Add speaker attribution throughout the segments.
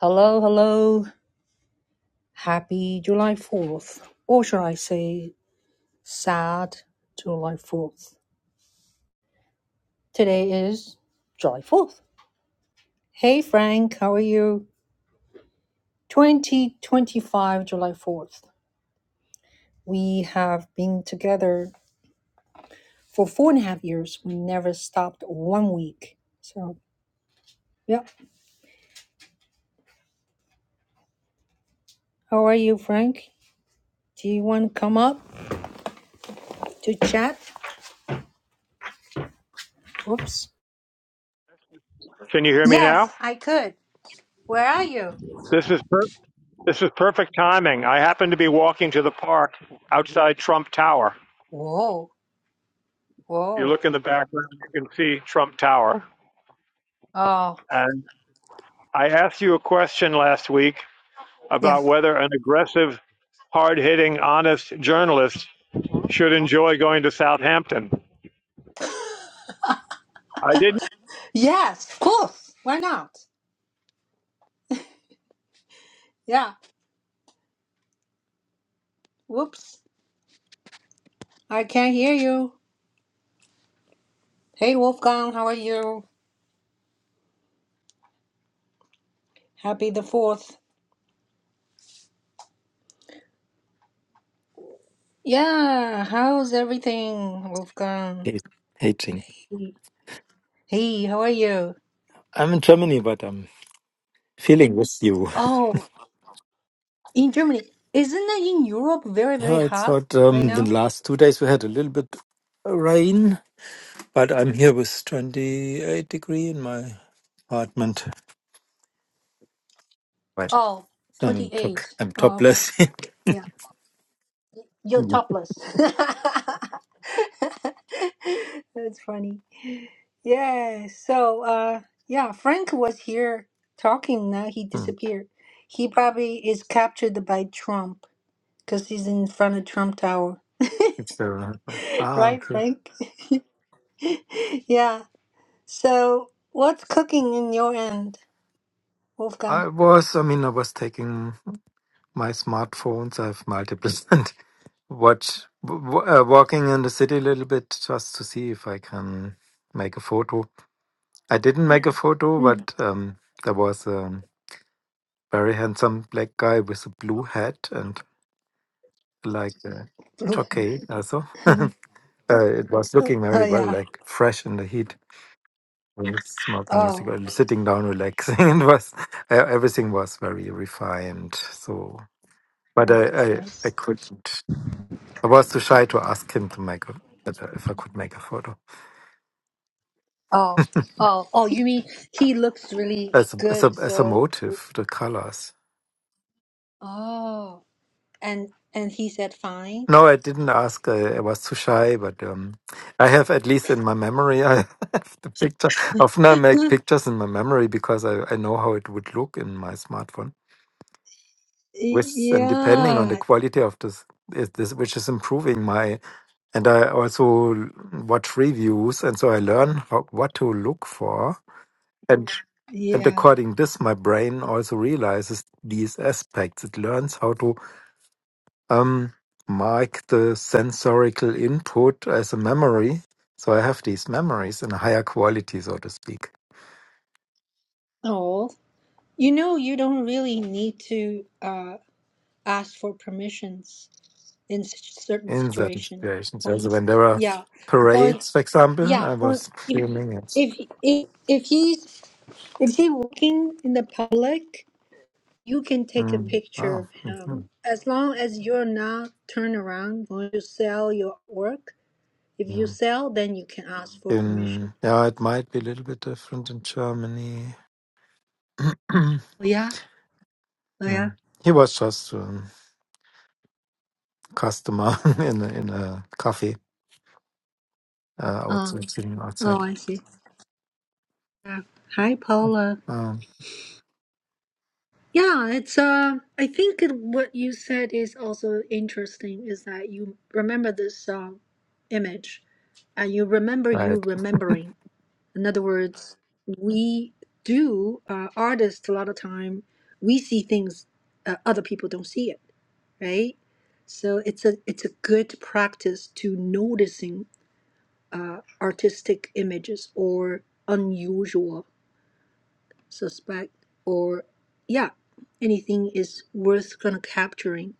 Speaker 1: Hello, hello. Happy July 4th. Or should I say, sad July 4th. Today is July 4th. Hey, Frank, how are you? 2025 July 4th. We have been together for four and a half years. We never stopped one week. So, yeah. How are you, Frank? Do you want to come up to chat? Whoops.
Speaker 2: Can you hear me now?
Speaker 1: Yes, I could. Where are you?
Speaker 2: This is per- this is perfect timing. I happen to be walking to the park outside Trump Tower.
Speaker 1: Whoa,
Speaker 2: You
Speaker 1: whoa.
Speaker 2: look in the background, you can see Trump Tower.
Speaker 1: Oh,
Speaker 2: And I asked you a question last week
Speaker 1: yeah.
Speaker 2: about whether an aggressive, hard-hitting, honest journalist should enjoy going to Southampton. I didn't
Speaker 1: Yes, of course. Why not? Yeah. Whoops. I can't hear you. Hey, Wolfgang, how are you? Happy the 4th. Yeah, how's everything, Wolfgang?
Speaker 3: ha- hating.
Speaker 1: Hey, how are you?
Speaker 3: I'm in Germany, but I'm feeling with you.
Speaker 1: Oh, in Germany. Isn't it in Europe very, very
Speaker 3: Yeah, it's
Speaker 1: hot
Speaker 3: hot.
Speaker 1: right
Speaker 3: Um, the
Speaker 1: now?
Speaker 3: last two days we had a little bit rain, but I'm here with 28 degree in my apartment. Right.
Speaker 1: Oh,
Speaker 3: I'm top.
Speaker 1: 28.
Speaker 3: I'm
Speaker 1: Oh, okay.
Speaker 3: topless.
Speaker 1: Yeah. You're
Speaker 3: Mm.
Speaker 1: topless. That's funny. Yeah. So, uh, yeah, Frank was here talking. Now he
Speaker 3: Mm.
Speaker 1: disappeared. He probably is captured by Trump because he's in front of Trump Tower,
Speaker 3: It's very hot. Ah,
Speaker 1: right,
Speaker 3: okay.
Speaker 1: Frank? yeah. So, what's cooking in your end, Wolfgang?
Speaker 3: I was. I mean, I was taking my smartphones. I have multiples and watch w- w- uh, walking in the city a little bit just to see if I can make a photo. I didn't make a photo,
Speaker 1: Mm,
Speaker 3: but um, there was a very handsome black guy with a blue hat and like a
Speaker 1: blue hen.
Speaker 3: jockey also. uh, it was looking very
Speaker 1: oh
Speaker 3: well,
Speaker 1: yeah.
Speaker 3: like fresh in the heat, Mm. smoking a
Speaker 1: Oh.
Speaker 3: cigarette, sitting down, relaxing. It was uh, everything was very refined. So, but
Speaker 1: Oh,
Speaker 3: I,
Speaker 1: that's
Speaker 3: I,
Speaker 1: nice.
Speaker 3: I couldn't. I was too shy to ask him to make a, that, uh, if I could make a photo
Speaker 1: Oh, oh, oh, you mean he looks really
Speaker 3: as a, as a,
Speaker 1: good,
Speaker 3: as a
Speaker 1: so
Speaker 3: motive, the colors.
Speaker 1: Oh, and and he said fine.
Speaker 3: No, I didn't ask. I, I was too shy, but um, I have, at least in my memory, I have the picture. Often I make pictures in my memory because I, I know how it would look in my smartphone. With and depending on the
Speaker 1: Yeah,
Speaker 3: quality of this, is this which is improving my. And I also l- watch reviews, and so I learn how, what to look for. And and
Speaker 1: yeah.
Speaker 3: according this, my brain also realizes these aspects. It learns how to um, mark the sensorical input as a memory. So I have these memories in a higher quality, so to speak,
Speaker 1: Oh, you know, you don't really need to uh ask for permissions in such certain
Speaker 3: in certain
Speaker 1: situation.
Speaker 3: situations.
Speaker 1: For
Speaker 3: Also, when
Speaker 1: instance,
Speaker 3: there were
Speaker 1: yeah, for
Speaker 3: parades, for example,
Speaker 1: yeah,
Speaker 3: I
Speaker 1: for
Speaker 3: was
Speaker 1: if
Speaker 3: filming it.
Speaker 1: if if if he's if he's walking in the public, you can take a
Speaker 3: Mm.
Speaker 1: picture
Speaker 3: Wow.
Speaker 1: of him
Speaker 3: Mhm.
Speaker 1: as long as you're not turned around going to sell your work. If you
Speaker 3: Mm.
Speaker 1: sell, then you can ask for permission.
Speaker 3: In yeah, it might be a little bit different in Germany.
Speaker 1: Oh yeah, oh yeah.
Speaker 3: Mm. He was just a customer in a, in a cafe uh,
Speaker 1: Oh,
Speaker 3: outside, sitting
Speaker 1: oh,
Speaker 3: outside.
Speaker 1: I see. Yeah. Hi, Paula.
Speaker 3: Um,
Speaker 1: Yeah, it's uh, I think it, what you said is also interesting. Is that you remember this uh, image, and you remember
Speaker 3: right.
Speaker 1: you remembering. In other words, we do uh, artists a lot of time. We see things uh, other people don't see it, right? So it's a it's a good practice to noticing artistic images or unusual suspect or yeah anything is worth kind of capturing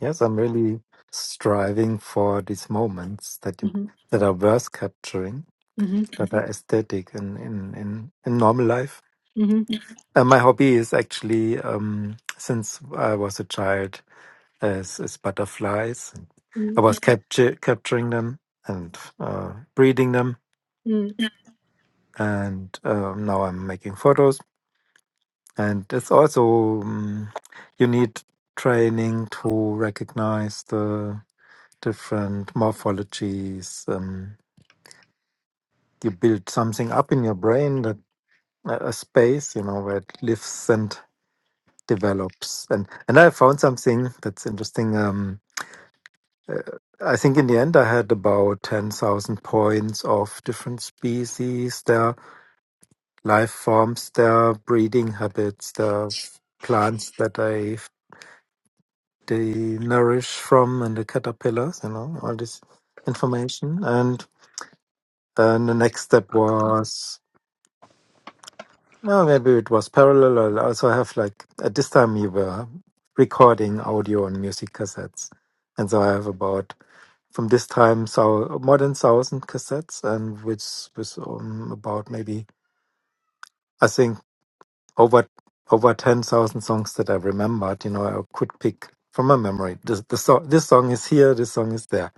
Speaker 3: Yes, I'm really striving for these moments that you
Speaker 1: hmm
Speaker 3: that are worth capturing,
Speaker 1: hmm
Speaker 3: that are aesthetic in in in, in normal life.
Speaker 1: hmm
Speaker 3: And my hobby is actually um, since I was a child is, is butterflies. I was capture, capturing them and uh, breeding them,
Speaker 1: mm
Speaker 3: and um, now I'm making photos. And it's also um, you need training to recognize the different morphologies. Um, you build something up in your brain that a a space, you know, where it lives and develops. And and I found something that's interesting. Um, uh, I think in the end I had about ten thousand points of different species, their life forms, their breeding habits, their plants that I they nourish from, and the caterpillars. You know, all this information. And and the next step was. No, maybe it was parallel. I also have like at this time we were recording audio on music cassettes, and so I have about from this time so more than thousand cassettes, and which was um, about maybe I think over over ten thousand songs that I remembered. You know, I could pick from my memory. This the so, this song is here, this song is there.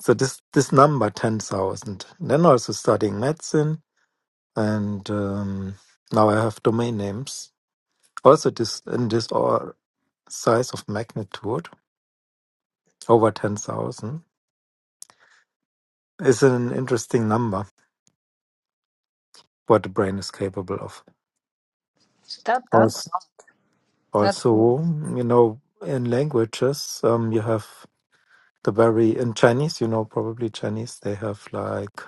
Speaker 3: So this this number ten thousand. Then also studying medicine, and um, now I have domain names Also, this in this or size of magnitude over ten thousand is an interesting number. What the brain is capable of.
Speaker 1: That that's a
Speaker 3: Also,
Speaker 1: lot. That's
Speaker 3: also you know, in languages, um, you have the very in Chinese. You know, probably Chinese. They have like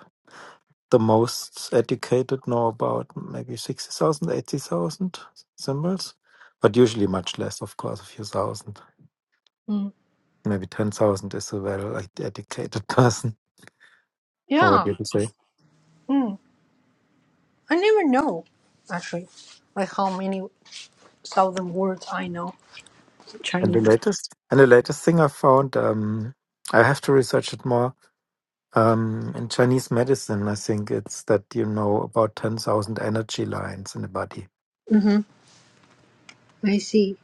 Speaker 3: the most educated know about maybe 60,000, 80,000 symbols, but usually much less, of course, a few thousand.
Speaker 1: mm,
Speaker 3: Maybe 10,000 is a well like, educated person. Or What do
Speaker 1: yeah.
Speaker 3: you say?
Speaker 1: Mm. I never know, actually, like how many thousand words I know in
Speaker 3: And the
Speaker 1: Chinese.
Speaker 3: latest and the latest thing I found, um, I have to research it more. Um, in Chinese medicine, I think it's that you know about ten thousand energy lines in the body.
Speaker 1: Mm-hmm. i see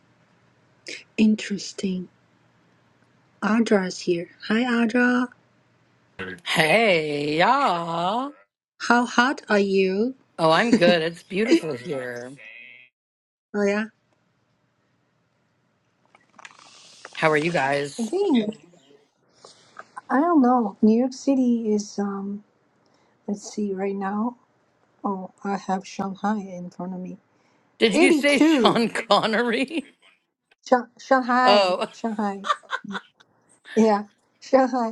Speaker 1: interesting adra's here hi adra
Speaker 4: Hey, y'all.
Speaker 1: how hot are you
Speaker 4: Oh, I'm good. It's beautiful here.
Speaker 1: oh yeah
Speaker 4: How are you
Speaker 1: I
Speaker 4: guys?
Speaker 1: think. I don't know. New York City is um let's see right now. Oh, I have Shanghai in front of me.
Speaker 4: Did you say
Speaker 1: 82.
Speaker 4: Sean Connery?
Speaker 1: Shang Shanghai,
Speaker 4: Oh,
Speaker 1: Shanghai. Yeah, Shanghai.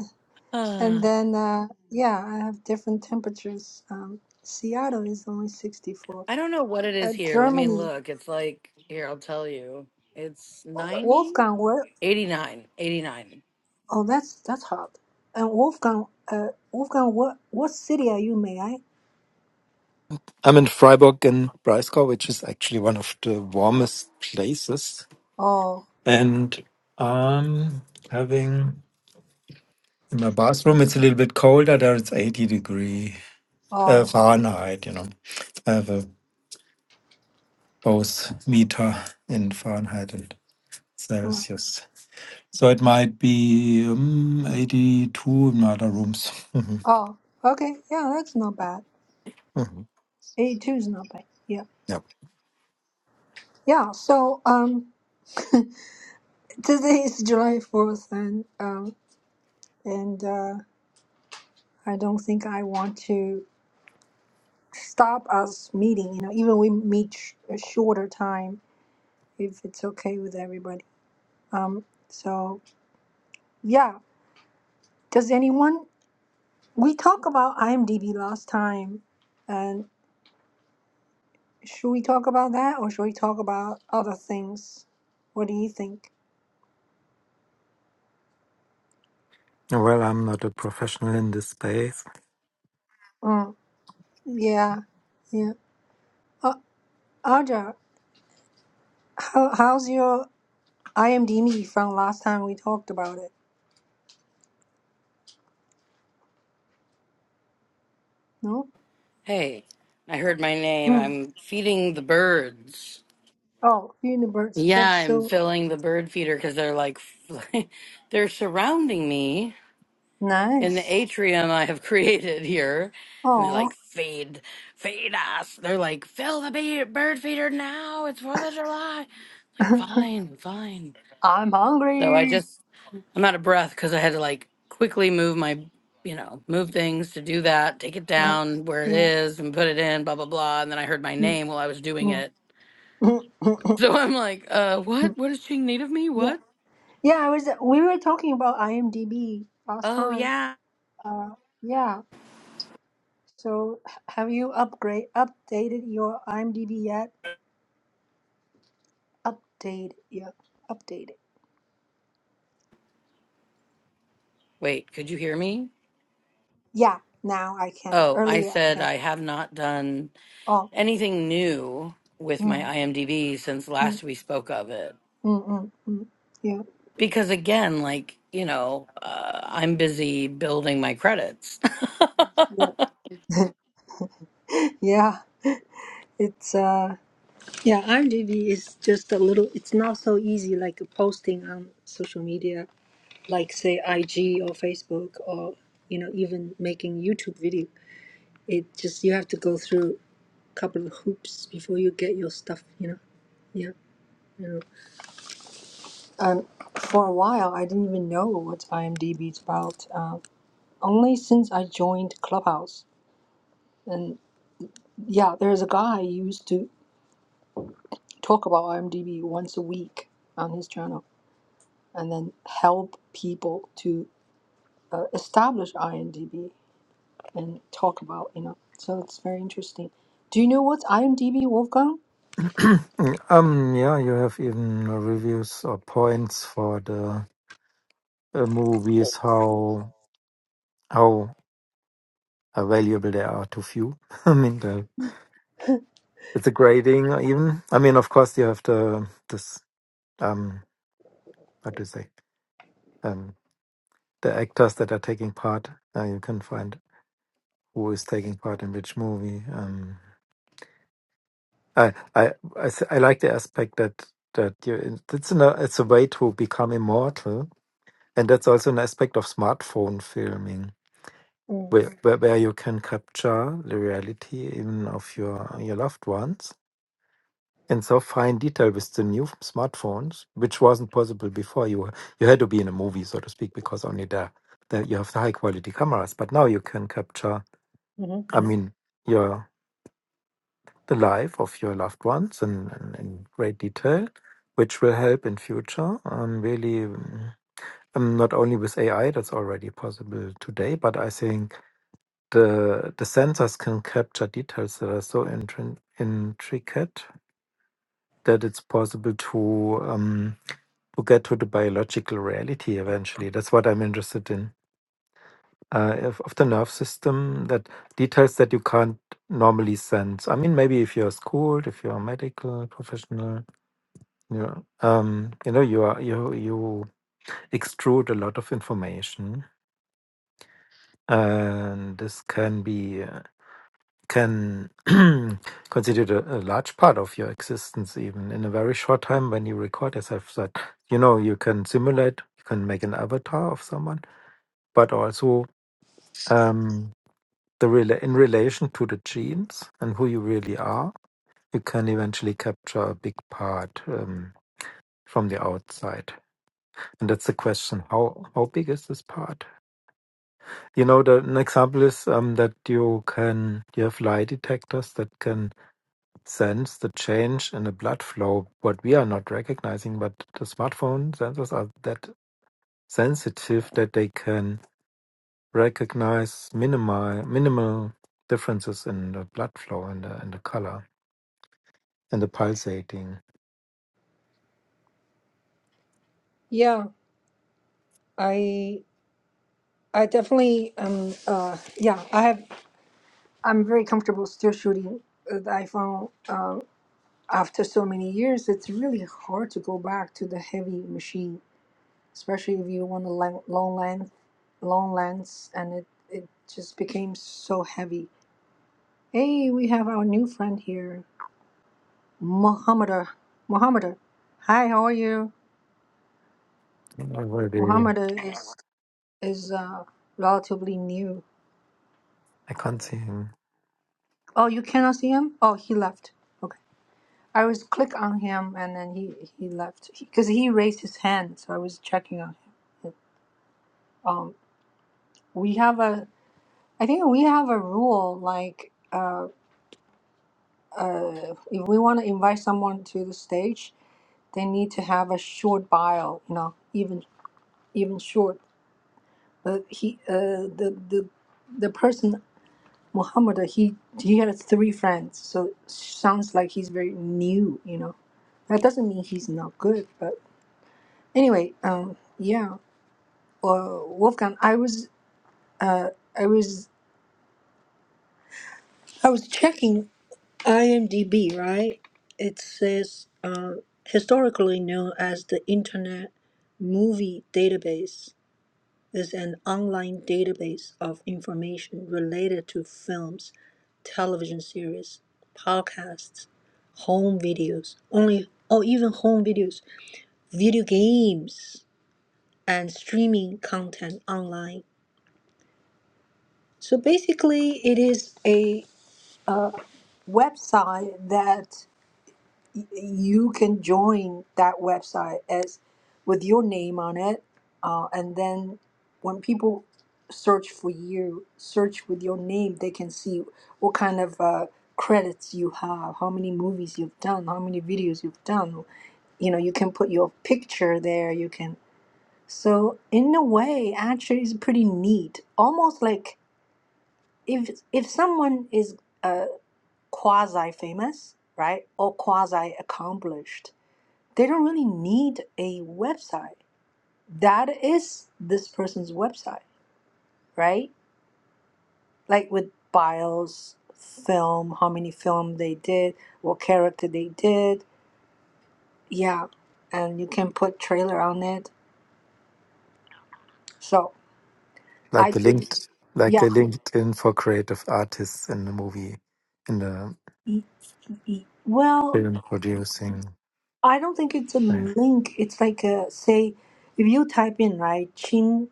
Speaker 4: uh,
Speaker 1: And then uh yeah, I have different temperatures. Um Seattle is only 64.
Speaker 4: I don't know what it
Speaker 1: Uh,
Speaker 4: is here. Let me
Speaker 1: Germany,
Speaker 4: look. It's like, here, I'll tell you. It's 90?
Speaker 1: Wolfgang, where
Speaker 4: 89. 89.
Speaker 1: Oh, that's that's hot. And Wolfgang, uh Wolfgang, what what city are you, may I?
Speaker 3: I'm in Freiburg in Breisgau, which is actually one of the warmest places,
Speaker 1: Oh,
Speaker 3: and um, having in my bathroom, it's a little bit colder. There it's eighty degree uh,
Speaker 1: oh.
Speaker 3: Fahrenheit. You know, I have a both meter in Fahrenheit and
Speaker 1: mm.
Speaker 3: Celsius. So it might be um, 82 in other rooms. Mhm,
Speaker 1: Oh, okay. Yeah, that's not bad.
Speaker 3: mhm.
Speaker 1: 82 is not bad. Yeah.
Speaker 3: yeah.
Speaker 1: Yeah. So um, today is July 4th, and um, and uh, I don't think I want to stop us meeting. You know, even we meet sh- a shorter time if it's okay with everybody. Um, so yeah. Does anyone? We talk about IMDb last time, and should we talk about that or should we talk about other things? What do you think?
Speaker 3: Well, I'm not a professional in this space.
Speaker 1: Mm, yeah. Yeah. Uh, Audra, How, how's your IMDb from last time we talked about it? No?
Speaker 4: Hey, I heard my name.
Speaker 1: Mm.
Speaker 4: I'm feeding the birds.
Speaker 1: Oh, universe.
Speaker 4: Yeah,
Speaker 1: That's
Speaker 4: I'm
Speaker 1: so
Speaker 4: filling the bird feeder because they're like, they're surrounding me. in the
Speaker 1: nice.
Speaker 4: atrium I have created here. And they're
Speaker 1: Oh,
Speaker 4: like, feed, feed us. They're like, fill the bee- bird feeder now. It's 4th of July. like, fine, fine.
Speaker 1: I'm
Speaker 4: So I
Speaker 1: hungry.
Speaker 4: just, I'm out of breath because I had to like quickly move my, you know, move things to do that, take it
Speaker 1: Uh,
Speaker 4: down where it
Speaker 1: yeah.
Speaker 4: is and put it in, blah, blah, blah. And then I heard my
Speaker 1: Mm,
Speaker 4: name while I was doing
Speaker 1: mm,
Speaker 4: it.
Speaker 1: mm, mm, mm,
Speaker 4: So I'm like, uh, what?
Speaker 1: mm.
Speaker 4: What does Ching need of me?
Speaker 1: yeah.
Speaker 4: What?
Speaker 1: Yeah, I was, we were talking about IMDb last
Speaker 4: Oh,
Speaker 1: time.
Speaker 4: yeah.
Speaker 1: Uh, yeah. So h- have you upgrade updated your IMDb yet? Update. Yeah. Updated.
Speaker 4: Wait, could you hear me?
Speaker 1: Yeah. Now I can.
Speaker 4: Oh, I
Speaker 1: Earlier I
Speaker 4: said
Speaker 1: can.
Speaker 4: I have not done.
Speaker 1: Oh.
Speaker 4: anything new with my
Speaker 1: Mm.
Speaker 4: IMDb since
Speaker 1: mm.
Speaker 4: last we spoke of it.
Speaker 1: Mm, mm, mm. Yeah,
Speaker 4: Because again, like, you know, uh, I'm busy building my credits.
Speaker 1: yeah, yeah. It's uh, yeah. IMDb is just a little. It's not so easy like posting on social media, like say IG or Facebook, or you know even making YouTube video. It just you have to go through a couple of hoops before you get your stuff. You know. Yeah. You know. Um, for a while, I didn't even know what IMDb is about. Uh, only since I joined Clubhouse, and yeah, there's a guy used to. talk about IMDb once a week on his channel and then help people to uh, establish IMDb and talk about, you know. So it's very interesting. Do you know what's IMDb, Wolfgang?
Speaker 3: um, yeah, you have even uh, reviews or points for the uh, movies, how how valuable they are to few. I mean, the, with the grading, even. I mean, of course, you have the this um, what do you say? Um, the actors that are taking part. Uh, you can find who is taking part in which movie. Um, I I I s- I like the aspect that that you in- it's an, it's a way to become immortal, and that's also an aspect of smartphone filming, where where, where you can capture the reality even of your your loved ones in so fine detail with the new smartphones, which wasn't possible before. You were- you had to be in a movie, so to speak, because only there that you have the high quality cameras. But now you can capture.
Speaker 1: Mm-hmm.
Speaker 3: I mean, your the life of your loved ones in, in, in great detail, which will help in future. Um, really, mm, um, not only with AI that's already possible today, but I think the the sensors can capture details that are so intrin- intricate that it's possible to um, to get to the biological reality eventually. That's what I'm interested in. Uh, of, of the nerve system, that details that you can't normally sense. I mean, maybe if you're schooled, if you're a medical professional, Yeah. Um, you know, you are you you extrude a lot of information, and this can be uh, can constitute a, a large part of your existence, even in a very short time when you record, yourself, that You know, you can simulate, you can make an avatar of someone, but also um, the rela in relation to the genes and who you really are, you can eventually capture a big part um, from the outside. And that's the question. How how big is this part? You know, the, an example is um, that you can you have lie detectors that can sense the change in the blood flow. What we are not recognizing, but the smartphone sensors are that sensitive that they can recognize minimal minimal differences in the blood flow and the and the color and the pulsating.
Speaker 1: Yeah, I I definitely um uh yeah, I have I'm very comfortable still shooting uh, the iPhone um after so many years. It's really hard to go back to the heavy machine especially if you want a lang- long length, long lengths, and it it just became so heavy. Hey, we have our new friend here, Muhammad. Muhammad, hi, how are you?
Speaker 3: Already,
Speaker 1: Muhammad is is uh, relatively new.
Speaker 3: I can't see him.
Speaker 1: Oh, you cannot see him. Oh, he left. Okay, I was click on him and then he he left because he raised his hand, so I was checking on him. Um, we have a I think we have a rule like. uh uh, if we want to invite someone to the stage, they need to have a short bio, you know, even even short. But he, uh, the the the person Muhammad, he he had three friends, so sounds like he's very new, you know. That doesn't mean he's not good, but anyway, um, yeah. Uh, Wolfgang, I was uh, I was I was checking. IMDb, right? It says uh, historically known as the Internet Movie Database is an online database of information related to films, television series, podcasts, home videos, only or even home videos, video games, and streaming content online. So basically, it is a uh, website that y- you can join that website as with your name on it uh, and then when people search for you search with your name they can see what kind of uh, credits you have how many movies you've done how many videos you've done you know you can put your picture there you can so in a way actually it's pretty neat almost like if if someone is uh, quasi famous right or quasi accomplished they don't really need a website. That is this person's website, right? Like with bios, film, how many film they did, what character they did. Yeah. And you can put trailer on it. So I
Speaker 3: like a
Speaker 1: do.
Speaker 3: linked like a
Speaker 1: Yeah.
Speaker 3: LinkedIn for creative artists in the movie in the
Speaker 1: e- e- Well,
Speaker 3: film producing.
Speaker 1: I don't think it's a
Speaker 3: thing.
Speaker 1: link. It's like a, say, if you type in, right, Ching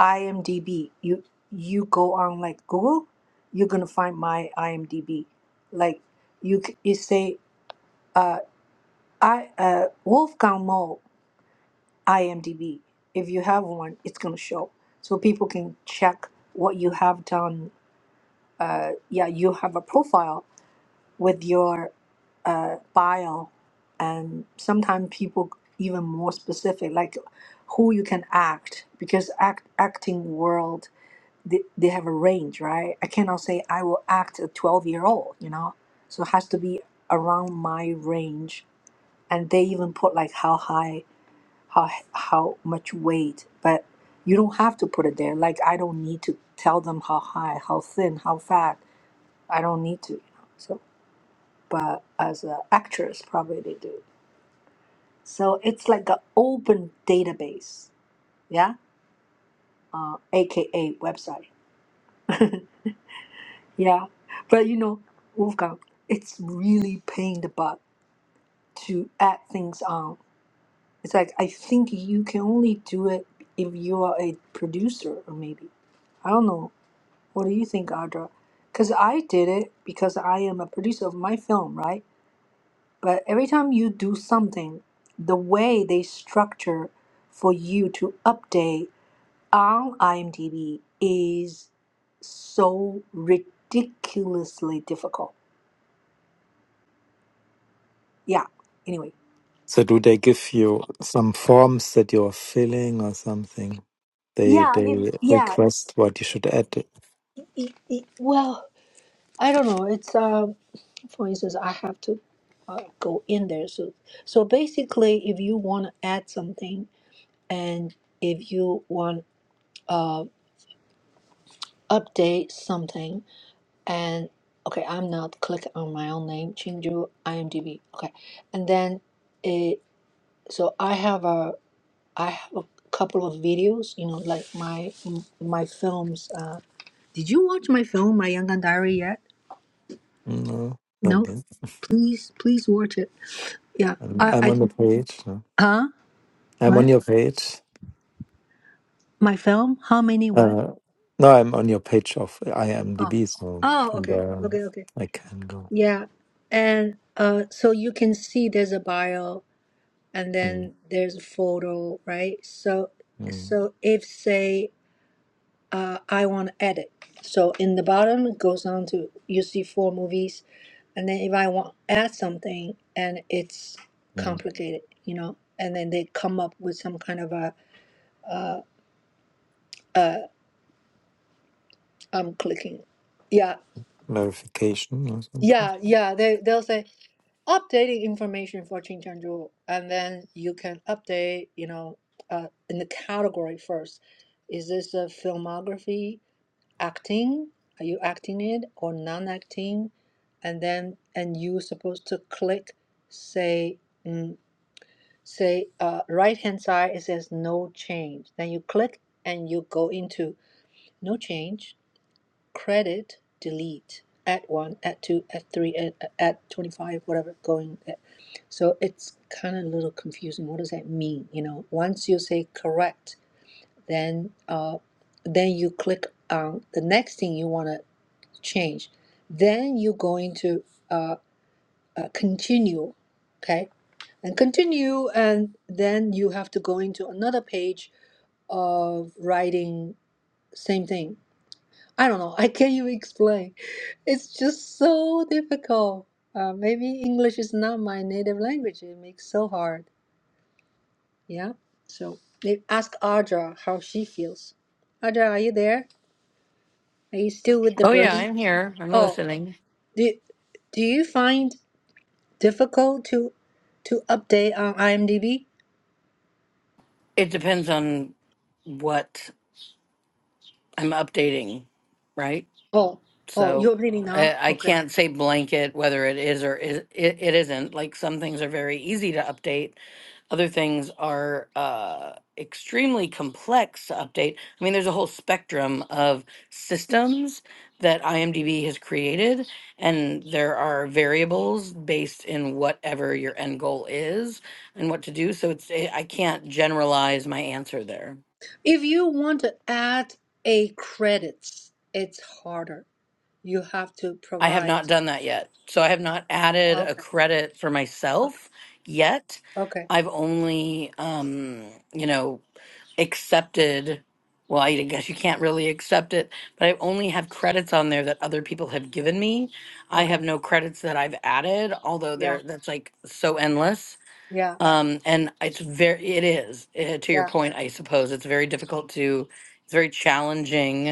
Speaker 1: IMDb. You you go on like Google, you're gonna find my IMDb. Like you c- you say uh I uh Wolfgang Mall IMDb. If you have one, it's gonna show, so people can check what you have done. Uh, yeah, you have a profile with your uh, bio, and sometimes people even more specific, like who you can act because act acting world they, they have a range, right? I cannot say I will act a 12 year old, you know? So it has to be around my range. And they even put like how high, how, how much weight, but you don't have to put it there. Like I don't need to tell them how high, how thin, how fat. I don't need to, you know? So, but as an actress, probably they do. So it's like an open database, yeah? Uh, AKA website. Yeah, but you know, Wolfgang, it's really pain in the butt to add things on. It's like I think you can only do it if you are a producer, or maybe I don't know. What do you think, Audra? Because I did it because I am a producer of my film, right? But every time you do something, the way they structure for you to update on IMDb is so ridiculously difficult yeah. Anyway,
Speaker 3: So do they give you some forms that you're filling or something? They
Speaker 1: Yeah,
Speaker 3: they
Speaker 1: it, yeah.
Speaker 3: request what you should add.
Speaker 1: It, it, well, I don't know. It's um, for instance, I have to uh, go in there. So, so basically, if you want to add something, and if you want uh update something, and okay, I'm not click on my own name, change your IMDb. Okay, and then it. So I have a I have a couple of videos. You know, like my my films. uh, Did you watch my film, My Yangon Diary, yet?
Speaker 3: No, not
Speaker 1: No?
Speaker 3: this.
Speaker 1: Please, please watch it. Yeah.
Speaker 3: I'm,
Speaker 1: I,
Speaker 3: I'm
Speaker 1: I
Speaker 3: on the
Speaker 1: can.
Speaker 3: page. no.
Speaker 1: Huh?
Speaker 3: I'm on
Speaker 1: What?
Speaker 3: your page.
Speaker 1: My film? How many what?
Speaker 3: Uh, no, I'm on your page of
Speaker 1: Oh.
Speaker 3: IMDb, so
Speaker 1: Oh,
Speaker 3: from
Speaker 1: okay.
Speaker 3: there
Speaker 1: Okay, okay.
Speaker 3: I can go.
Speaker 1: Yeah. And uh, so you can see there's a bio and
Speaker 3: Mm,
Speaker 1: then there's a photo, right? So,
Speaker 3: mm,
Speaker 1: so if, say, uh, I want to edit, so in the bottom it goes on to, you see four movies and then if I want add something and it's
Speaker 3: mm.
Speaker 1: complicated, you know, and then they come up with some kind of a uh, uh, I'm clicking, yeah,
Speaker 3: Verification or something.
Speaker 1: yeah, yeah. They they'll say updating information for Chingchanju, and then you can update, you know, uh, in the category first. Is this a filmography acting? Are you acting it or non-acting? And then and you're supposed to click, say. mm, say uh, right hand side it says no change then you click and you go into no change credit delete add one add two add three add, add 25 whatever going there. so it's kind of a little confusing what does that mean you know once you say correct then uh, then you click on the next thing you want to change then you go into uh, uh, continue okay and continue and then you have to go into another page of writing same thing i don't know i can't even explain it's just so difficult uh, maybe english is not my native language it makes so hard yeah so they ask audra how she feels audra are you there are you still with the
Speaker 4: oh, yeah,
Speaker 1: burden
Speaker 4: I'm here. I'm
Speaker 1: oh
Speaker 4: listening.
Speaker 1: do, do you find difficult to to update on imdb
Speaker 4: It depends on what I'm updating, right?
Speaker 1: oh oh
Speaker 4: So
Speaker 1: you're updating now
Speaker 4: I, I
Speaker 1: Okay.
Speaker 4: can't say blanket whether it is or is, it, it isn't. Like, some things are very easy to update Other things are uh, extremely complex to update. I mean, there's a whole spectrum of systems that IMDb has created, and there are variables based in whatever your end goal is and what to do. So it's eh, I can't generalize my answer there.
Speaker 1: If you want to add a credits, it's harder. You have to
Speaker 4: I have
Speaker 1: provide.
Speaker 4: not done that yet. So I have not added a
Speaker 1: Okay.
Speaker 4: credit for myself yet.
Speaker 1: Okay.
Speaker 4: I've only, um, you know, accepted. Well, I guess you can't really accept it, but I only have credits on there that other people have given me. I
Speaker 1: Okay.
Speaker 4: have no credits that I've added, although
Speaker 1: Yeah.
Speaker 4: there that's like so endless.
Speaker 1: Yeah.
Speaker 4: Um, and it's very, it is, eh, to your
Speaker 1: Yeah.
Speaker 4: point, I suppose, it's very difficult to, it's very challenging.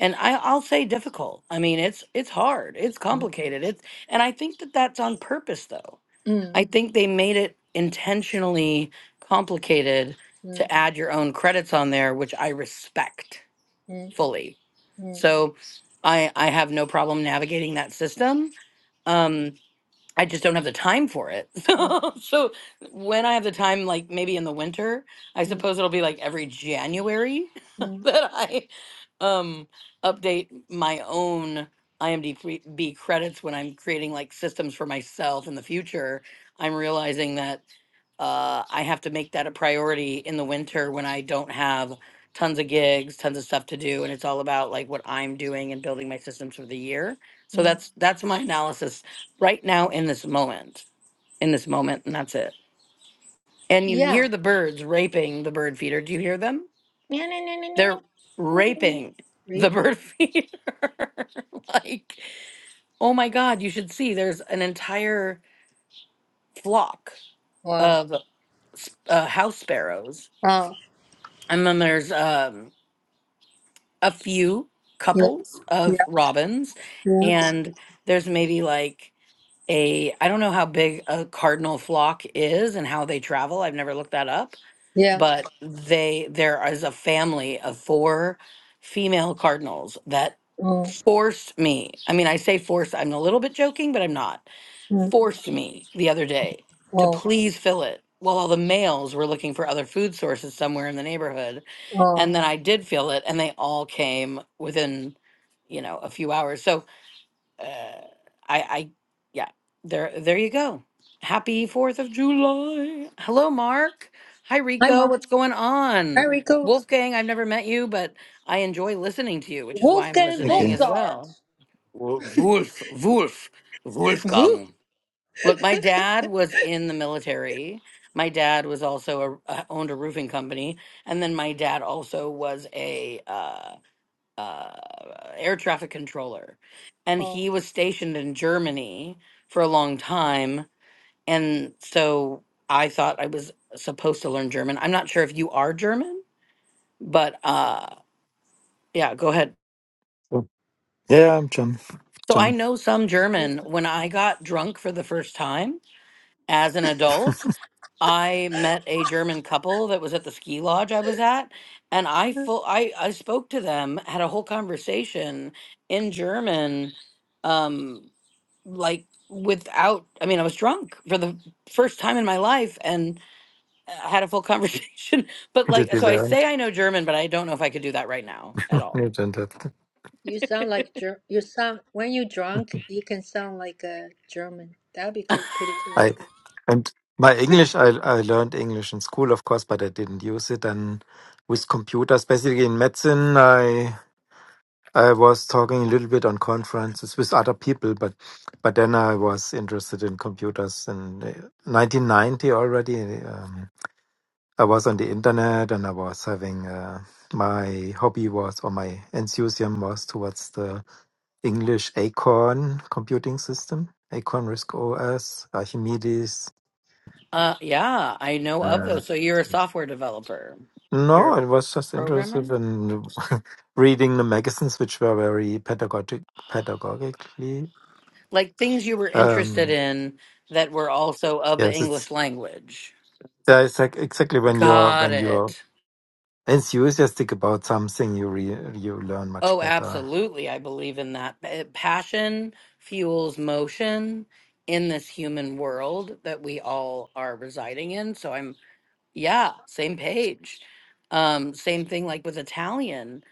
Speaker 4: And I, I'll say difficult. I mean, it's, it's hard, it's
Speaker 1: Mhm.
Speaker 4: complicated. It's, and I think that that's on purpose though.
Speaker 1: Mm.
Speaker 4: I think they made it intentionally complicated
Speaker 1: Mm.
Speaker 4: to add your own credits on there, which I respect
Speaker 1: Mm.
Speaker 4: fully.
Speaker 1: Mm.
Speaker 4: So I, I have no problem navigating that system. Um, I just don't have the time for it.
Speaker 1: Mm.
Speaker 4: So, so when I have the time, like maybe in the winter, I
Speaker 1: Mm.
Speaker 4: suppose it'll be like every January
Speaker 1: Mm.
Speaker 4: that I um update my own IMDb credits when I'm creating like systems for myself in the future. I'm realizing that uh, I have to make that a priority in the winter when I don't have tons of gigs, tons of stuff to do, and it's all about like what I'm doing and building my systems for the year. So
Speaker 1: Mm.
Speaker 4: that's that's my analysis right now in this moment, in this moment, and that's it. And you
Speaker 1: Yeah.
Speaker 4: hear the birds raping the bird feeder. Do you hear them?
Speaker 1: Yeah. yeah, yeah, yeah,
Speaker 4: They're
Speaker 1: yeah, yeah, yeah.
Speaker 4: raping the
Speaker 1: Creepy.
Speaker 4: bird feeder. like, oh my God, you should see there's an entire flock
Speaker 1: Wow.
Speaker 4: of s- uh, house sparrows.
Speaker 1: Oh.
Speaker 4: And then there's um, a few
Speaker 1: Yeah.
Speaker 4: couples
Speaker 1: Yeah.
Speaker 4: of robins.
Speaker 1: Yeah.
Speaker 4: And there's maybe like a, I don't know how big a cardinal flock is and how they travel. I've never looked that up
Speaker 1: Yeah.
Speaker 4: but they there is a family of four female cardinals that
Speaker 1: Oh.
Speaker 4: forced me. I mean, I say forced, I'm a little bit joking, but I'm not.
Speaker 1: Mm.
Speaker 4: Forced me the other day to
Speaker 1: Oh.
Speaker 4: please fill it while all the males were looking for other food sources somewhere in the neighborhood.
Speaker 1: Oh.
Speaker 4: And then I did fill it and they all came within, you know, a few hours. So uh, I, I, yeah, there, there you go. Happy Fourth of July. Hello, Mark. Hi,
Speaker 1: Hi,
Speaker 4: Rico.
Speaker 1: Mark.
Speaker 4: What's going on?
Speaker 1: There we go.
Speaker 4: Wolfgang, I've never met you, but I enjoy listening to you, which is why I'm
Speaker 1: Wolfgang
Speaker 4: listening
Speaker 3: Okay.
Speaker 4: as
Speaker 1: Mozart.
Speaker 4: well. Wo- Wolf, Wolf,
Speaker 1: Woo.
Speaker 4: Wolfgang. Look, my dad was in the military. My dad was also a, uh, owned a roofing company, and then my dad also was a uh, uh, air traffic controller, and he was stationed in Germany for a long time. And so I thought I was supposed to learn German. I'm not sure if you are German, but uh, yeah, go ahead.
Speaker 3: Oh, Yeah, I'm John.
Speaker 4: So I
Speaker 3: John.
Speaker 4: know some
Speaker 1: Oh.
Speaker 4: German. When I got drunk for the first time as an adult, I met a German couple that was at the ski lodge I was at, and I full I I spoke to them, had a whole conversation in German. Um, like without i mean i was drunk for the first time in my life and i had a full conversation but
Speaker 3: Did
Speaker 4: like
Speaker 3: you
Speaker 4: so i
Speaker 3: learn?
Speaker 4: say i know german but i don't know if i could do that right now at all
Speaker 3: You don't have to.
Speaker 1: You sound like Ger- you sound when you drunk, you can sound like a German. That'd be cool, pretty cool.
Speaker 3: I and my English. I I learned English in school, of course, but I didn't use it. And with computers, basically in medicine, I I was talking a little bit on conferences with other people, but but then I was interested in computers in uh, 1990 already. Um, I was on the internet and I was having uh, my hobby was or my enthusiasm was towards the English Acorn computing system, Acorn Risk OS, Archimedes.
Speaker 4: uh yeah i know of
Speaker 3: Uh,
Speaker 4: those so you're a software developer you're
Speaker 3: no,
Speaker 4: a
Speaker 3: I was just
Speaker 4: programmer
Speaker 3: interested in reading the magazines, which were very pedagogic, pedagogically.
Speaker 4: like things you were interested
Speaker 3: Um,
Speaker 4: in that were also of the
Speaker 3: yes, it's
Speaker 4: english language
Speaker 3: yeah, it's like exactly when you're
Speaker 4: got
Speaker 3: when you're
Speaker 4: it
Speaker 3: enthusiastic about something, you re, you learn much
Speaker 4: Oh,
Speaker 3: better.
Speaker 4: absolutely. I believe in that. Pa- Passion fuels motion in this human world that we all are residing in. So I'm, yeah, same page. Um, same thing like with Italian.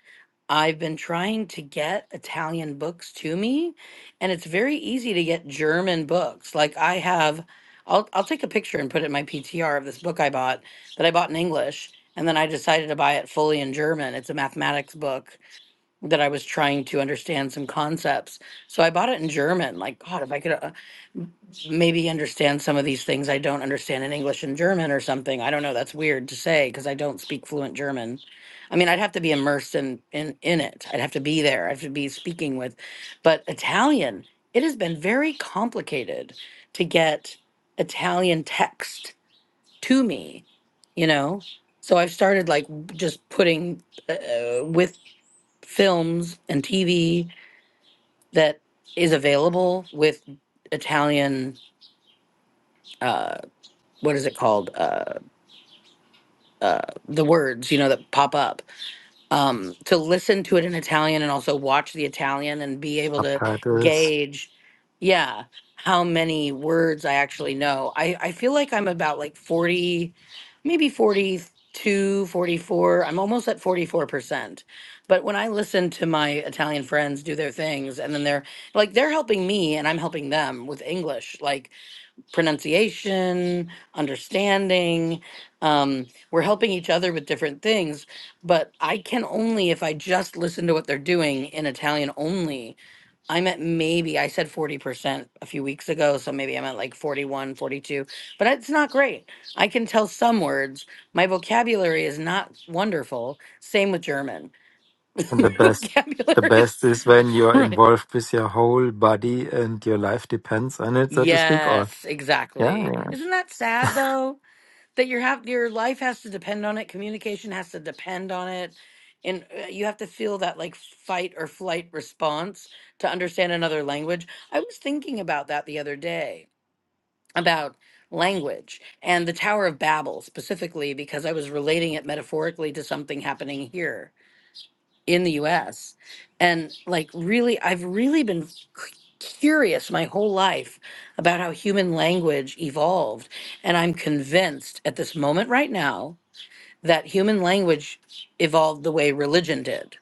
Speaker 4: I've been trying to get Italian books to me, and it's very easy to get German books. Like I have, I'll I'll take a picture and put it in my PTR of this book I bought that I bought in English, and then I decided to buy it fully in German. It's a mathematics book that I was trying to understand some concepts. So I bought it in German. Like, God, if I could uh, maybe understand some of these things I don't understand in English and German or something. I don't know. That's weird to say because I don't speak fluent German. I mean, I'd have to be immersed in, in in it. I'd have to be there. I'd have to be speaking with. But Italian, it has been very complicated to get Italian text to me. You know. So I've started like just putting uh, uh, with films and TV that is available with Italian. Uh, what is it called? Uh, uh, the words you know that pop up. um, to listen to it in Italian and also watch the Italian and be able to
Speaker 3: Subtitles.
Speaker 4: gauge, yeah, how many words I actually know. I, I feel like I'm about like 40, maybe forty I'm almost at 44%. But when I listen to my Italian friends do their things and then they're like, they're helping me and I'm helping them with English, like, pronunciation, understanding. Um, we're helping each other with different things, but I can only, if I just listen to what they're doing in Italian only, I'm at maybe, I said 40% a few weeks ago, so maybe I'm at like 41, 42. but it's not great. I can tell some words. My vocabulary is not wonderful. Same with German.
Speaker 3: And the
Speaker 4: My
Speaker 3: best, the
Speaker 4: vocabulary is.
Speaker 3: best is when you're
Speaker 4: Right.
Speaker 3: involved with your whole body and your life depends on it, so to speak. Or
Speaker 4: Yes,
Speaker 3: yeah,
Speaker 4: exactly.
Speaker 3: yeah.
Speaker 4: Isn't that sad though? that your have your life has to depend on it communication has to depend on it and uh, you have to feel that like fight or flight response to understand another language i was thinking about that the other day about language and the tower of babel specifically because i was relating it metaphorically to something happening here in the US. And like, really, I've really been cu- curious my whole life about how human language evolved. And I'm convinced at this moment right now that human language evolved the way religion did.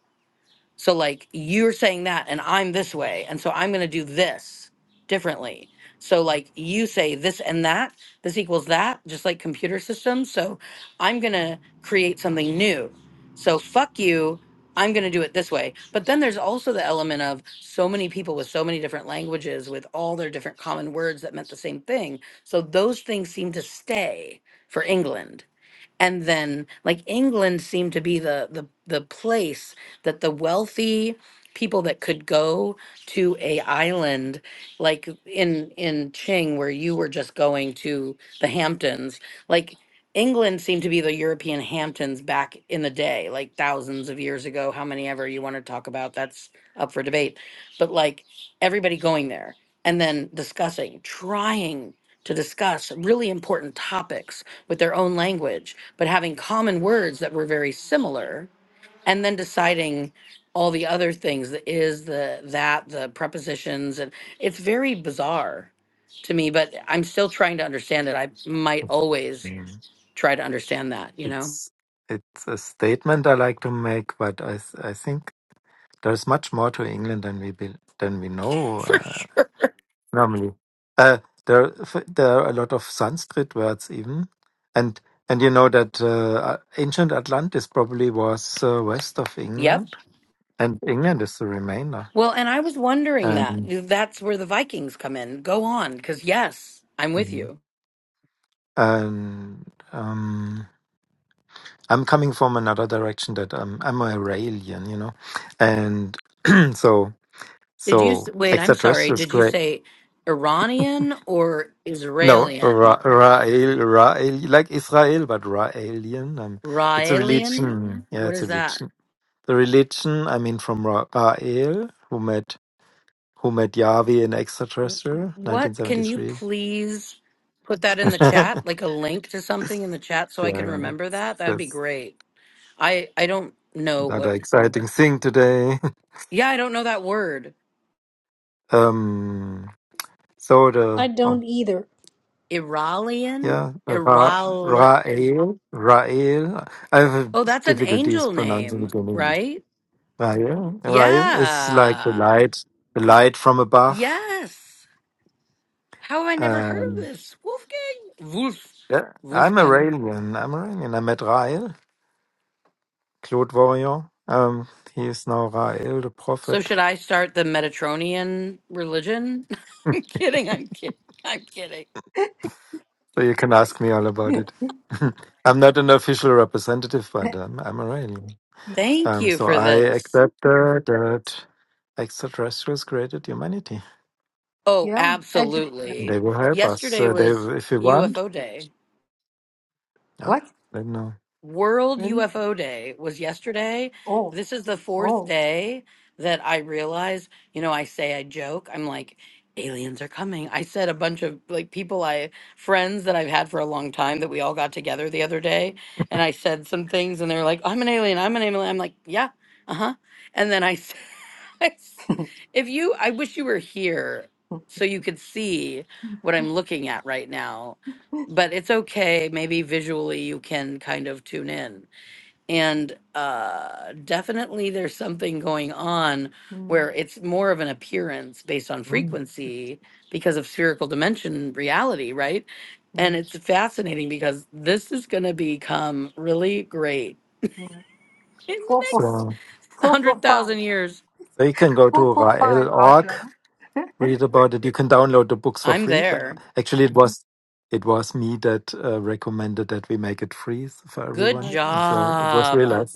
Speaker 4: So like you're saying that and I'm this way and so I'm going to do this differently. So like you say this and that, this equals that, just like computer systems. So I'm going to create something new. So fuck you, I'm going to do it this way. But then there's also the element of so many people with so many different languages with all their different common words that meant the same thing. So those things seem to stay for England and then like England seemed to be the the the place that the wealthy people that could go to a island like in in Ching where you were just going to the Hamptons like England seemed to be the European Hamptons back in the day like thousands of years ago how many ever you want to talk about that's up for debate but like everybody going there and then discussing trying to discuss really important topics with their own language, but having common words that were very similar, and then deciding all the other things the is, the that, the prepositions. And it's very bizarre to me, but I'm still trying to understand it. I might
Speaker 3: I
Speaker 4: always
Speaker 3: mean
Speaker 4: try to understand that, you know,
Speaker 3: it's it's a statement I like to make, but I th- I think there's much more to England than we be, than we know
Speaker 4: for
Speaker 3: uh,
Speaker 4: sure.
Speaker 3: normally. Uh, there f- there are a lot of Sanskrit words even, and and you know that uh, uh, ancient Atlantis probably was uh, west of
Speaker 4: Yep.
Speaker 3: England. and England is the remainder.
Speaker 4: Well, and I was wondering that.
Speaker 3: And
Speaker 4: That's where the Vikings come in. Go on, because yes, I'm with
Speaker 3: Mhm.
Speaker 4: you.
Speaker 3: and um, I'm coming from another direction that um, I'm a Raelian, you know, and so
Speaker 4: Did you
Speaker 3: so
Speaker 4: s- wait? I'm sorry.
Speaker 3: extraterrestrials.
Speaker 4: Did you
Speaker 3: great.
Speaker 4: say Iranian or
Speaker 3: No,
Speaker 4: Israelian?
Speaker 3: Ra- Rael, Rael, like Israel, but Raelian. Um, it's a
Speaker 4: Raelian?
Speaker 3: religion. Yeah,
Speaker 4: What
Speaker 3: it's a
Speaker 4: is that?
Speaker 3: religion. The religion, I mean, from Ra- Rael, who met who met Yahweh in Extraterrestrial,
Speaker 4: What can you
Speaker 3: 1973.
Speaker 4: please put that in the chat? Like a link to something in the chat so I can
Speaker 3: yeah,
Speaker 4: remember that? That'd be
Speaker 3: yeah.
Speaker 4: great. I I don't know
Speaker 3: another
Speaker 4: what
Speaker 3: exciting thing today.
Speaker 4: Yeah, I don't know that word.
Speaker 3: Um, so the
Speaker 1: I
Speaker 3: oh
Speaker 1: don't either.
Speaker 4: Iralian?
Speaker 3: yeah, Ra
Speaker 4: Iral
Speaker 3: Rael Rael. I have
Speaker 4: Oh, that's an
Speaker 3: difficulties
Speaker 4: angel
Speaker 3: pronouncing
Speaker 4: name,
Speaker 3: it in English.
Speaker 4: right?
Speaker 3: Rael Rael is like the
Speaker 4: Yeah.
Speaker 3: light, the light from above.
Speaker 4: Yes. How have I never heard of
Speaker 3: Um,
Speaker 4: this? Wolfgang? Wolf.
Speaker 3: yeah, I'm
Speaker 4: Wolfgang.
Speaker 3: Iranian. I'm Iranian. I met Rael Claude Warrior. Um, he is now Rael the
Speaker 4: So
Speaker 3: prophet.
Speaker 4: should I start the Metatronian religion? I'm kidding. I'm kidding. I'm kidding.
Speaker 3: So you can ask me all about it. I'm not an official representative, but um, I'm Iranian.
Speaker 4: Thank
Speaker 3: Um,
Speaker 4: you
Speaker 3: so
Speaker 4: for
Speaker 3: I
Speaker 4: this.
Speaker 3: accepted that extraterrestrials created humanity.
Speaker 4: Oh,
Speaker 1: Yeah, edu-
Speaker 3: They
Speaker 4: absolutely.
Speaker 3: will help us.
Speaker 4: Yesterday
Speaker 3: Uh, they,
Speaker 4: was
Speaker 3: if we want,
Speaker 4: UFO day.
Speaker 3: yeah,
Speaker 1: What?
Speaker 3: then no.
Speaker 4: World
Speaker 1: Really?
Speaker 4: UFO Day was yesterday.
Speaker 1: Oh,
Speaker 4: This is the fourth
Speaker 1: oh.
Speaker 4: day that I realize, you know, I say I joke. I'm like, aliens are coming. I said a bunch of like people I friends that I've had for a long time that we all got together the other day and I said some things and they're like, I'm an alien, I'm an alien. I'm like, yeah, uh-huh. And then I said, if you I wish you were here so you could see what I'm looking at right now but it's okay. Maybe visually you can kind of tune in. And uh, definitely there's something going on
Speaker 1: Mm,
Speaker 4: where it's more of an appearance based on
Speaker 3: Mm.
Speaker 4: frequency because of spherical dimension reality, right? And
Speaker 1: mm.
Speaker 4: it's fascinating because this is going to become really great in the
Speaker 1: Four, four,
Speaker 4: next
Speaker 3: So,
Speaker 1: four, four, five.
Speaker 4: 100,000 years.
Speaker 3: so you can go to
Speaker 1: Four, four, five,
Speaker 3: Raël org.
Speaker 1: Audra.
Speaker 3: read about it. You can download the books for
Speaker 4: I'm
Speaker 3: free. But uh,
Speaker 4: there.
Speaker 3: actually, it was it was me that uh, recommended that we make it free for
Speaker 4: Good
Speaker 1: Oh
Speaker 3: everyone.
Speaker 1: yeah.
Speaker 3: And So it was realized.
Speaker 4: job.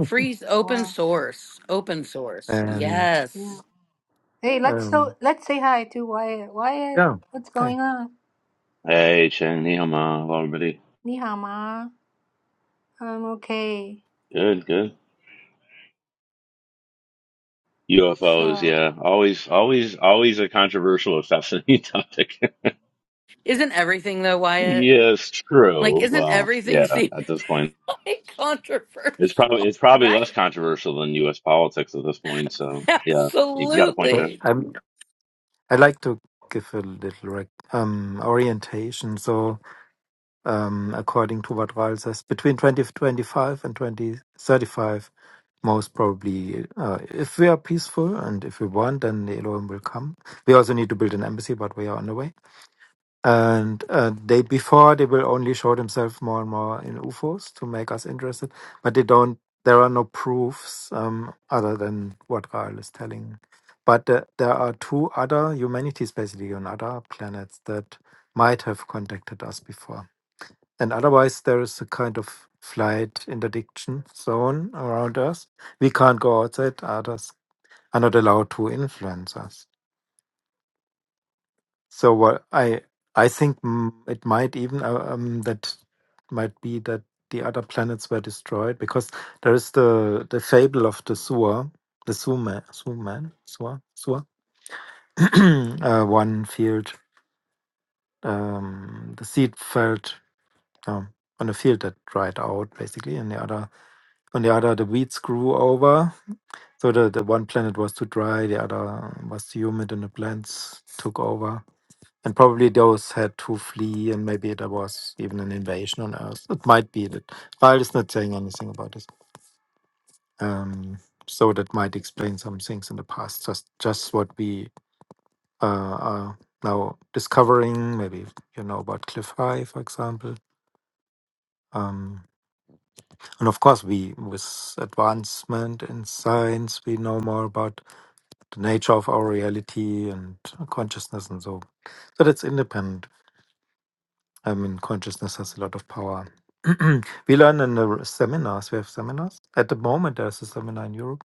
Speaker 4: Free open
Speaker 1: Wow.
Speaker 4: source. Open source.
Speaker 3: And
Speaker 1: Yeah.
Speaker 4: Yes.
Speaker 1: Hey, let's so
Speaker 3: um,
Speaker 1: let's say hi to Wyatt. Wyatt,
Speaker 3: yeah,
Speaker 1: what's
Speaker 3: I
Speaker 1: going on?
Speaker 5: Hey, Chen, ni hao ma, hello everybody.
Speaker 1: 你好吗? I'm okay.
Speaker 5: Good, good. UFOs,
Speaker 1: So,
Speaker 5: yeah. Always, always, always a controversial and fascinating topic.
Speaker 4: Isn't everything though, Wyatt?
Speaker 5: Yes,
Speaker 4: Like,
Speaker 5: true.
Speaker 4: isn't
Speaker 5: Well,
Speaker 4: everything
Speaker 5: yeah,
Speaker 4: seem
Speaker 5: at this point,
Speaker 4: like
Speaker 5: it's probably
Speaker 4: controversial?
Speaker 5: it's probably less
Speaker 4: Right.
Speaker 5: controversial than U.S. politics at this point. So, yeah, you got a point
Speaker 3: but
Speaker 5: there.
Speaker 4: Absolutely.
Speaker 3: I'm, I like to give a little rec- um, orientation. So um, according to what Raul says, between 2025 and 2035, most probably, uh, if we are peaceful and if we want, then the Elohim will come. We also need to build an embassy, but we are on the way And uh, they before they will only show themselves more and more in UFOs to make us interested, but they don't. There are no proofs um, other than what Rael is telling. But uh, there are two other humanities basically on other planets that might have contacted us before. And otherwise, there is a kind of flight interdiction zone around us. We can't go outside. Others are not allowed to influence us. So what I I think mm, it might even uh, um, that might be that the other planets were destroyed because there is the the fable of the Sua, the Suman, Suman, Sua, Sua, uh, one field, um, the seed felt um, on a field that dried out basically, and the other on the other the weeds grew over. So the, the one planet was too dry, the other was too humid, and the plants took over And probably those had to flee, and maybe there was even an invasion on Earth. It might be that Bible is not saying anything about this. Um, so that might explain some things in the past, just just what we uh, are now discovering. Maybe you know about Cliff High, for example. Um, and of course, we with advancement in science, we know more about the nature of our reality and consciousness, and so. But it's independent I mean, consciousness has a lot of power. we learn in the r- seminars. We have seminars. At the moment, there's a seminar in Europe.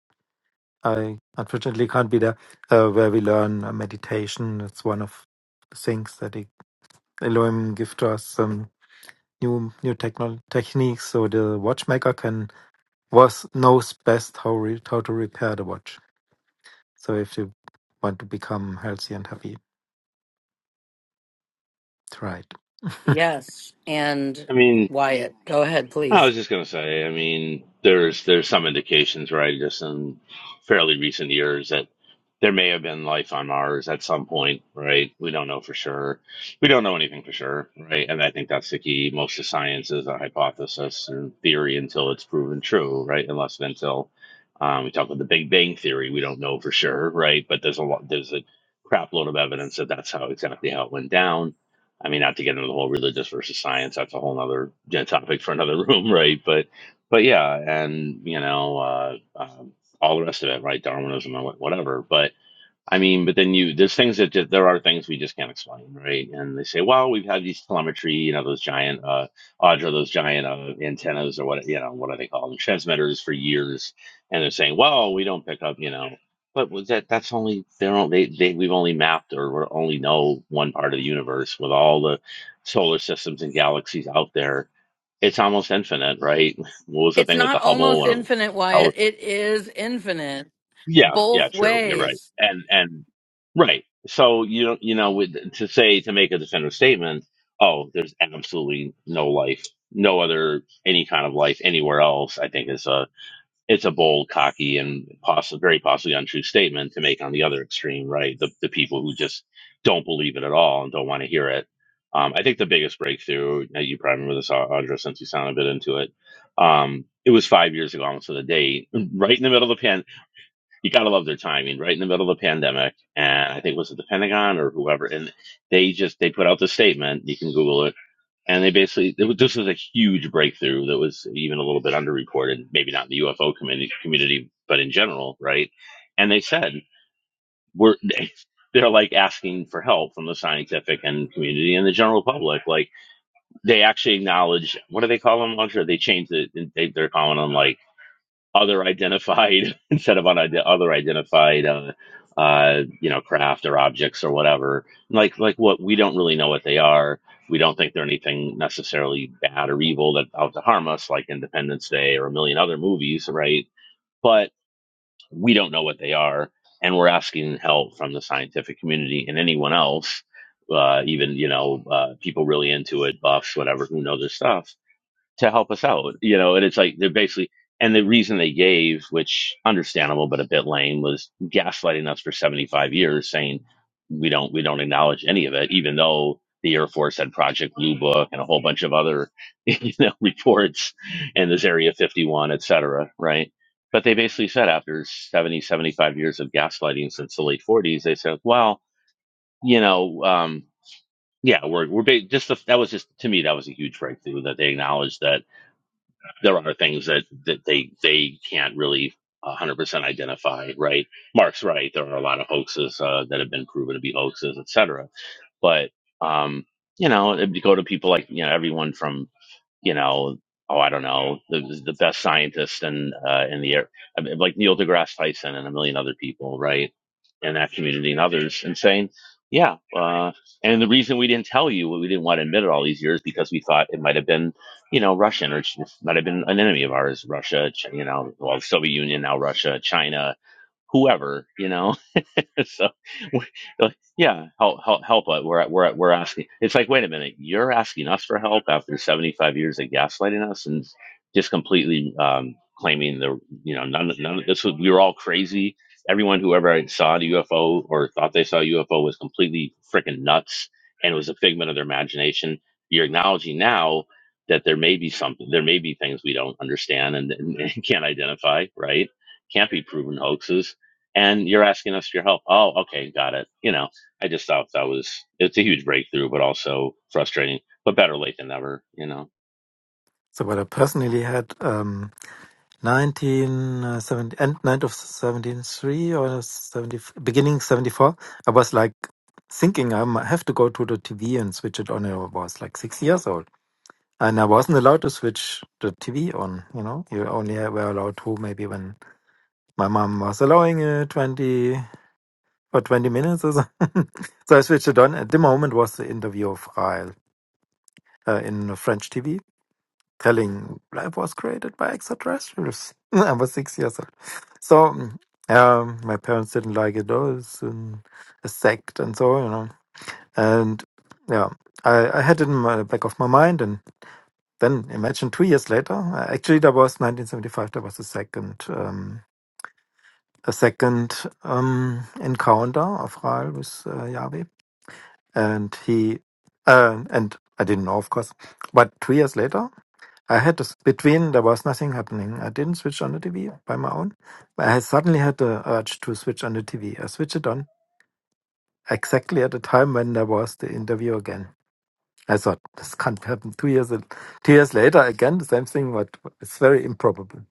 Speaker 3: I unfortunately can't be there, uh, where we learn uh, meditation. It's one of the things that it- Elohim give to us some new new techno- techniques. So the watchmaker can was knows best how re, how to repair the watch. So if you want to become healthy and happy, try it.
Speaker 4: Yes. And
Speaker 5: I mean,
Speaker 4: Wyatt, go ahead,
Speaker 5: I
Speaker 4: please.
Speaker 5: was just gonna say, I mean, there's there's some indications, right, just in fairly recent years that there may have been life on Mars at some point, right? We don't know for sure. We don't know anything for sure, right? And I think that's the key. Most of science is a hypothesis or theory until it's proven true, right? Unless and until um, we talk about the Big Bang theory, we don't know for sure, right? But there's a lot, there's a crap load of evidence that that's how exactly how it went down I mean, not to get into the whole religious versus science, that's a whole other topic for another room, right? But, but yeah, and you know, uh, um all the rest of it, right? Darwinism and wha- whatever. But I mean, but then you, there's things that just, there are things we just can't explain, right? And they say, well, we've had these telemetry, you know, those giant, uh, Audra, those giant uh, antennas or what, you know, what do they call them? Transmitters for years. And they're saying, well, we don't pick up, you know, but was that, that's only, they're only, they, they, we've only mapped or we only know one part of the universe with all the solar systems and galaxies out there. It's almost infinite, right? What was the
Speaker 4: It's
Speaker 5: thing with the
Speaker 4: not
Speaker 5: Hubble
Speaker 4: almost infinite,
Speaker 5: or
Speaker 4: Wyatt. It is infinite
Speaker 5: yeah, yeah,
Speaker 4: both
Speaker 5: true. You're right.
Speaker 4: ways.
Speaker 5: And and right. So you know, you know, with, to say to make a definitive statement, oh, there's absolutely no life, no other any kind of life anywhere else. I think is a it's a bold, cocky, and possibly very possibly untrue statement to make on the other extreme, right? The the people who just don't believe it at all and don't want to hear it. Um, I think the biggest breakthrough, now you probably remember this, Audra, since you sound a bit into it. Um, it was five years ago, almost to the date, right in the middle of the pandemic you gotta love their timing, right in the middle of the pandemic. And I think was it the Pentagon or whoever, and they just they put out the statement. You can Google it, and they basically it was, this was a huge breakthrough that was even a little bit underreported, maybe not in the UFO community, community, but in general, right? And they said we're they're like asking for help from the scientific and community and the general public. Like they actually acknowledge what do they call them? Launcher? They changed it. They, they're calling them like other identified instead of on other identified uh, uh, you know craft or objects or whatever like like what we don't really know what they are we don't think they're anything necessarily bad or evil that out to harm us like independence day or a million other movies right but we don't know what they are and we're asking help from the scientific community and anyone else uh, even you know uh, people really into it buffs whatever who know their stuff to help us out, you know. And it's like they're basically, and the reason they gave, which understandable but a bit lame, was gaslighting us for 75 years, saying we don't we don't acknowledge any of it, even though the Air Force had Project Blue Book and a whole bunch of other you know reports, and this Area 51, et cetera, right? But they basically said after 70 75 years of gaslighting since the late 40s, they said, well, you know, um, yeah, we're we're ba- just the, that was just to me that was a huge breakthrough that they acknowledged that there are things that, that they they can't really 100% identify right mark's right there are a lot of hoaxes uh, that have been proven to be hoaxes et cetera. but um, you know if you go to people like you know everyone from you know, oh, I don't know, the, the best scientists in uh, in the air, I mean, like Neil deGrasse Tyson and a million other people, right, in that community and others, and saying, yeah, uh, and the reason we didn't tell you, we didn't want to admit it all these years, because we thought it might have been, you know, Russian or it might have been an enemy of ours, Russia, Ch- you know, well, Soviet Union now, Russia, China, whoever, you know so, we- like, yeah, help, help, help. uh, We're, we're, we're asking. It's like, wait a minute, you're asking us for help after 75 years of gaslighting us and just completely um, claiming the, you know, none, none of this was, we were all crazy. Everyone who ever saw the UFO or thought they saw a UFO was completely freaking nuts and it was a figment of their imagination. You're acknowledging now that there may be something, there may be things we don't understand and, and can't identify, right? Can't be proven hoaxes and you're asking us for your help. Oh, okay, got it. You know, I just thought that was it's a huge breakthrough, but also frustrating. But better late than never, you know.
Speaker 3: So what I personally had. Um, 1970 and night of 73 or 70 beginning 74 i was like thinking i might have to go to the tv and switch it on i was like six years old and i wasn't allowed to switch the tv on you know you only were allowed to maybe when my mom was allowing it 20 or 20 minutes or so so i switched it on at the moment was the interview of Ryle uh, in french tv telling life was created by extraterrestrials. I was six years old. So mm, um, my parents didn't like it. Oh, it's an, a sect and so, you know. And yeah, I, I had it in my the back of my mind. And then imagine two years later, uh, actually, that was 1975, there was a second. Um, a second um, encounter of Raal with uh, Yahweh, and he, uh, and I didn't know, of course, but two years later. I had this between there was nothing happening. I didn't switch on the TV by my own, but I suddenly had the urge to switch on the TV. I switched it on exactly at the time when there was the interview again. I thought this can't happen. Two years, two years later, again the same thing. But it's very improbable.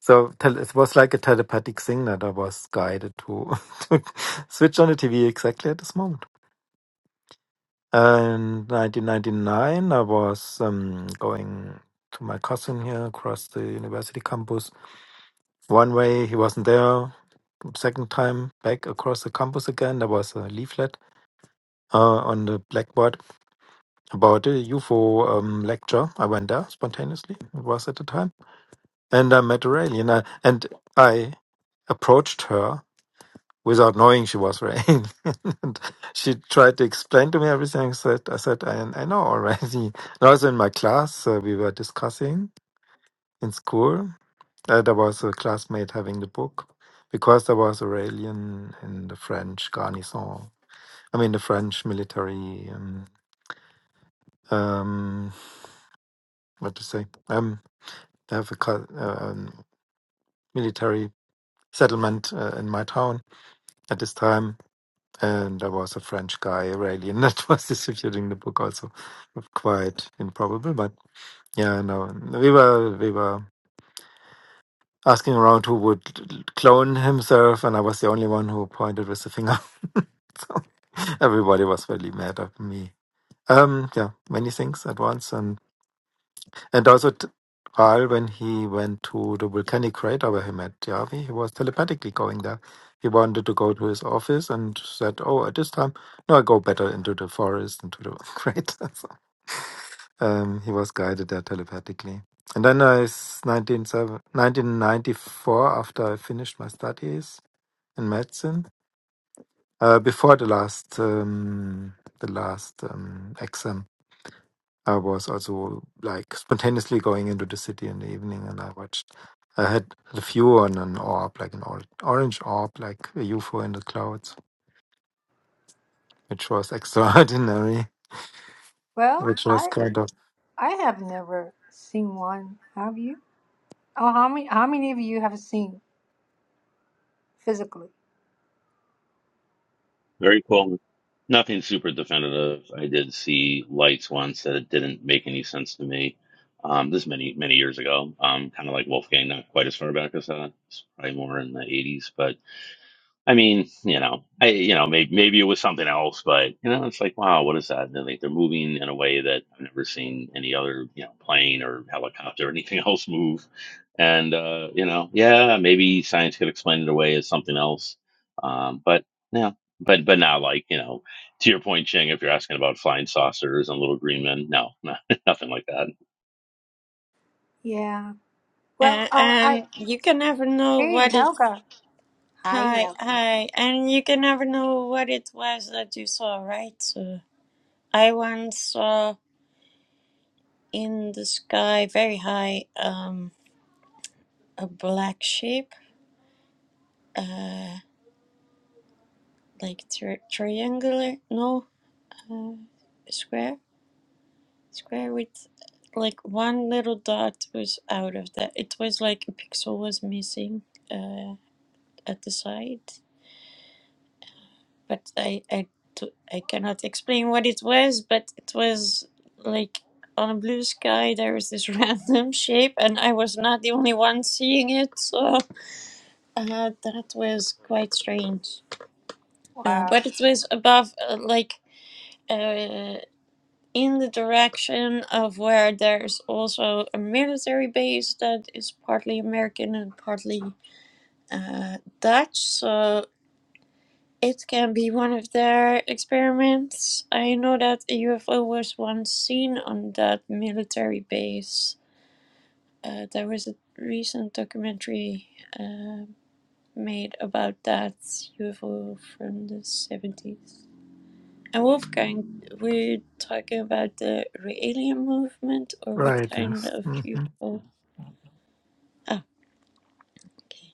Speaker 3: So tel- it was like a telepathic thing that I was guided to, to switch on the TV exactly at this moment. And 1999, I was um, going to my cousin here across the university campus One way he wasn't there. Second time back across the campus again, there was a leaflet uh, on the blackboard about a UFO um, lecture. I went there spontaneously. It was at the time, and I met a alien. I, and I approached her without knowing she was Rain. and she tried to explain to me everything. I said, I, said, I, I know already. And also in my class, uh, we were discussing in school. That there was a classmate having the book because there was Aurelian in the French garnison. I mean, the French military. Um, um, what to say? Um, they have a cul- uh, um, military settlement uh, in my town at this time, and there was a French guy Aurelian that was distributing the book. Also, quite improbable, but yeah, no, we were we were asking around who would clone himself, and I was the only one who pointed with the finger So Everybody was really mad at me. Um, yeah, many things at once, and and also t- Carl, when he went to the volcanic crater where he met Yavi, he was telepathically going there. He wanted to go to his office and said, "Oh, at this time, no, I go better into the forest, into the crater." So, um, he was guided there telepathically. And then I, s- 1997 after I finished my studies in medicine, Uh, before the last um, the last um, exam, I was also like spontaneously going into the city in the evening, and I watched. I had a view on an orb, like an or- orange orb, like a UFO in the clouds, which was extraordinary.
Speaker 1: well,
Speaker 3: Which was
Speaker 1: I
Speaker 3: kind of
Speaker 1: I have never seen one. Have you? Oh, how many how many of you have seen physically?
Speaker 5: Very cool. Nothing super definitive. I did see lights once that it didn't make any sense to me. Um, this is many many years ago. Um, kind of like Wolfgang, not quite as far back as that. It's probably more in the '80s, but I mean, you know, I you know, maybe maybe it was something else, but you know, it's like, wow, what is that? And they're like they're moving in a way that I've never seen any other, you know, plane or helicopter or anything else move. And uh, you know, yeah, maybe science could explain it away as something else. Um, but yeah, but but not like, you know, to your point, Ching, if you're asking about flying saucers and little green men, no, no nothing like that.
Speaker 1: Yeah. Well,
Speaker 6: And,
Speaker 1: uh, I
Speaker 6: and you can never know
Speaker 1: hey
Speaker 6: what it.
Speaker 1: Helga. Hi
Speaker 6: Hi,
Speaker 1: Helga.
Speaker 6: hi. And you can never know what it was that you saw, right? So I once saw in the sky, very high, um, a black shape, uh, like tri- triangular, no, uh, square, square with like one little dot was out of that. It was like a pixel was missing, uh, at the side. but I I t- I cannot explain what it was, but it was like on a blue sky there was this random shape and I was not the only one seeing it, so uh, that was quite strange. Uh,
Speaker 1: Wow.
Speaker 6: but it was above uh, like uh, in the direction of where there's also a military base that is partly American and partly uh, Dutch, so It can be one of their experiments. I know that a UFO was once seen on that military base. Uh, there was a recent documentary uh, made about that UFO from the 70s. And Wolfgang, we're talking about the alien movement or what
Speaker 3: right.
Speaker 6: kind
Speaker 3: Yes,
Speaker 6: of
Speaker 3: hmm
Speaker 6: UFO? Ah, okay.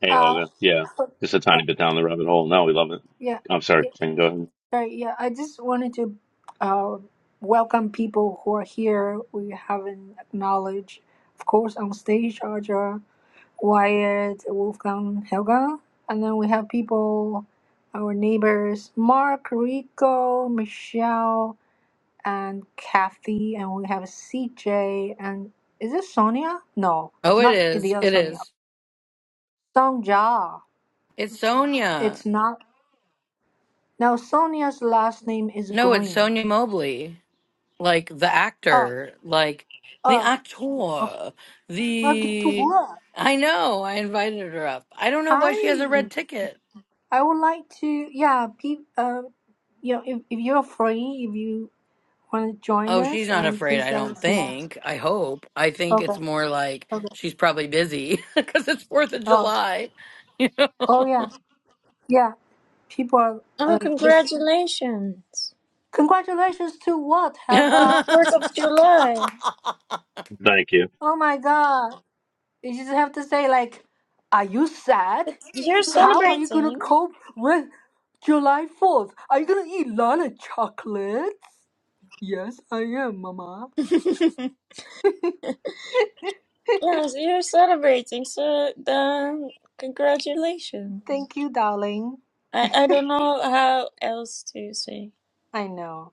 Speaker 5: Hey
Speaker 1: Uh,
Speaker 5: Helga, yeah.
Speaker 1: so-
Speaker 5: Just a
Speaker 1: yeah,
Speaker 5: tiny bit down the rabbit hole. No, we love it.
Speaker 1: yeah,
Speaker 5: I'm sorry,
Speaker 1: yeah.
Speaker 5: Ching, go ahead.
Speaker 1: Sorry, yeah. I just wanted to uh, welcome people who are here. We haven't acknowledged, of course, on stage, Audra, Wyatt, Wolfgang, Helga, and then we have people, our neighbors, Mark, Rico, Michelle. and Kathy, and we have CJ, and is it Sonia? No,
Speaker 4: Oh, it
Speaker 1: not
Speaker 4: is.
Speaker 1: the other
Speaker 4: It
Speaker 1: Sonia.
Speaker 4: is.
Speaker 1: Songja.
Speaker 4: It's Sonia.
Speaker 1: It's not. Now Sonia's last name is
Speaker 4: No, it's
Speaker 1: Green.
Speaker 4: Sonia Mobley, like the
Speaker 1: Oh,
Speaker 4: actor, like the
Speaker 1: oh, okay.
Speaker 4: actor,
Speaker 1: Uh, good to
Speaker 4: the.
Speaker 1: work.
Speaker 4: I know. I invited her up. I don't know why she has a
Speaker 1: Hi.
Speaker 4: red ticket.
Speaker 1: I would like to. Yeah, pe- uh, you know, if, if you're free, if you want to join
Speaker 4: Oh, she's
Speaker 1: us,
Speaker 4: not
Speaker 1: and
Speaker 4: afraid,
Speaker 1: please
Speaker 4: I
Speaker 1: let
Speaker 4: don't
Speaker 1: us know.
Speaker 4: think. I hope. I think it's
Speaker 1: Okay.
Speaker 4: more like
Speaker 1: Okay.
Speaker 4: she's probably busy because it's 4th of
Speaker 1: Oh.
Speaker 4: July. You
Speaker 1: Oh yeah. Yeah. People are uh,
Speaker 6: Oh,
Speaker 1: just
Speaker 6: congratulations!
Speaker 1: congratulations to what
Speaker 4: know?
Speaker 6: The
Speaker 1: Helga.
Speaker 6: 4th of July!
Speaker 5: Thank you.
Speaker 1: Oh my God. You just have to say, like, are you sad?
Speaker 6: You're
Speaker 1: How are you gonna
Speaker 6: celebrating!
Speaker 1: cope with July 4th? Are you gonna eat a lot of chocolates? Yes, I am, Mama.
Speaker 6: Yes, you're celebrating, so then congratulations.
Speaker 1: Thank you, darling.
Speaker 6: I, I don't know how else to say.
Speaker 1: I know.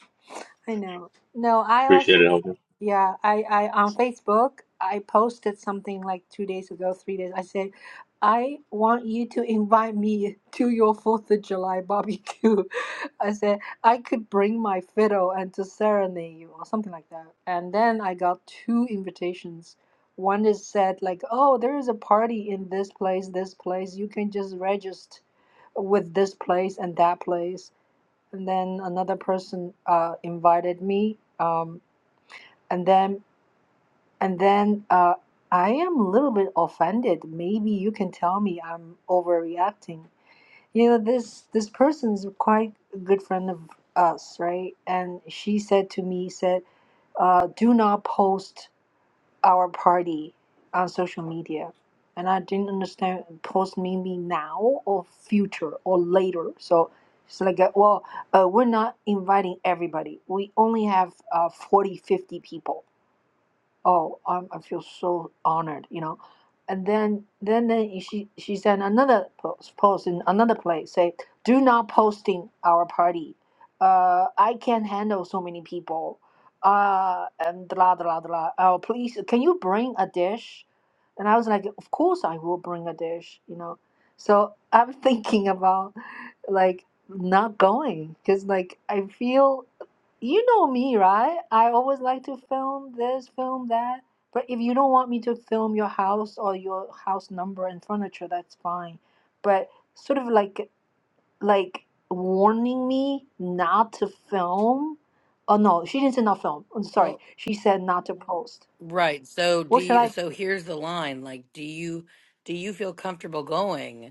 Speaker 1: I know. No, I
Speaker 5: Appreciate
Speaker 1: also,
Speaker 5: it, Helga.
Speaker 1: yeah, I, I on Facebook, I posted something like two days ago, three days. I said, I want you to invite me to your Fourth of July barbecue. I said I could bring my fiddle and to serenade you or something like that. And then I got two invitations. One is said like, oh, there is a party in this place, this place. You can just register with this place and that place and then another person uh, invited me um, and then and then uh, i am a little bit offended maybe you can tell me i'm overreacting you know this this person is quite a good friend of us right and she said to me said uh, do not post our party on social media and i didn't understand post maybe now or future or later so it's like uh, well uh, we're not inviting everybody we only have uh, 40 fifty people oh i i feel so honored you know and then then then she she sent another post, post in another place say do not posting our party uh i can't handle so many people uh and blah blah blah oh please can you bring a dish and i was like of course i will bring a dish you know so i'm thinking about like not going because like i feel you know me, right? I always like to film this, film that. But if you don't want me to film your house or your house number and furniture, that's fine. But sort of like like warning me not to film. Oh no, she didn't say not film. I'm sorry.
Speaker 4: Well,
Speaker 1: She said not to post.
Speaker 4: right. So do
Speaker 1: What should
Speaker 4: you
Speaker 1: I?
Speaker 4: so here's the line. Like, do you do you feel comfortable going?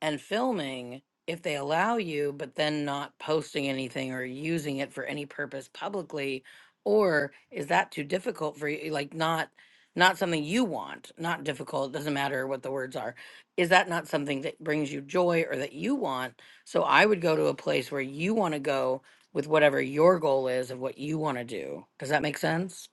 Speaker 4: and filming if they allow you, but then not posting anything or using it for any purpose publicly? Or is that too difficult for you? Like, not not something you want not difficult doesn't matter what the words are is that not something that brings you joy or that you want so i would go to a place where you want to go with whatever your goal is of what you want to do does that make sense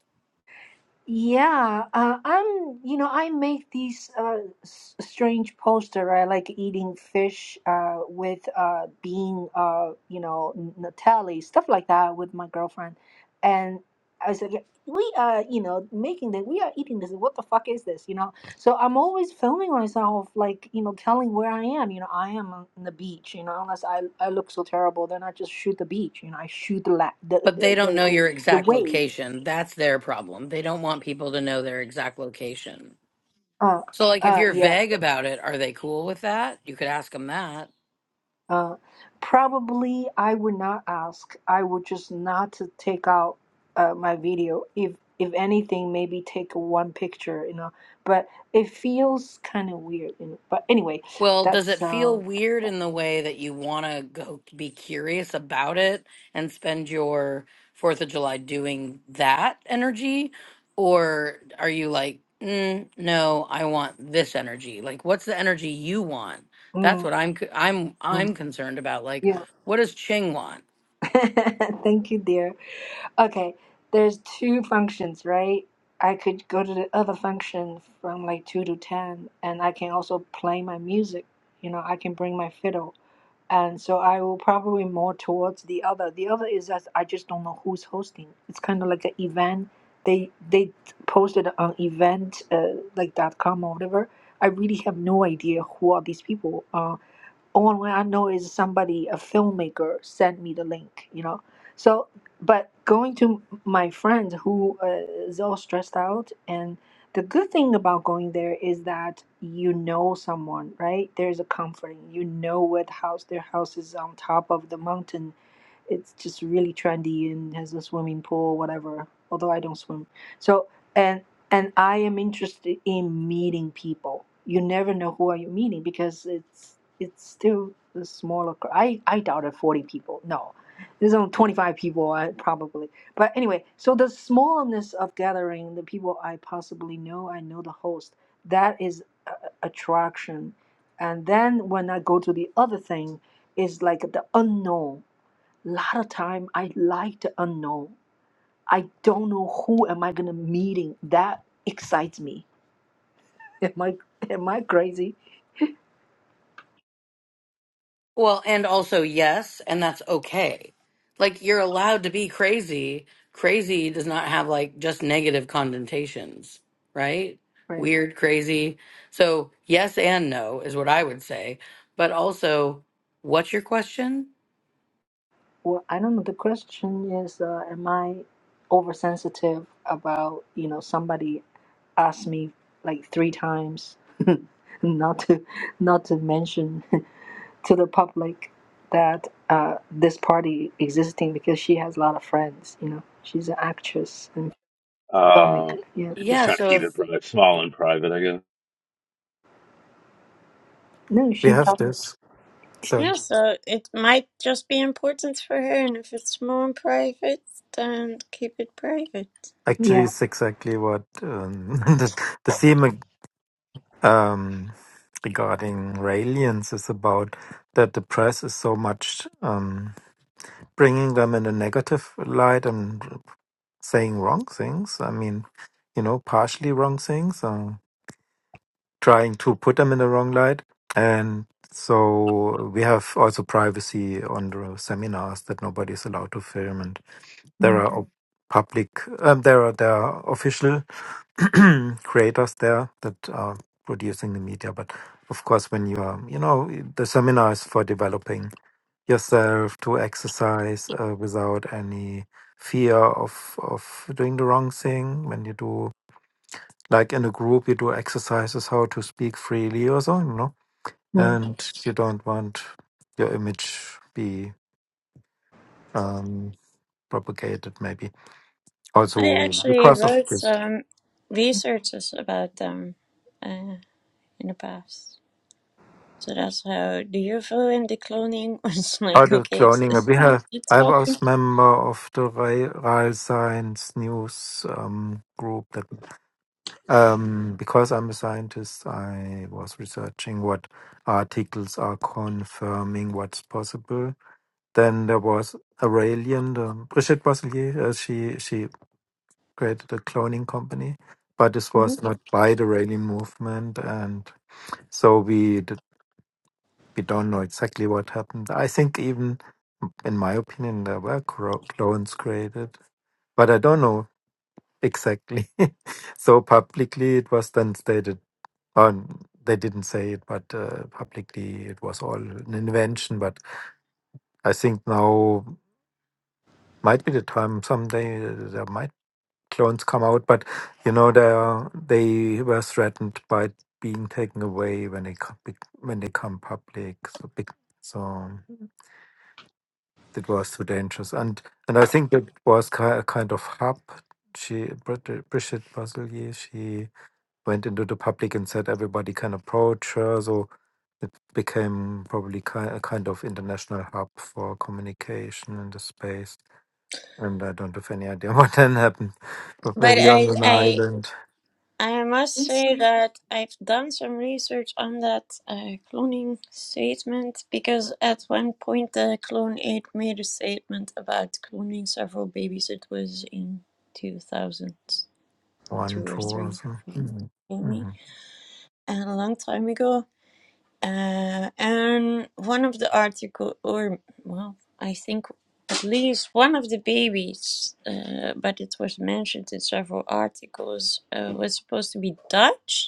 Speaker 1: Yeah, uh, I'm, you know, I make these uh, s- strange poster, right? Like eating fish uh, with uh, bean, uh, you know, n- Nutella, stuff like that with my girlfriend. And I said, yeah, we are, you know, making this, we are eating this. What the fuck is this, you know? So I'm always filming myself, like, you know, telling where I am. You know, I am on the beach, you know, unless I, I look so terrible, then I just shoot the beach, you know, I shoot the, la- the,
Speaker 4: but they
Speaker 1: the,
Speaker 4: don't
Speaker 1: the,
Speaker 4: know
Speaker 1: the,
Speaker 4: your
Speaker 1: the
Speaker 4: exact
Speaker 1: wave.
Speaker 4: location that's their problem they don't want people to know their exact location
Speaker 1: Uh,
Speaker 4: So, like, if
Speaker 1: uh,
Speaker 4: you're
Speaker 1: yeah.
Speaker 4: vague about it, are they cool with that? You could ask them that.
Speaker 1: Uh, probably I would not ask. I would just not to take out uh, my video. If if anything, maybe take one picture, you know. But it feels kind of weird, you know. But anyway,
Speaker 4: Well, does it
Speaker 1: that's
Speaker 4: feel
Speaker 1: um,
Speaker 4: weird in the way that you want to go be curious about it and spend your Fourth of July doing that energy? Or are you like, mm, no, I want this energy? Like, what's the energy you want? That's
Speaker 1: mm,
Speaker 4: what I'm, c- I'm, I'm
Speaker 1: mm,
Speaker 4: concerned about. Like,
Speaker 1: yeah.
Speaker 4: what does Ching want?
Speaker 1: Thank you, dear. Okay, there's two functions, right? I could go to the other function from like two to ten, and I can also play my music. You know, I can bring my fiddle and so I will probably more towards the other. The other is that I just don't know who's hosting. It's kind of like an event. They they posted on event uh, like dot com or whatever. I really have no idea who are these people. Um, all I know is somebody, a filmmaker, sent me the link, you know. So, but going to my friend who uh, is all stressed out, and the good thing about going there is that you know someone, right? There's a comforting. You know what house their house is on top of the mountain it's just really trendy and has a swimming pool, whatever. Although I don't swim, so and and I am interested in meeting people. You never know who are you meeting because it's it's still a smaller. cr- I I doubted forty people. No, there's only twenty five people I, probably. But anyway, so the smallness of gathering, the people I possibly know, I know the host. That is a- a- attraction, and then when I go to the other thing, is like the unknown a lot of time I like the unknown. I don't know who am I gonna meeting. That excites me. Am I am I crazy?
Speaker 4: Well, and also yes, and that's okay. Like you're allowed to be crazy. Crazy does not have like just negative connotations, right?
Speaker 1: Right.
Speaker 4: Weird, crazy. So, yes and no is what I would say. But also, what's your question?
Speaker 1: Well, I don't know. The question is, uh, am I oversensitive about you know somebody asked me like three times not to not to mention to the public that uh, this party existing because she has a lot of friends. You know, she's an actress and
Speaker 5: Uh,
Speaker 1: filmmaker. Yeah.
Speaker 5: just
Speaker 4: Yeah,
Speaker 5: trying to keep
Speaker 4: so
Speaker 5: it private, small
Speaker 4: if
Speaker 5: and private. I go,
Speaker 1: No,
Speaker 3: we
Speaker 1: she
Speaker 3: have
Speaker 1: talked.
Speaker 3: this. So
Speaker 6: Yeah, so it might just be important for her, and if it's more private, then keep it private.
Speaker 3: actually,
Speaker 1: Yeah.
Speaker 3: it's exactly what um, the, the theme um, regarding aliens is about. That the press is so much. Um, bringing them in a negative light and saying wrong things. I mean, you know, partially wrong things, um, trying to put them in the wrong light. And so we have also privacy on the seminars that nobody is allowed to film. And there
Speaker 1: Mm.
Speaker 3: are op- public, um, there are there are official creators there that are producing the media. But of course, when you are, you know, the seminar is for developing yourself to exercise uh, without any fear of of doing the wrong thing when you do like in a group you do exercises how to speak freely or so you know
Speaker 1: Mm.
Speaker 3: and you don't want your image be um propagated maybe
Speaker 6: I
Speaker 3: also
Speaker 6: actually
Speaker 3: because of
Speaker 6: wrote
Speaker 3: this
Speaker 6: some researches about them uh, in the past. So that's how the UFO and the cloning was like,
Speaker 3: other
Speaker 6: okay, it's,
Speaker 3: cloning we have
Speaker 6: it's
Speaker 3: I was
Speaker 6: talking.
Speaker 3: member of the Rai Science News um, group that Um, because I'm a scientist, I was researching what articles are confirming what's possible. Then there was Aurelian, the, Brigitte Bosselier, uh, she, she created a cloning company, but this
Speaker 6: Mhm.
Speaker 3: was not by the Aurelian movement. And so we, d- we don't know exactly what happened. I think even, in my opinion, there were cro- clones created, but I don't know exactly. so publicly, it was then stated Um, they didn't say it, but uh, publicly it was all an invention. But I think now might be the time someday uh, there might clones come out. But you know they are, they were threatened by being taken away when they co- bec- when they come public. So, big, so it was too dangerous. And and I think it was ki- a kind of hub. She Brid- Brigitte Basilier, she went into the public and said everybody can approach her. So it became probably ki a kind of international hub for communication in the space. And I don't have any idea what then happened. But
Speaker 6: But
Speaker 3: maybe on an
Speaker 6: I,
Speaker 3: island,
Speaker 6: I must say that I've done some research on that uh, cloning statement because at one point the clone aid made a statement about cloning several babies. It was in 2002
Speaker 3: one
Speaker 6: or
Speaker 3: tour or
Speaker 6: 3
Speaker 3: so.
Speaker 6: for
Speaker 3: hmm hmm
Speaker 6: Amy, and a long time ago. Uh, and one of the article, or well, I think at least one of the babies, uh, but it was mentioned in several articles, uh, was supposed to be Dutch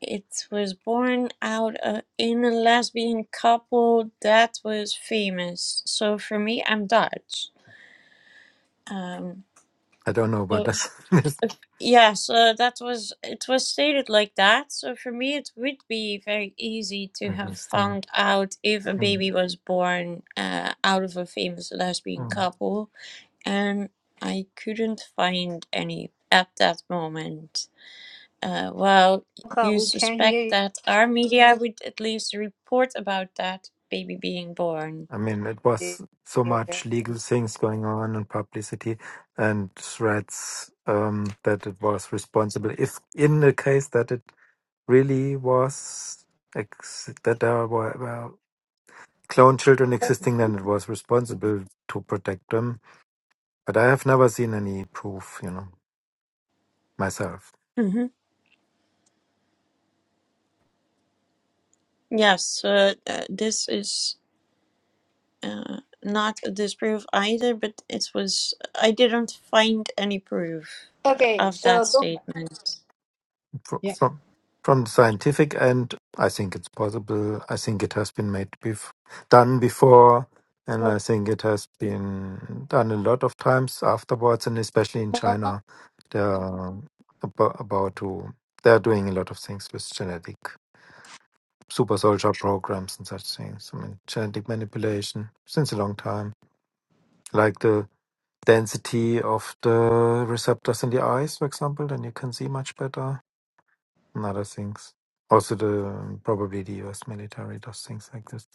Speaker 6: it was born out of, in a lesbian couple that was famous. So for me, I'm Dutch. Um,
Speaker 3: I don't know, but that's that's
Speaker 6: yeah, so that was it was stated like that. So for me, it would be very easy to have
Speaker 3: interesting.
Speaker 6: found out if a
Speaker 3: Mm,
Speaker 6: baby was born uh, out of a famous lesbian
Speaker 3: mm.
Speaker 6: couple, and I couldn't find any at that moment. Uh, well,
Speaker 1: Okay,
Speaker 6: you
Speaker 1: we can't
Speaker 6: suspect
Speaker 1: hear
Speaker 6: that our media would at least report about that baby being born.
Speaker 3: I mean, it was so
Speaker 1: you.
Speaker 3: much legal things going on and publicity and threats um, that it was responsible. If in the case that it really was ex- that there were well, clone children existing and it was responsible to protect them. But I have never seen any proof, you know, myself
Speaker 6: hmm Yes, uh, uh, this is uh, not a disproof either, but it was. I didn't find any proof uh,
Speaker 1: Okay,
Speaker 6: of that
Speaker 1: so go back.
Speaker 6: statement.
Speaker 3: fr-
Speaker 1: Yeah.
Speaker 3: from from the scientific end. I think it's possible. I think it has been made bef- done before, and I think it has been done a lot of times afterwards, and especially in China, they are abo- about to. They are doing a lot of things with genetic. super soldier programs and such things. I mean, genetic manipulation since a long time, like the density of the receptors in the eyes, for example, then you can see much better and other things. Also, the probably the U.S. military does things like this,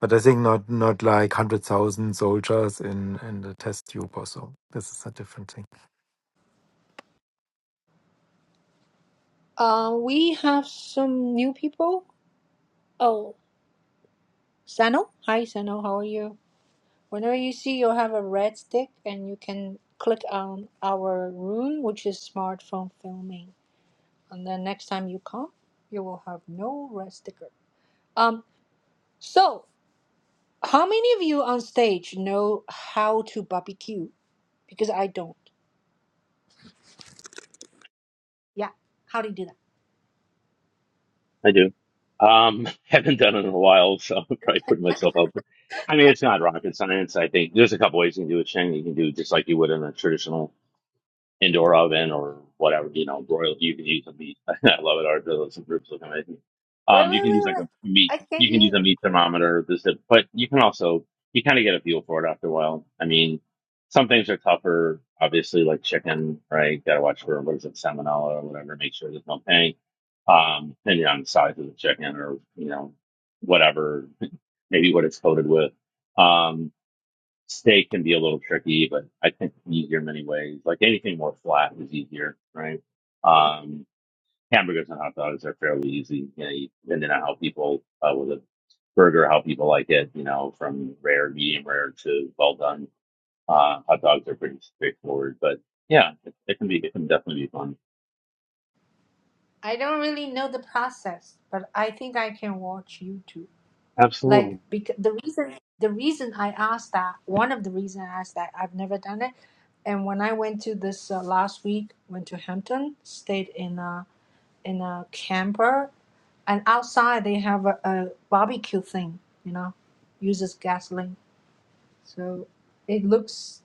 Speaker 3: but I think not not like hundred thousand soldiers in in the test tube or so. This is a different thing.
Speaker 1: Uh, we have some new people. Oh, Sano. Hi, Sano. How are you? Whenever you see you have a red stick and you can click on our room, which is smartphone filming. And then next time you come, you will have no red sticker. Um, so how many of you on stage know how to barbecue? Because I don't. Yeah. How do you do that?
Speaker 5: I do. Um, haven't done it in a while, so I'm probably putting myself up. But I mean, it's not rocket science. I think there's a couple ways you can do it, Shane. You can do it just like you would in a traditional indoor oven or whatever, you know, broiled. You can use a meat. I love it. Our those groups look amazing.
Speaker 1: Wait,
Speaker 5: Um, you
Speaker 1: wait,
Speaker 5: can
Speaker 1: wait,
Speaker 5: use like
Speaker 1: wait.
Speaker 5: a meat.
Speaker 1: I can
Speaker 5: You can
Speaker 1: hear.
Speaker 5: use a meat thermometer. This, that, but you can also you kind of get a feel for it after a while. I mean, some things are tougher, obviously, like chicken, right? Got to watch for what is it, salmonella or whatever. Make sure there's no pain. Um, depending on the size of the chicken or you know, whatever, maybe what it's coated with. Um, steak can be a little tricky, but I think it's easier in many ways. Like anything more flat is easier, right? Um, hamburgers and hot dogs are fairly easy, you know, you- depending on how people uh, with a burger, how people like it, you know, from rare, medium rare to well done. Uh, hot dogs are pretty straightforward, but yeah, it, it can be, it can definitely be fun.
Speaker 1: I don't really know the process, but I think I can watch YouTube. Like
Speaker 5: Absolutely.
Speaker 1: because the reason the reason I asked that one of the reason I asked that I've never done it, and when I went to this uh, last week, went to Hampton, stayed in a in a camper, and outside they have a, a barbecue thing, you know, uses gasoline, so it looks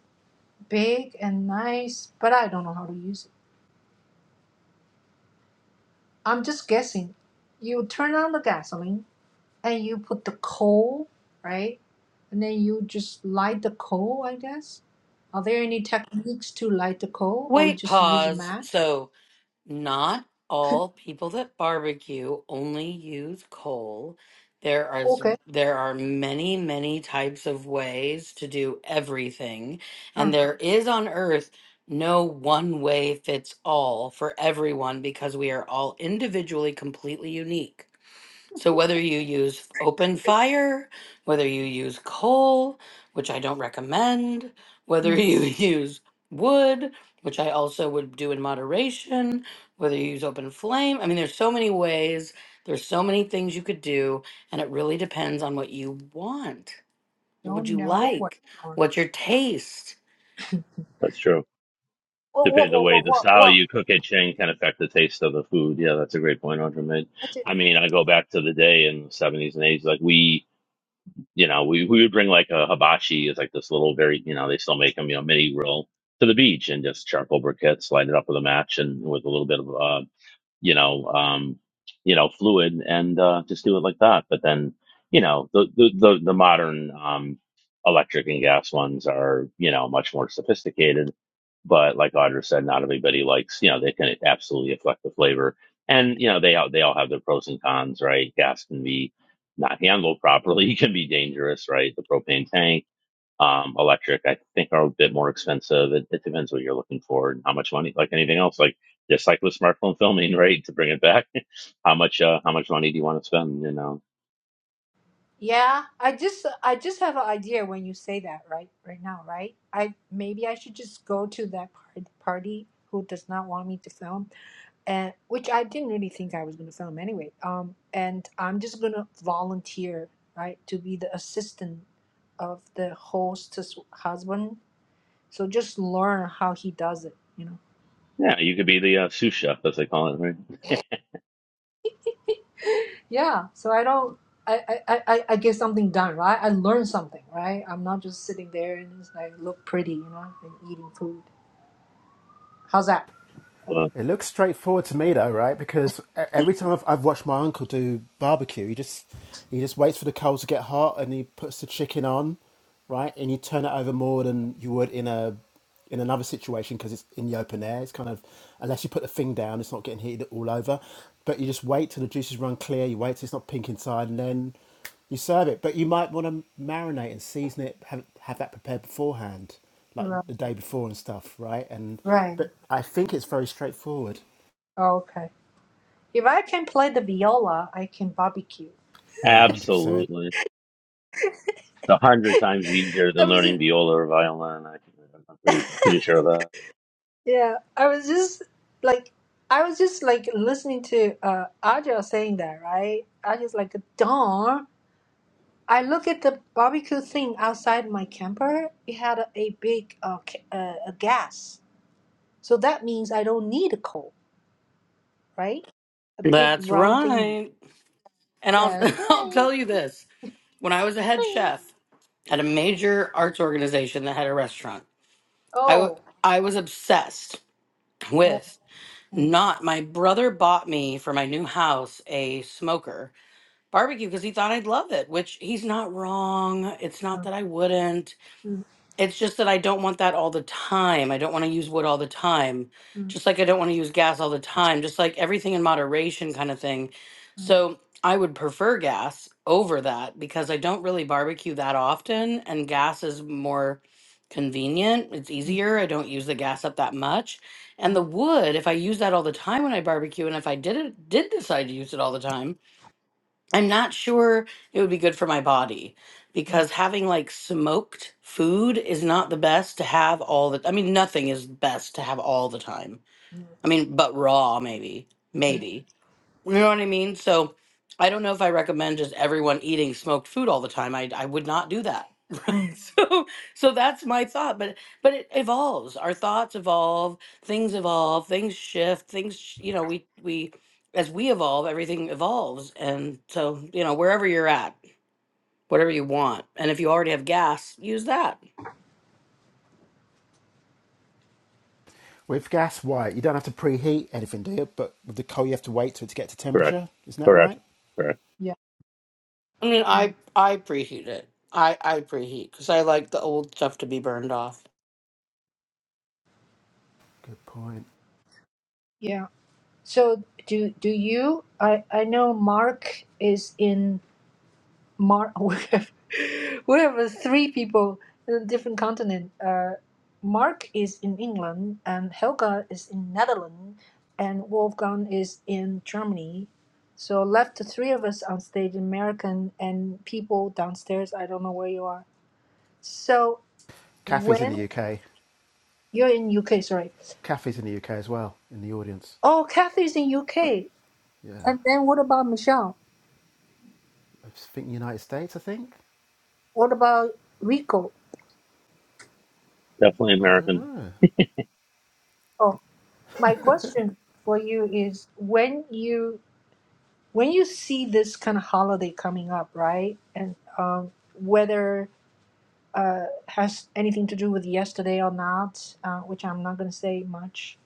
Speaker 1: big and nice, but I don't know how to use it. I'm just guessing. You turn on the gasoline and you put the coal, right? And then you just light the coal, I guess. Are there any techniques to light the coal or you
Speaker 4: wait,
Speaker 1: just use a
Speaker 4: pause.
Speaker 1: match?
Speaker 4: So, Not all people that barbecue only use coal. There are s-
Speaker 1: Okay.
Speaker 4: there are many, many types of ways to do everything,
Speaker 1: Uh,
Speaker 4: and there is on earth no one way fits all for everyone because we are all individually completely unique. So whether you use open fire, whether you use coal, which I don't recommend, whether
Speaker 1: mm,
Speaker 4: you use wood, which I also would do in moderation, whether you use open flame, I mean there's so many ways, there's so many things you could do and it really depends on what you want. What would
Speaker 1: don't
Speaker 4: you
Speaker 1: know what.
Speaker 4: like?
Speaker 1: Whoa,
Speaker 4: What's your taste?
Speaker 5: That's true.
Speaker 1: whoa,
Speaker 5: Depending the
Speaker 1: whoa,
Speaker 5: way
Speaker 1: whoa,
Speaker 5: the
Speaker 1: whoa,
Speaker 5: style
Speaker 1: whoa.
Speaker 5: you cook it in can affect the taste of the food. Yeah, that's a great point, Andre made.
Speaker 1: That's it.
Speaker 5: I mean, I go back to the day in the seventies and eighties, like we you know, we, we would bring like a hibachi is like this little very, you know, they still make them, you know, mini grill to the beach and just charcoal briquettes, light it up with a match and with a little bit of uh, you know, um, you know, fluid and uh, just do it like that. But then, you know, the the the, the modern um, electric and gas ones are you know much more sophisticated. But like Audra said, not everybody likes. You know, they can absolutely affect the flavor, and you know they all they all have their pros and cons, right? Gas can be not handled properly, can be dangerous, right? The propane tank um, electric, I think, are a bit more expensive. It, it depends what you're looking for and how much money. Like anything else, like just like with smartphone filming, right? To bring it back, how much uh, how much money do you want to spend? You know,
Speaker 1: Yeah, I just I just have an idea when you say that right right now, right? I maybe I should just go to that par- party who does not want me to film and which I didn't really think I was gonna film anyway. Um, and I'm just gonna volunteer, right, to be the assistant of the host's husband. So just learn how he does it, you know.
Speaker 5: yeah, you could be the uh, sous chef, as they call it, right?
Speaker 1: Yeah. So I don't. I, I, I, I get something done, right? I learn something, right? I'm not just sitting there and just like look pretty, you know, and eating food. How's that?
Speaker 5: Uh,
Speaker 7: It looks straightforward to me though, right? Because e- every time I've, I've watched my uncle do barbecue, he just he just waits for the coals to get hot and he puts the chicken on, right? And you turn it over more than you would in a in another situation because it's in the open air. It's kind of unless you put the thing down, it's not getting heated all over. But you just wait till the juices run clear. You wait till it's not pink inside, and then you serve it, but you might want to marinate and season it. Have have that prepared beforehand, like
Speaker 1: Right.
Speaker 7: the day before and stuff, right? And
Speaker 1: Right.
Speaker 7: but I think it's very straightforward.
Speaker 1: Okay. If I can play the viola, I can barbecue.
Speaker 7: One hundred percent.
Speaker 5: absolutely, it's a hundred times easier than
Speaker 1: I
Speaker 5: learning
Speaker 1: was.
Speaker 5: viola or violin. I, I'm pretty I'm pretty sure of that.
Speaker 1: Yeah, I was just like, I was just like listening to uh Aja saying that, right? I just like, darn. I look at the barbecue thing outside my camper. It had a, a big uh, ca- uh a gas, so that means I don't need a coal, right? A big
Speaker 4: That's
Speaker 1: round thingy.
Speaker 4: right. And I'll
Speaker 1: That's
Speaker 4: I'll
Speaker 1: right.
Speaker 4: tell you this. When I was a head
Speaker 1: Whee!
Speaker 4: chef at a major arts organization that had a restaurant, I w-
Speaker 1: Oh.
Speaker 4: I was obsessed
Speaker 1: oh,
Speaker 4: with
Speaker 1: mm,
Speaker 4: not my brother bought me for my new house a smoker barbecue because he thought I'd love it, which he's not wrong. It's not that I wouldn't.
Speaker 1: mm,
Speaker 4: It's just that I don't want that all the time. I don't want to use wood all the time.
Speaker 1: mm,
Speaker 4: Just like I don't want to use gas all the time. Just like everything in moderation kind of thing.
Speaker 1: mm,
Speaker 4: So I would prefer gas over that because I don't really barbecue that often and gas is more convenient. It's
Speaker 1: mm, mm,
Speaker 4: easier. I don't use the gas up that much. And the wood, if I use that all the time when I barbecue and if I did it did decide to use it all the time, I'm not sure it would be good for my body
Speaker 1: mm,
Speaker 4: because having like smoked food is not the best to have all the I mean nothing is best to have all the time.
Speaker 1: mm,
Speaker 4: I mean but raw maybe.
Speaker 1: mm,
Speaker 4: Maybe. You know what I mean? So I don't know if I recommend just everyone eating smoked food all the time. I I would not do that.
Speaker 1: mm.
Speaker 4: Right? So so that's my thought. But but it evolves. Our thoughts evolve. Things evolve. Things shift. Things sh- you know we we as we evolve, everything evolves. And so you know wherever you're at, whatever you want, and if you already have gas, use that.
Speaker 7: With gas white, you don't have to preheat anything, do you? But with the coal, you have to wait till it to get to
Speaker 5: Correct,
Speaker 7: temperature. Isn't that
Speaker 5: correct,
Speaker 7: right?
Speaker 5: correct.
Speaker 1: Yeah.
Speaker 4: I mean,
Speaker 1: Yeah.
Speaker 4: I I preheat it. I I preheat because I like the old stuff to be burned off.
Speaker 7: Good point.
Speaker 1: Yeah. So do do you? I I know Mark is in Mark. We have we have three people in a different continent. Uh, Mark is in England, and Helga is in Netherlands, and Wolfgang is in Germany. So left the three of us on stage, American and people downstairs. I don't know where you are. So
Speaker 7: Kathy's in
Speaker 1: when
Speaker 7: the UK.
Speaker 1: you're in UK, sorry.
Speaker 7: Kathy's in the UK as well, in the audience.
Speaker 1: Oh, Kathy's in UK.
Speaker 7: Yeah,
Speaker 1: And then what about Michelle?
Speaker 7: I think United States. I think
Speaker 1: What about Rico?
Speaker 5: Definitely
Speaker 7: I don't
Speaker 5: American.
Speaker 7: know.
Speaker 1: Oh, my question for you is when you when you see this kind of holiday coming up, right? And um, whether uh, has anything to do with yesterday or not, uh, which I'm not going to say much.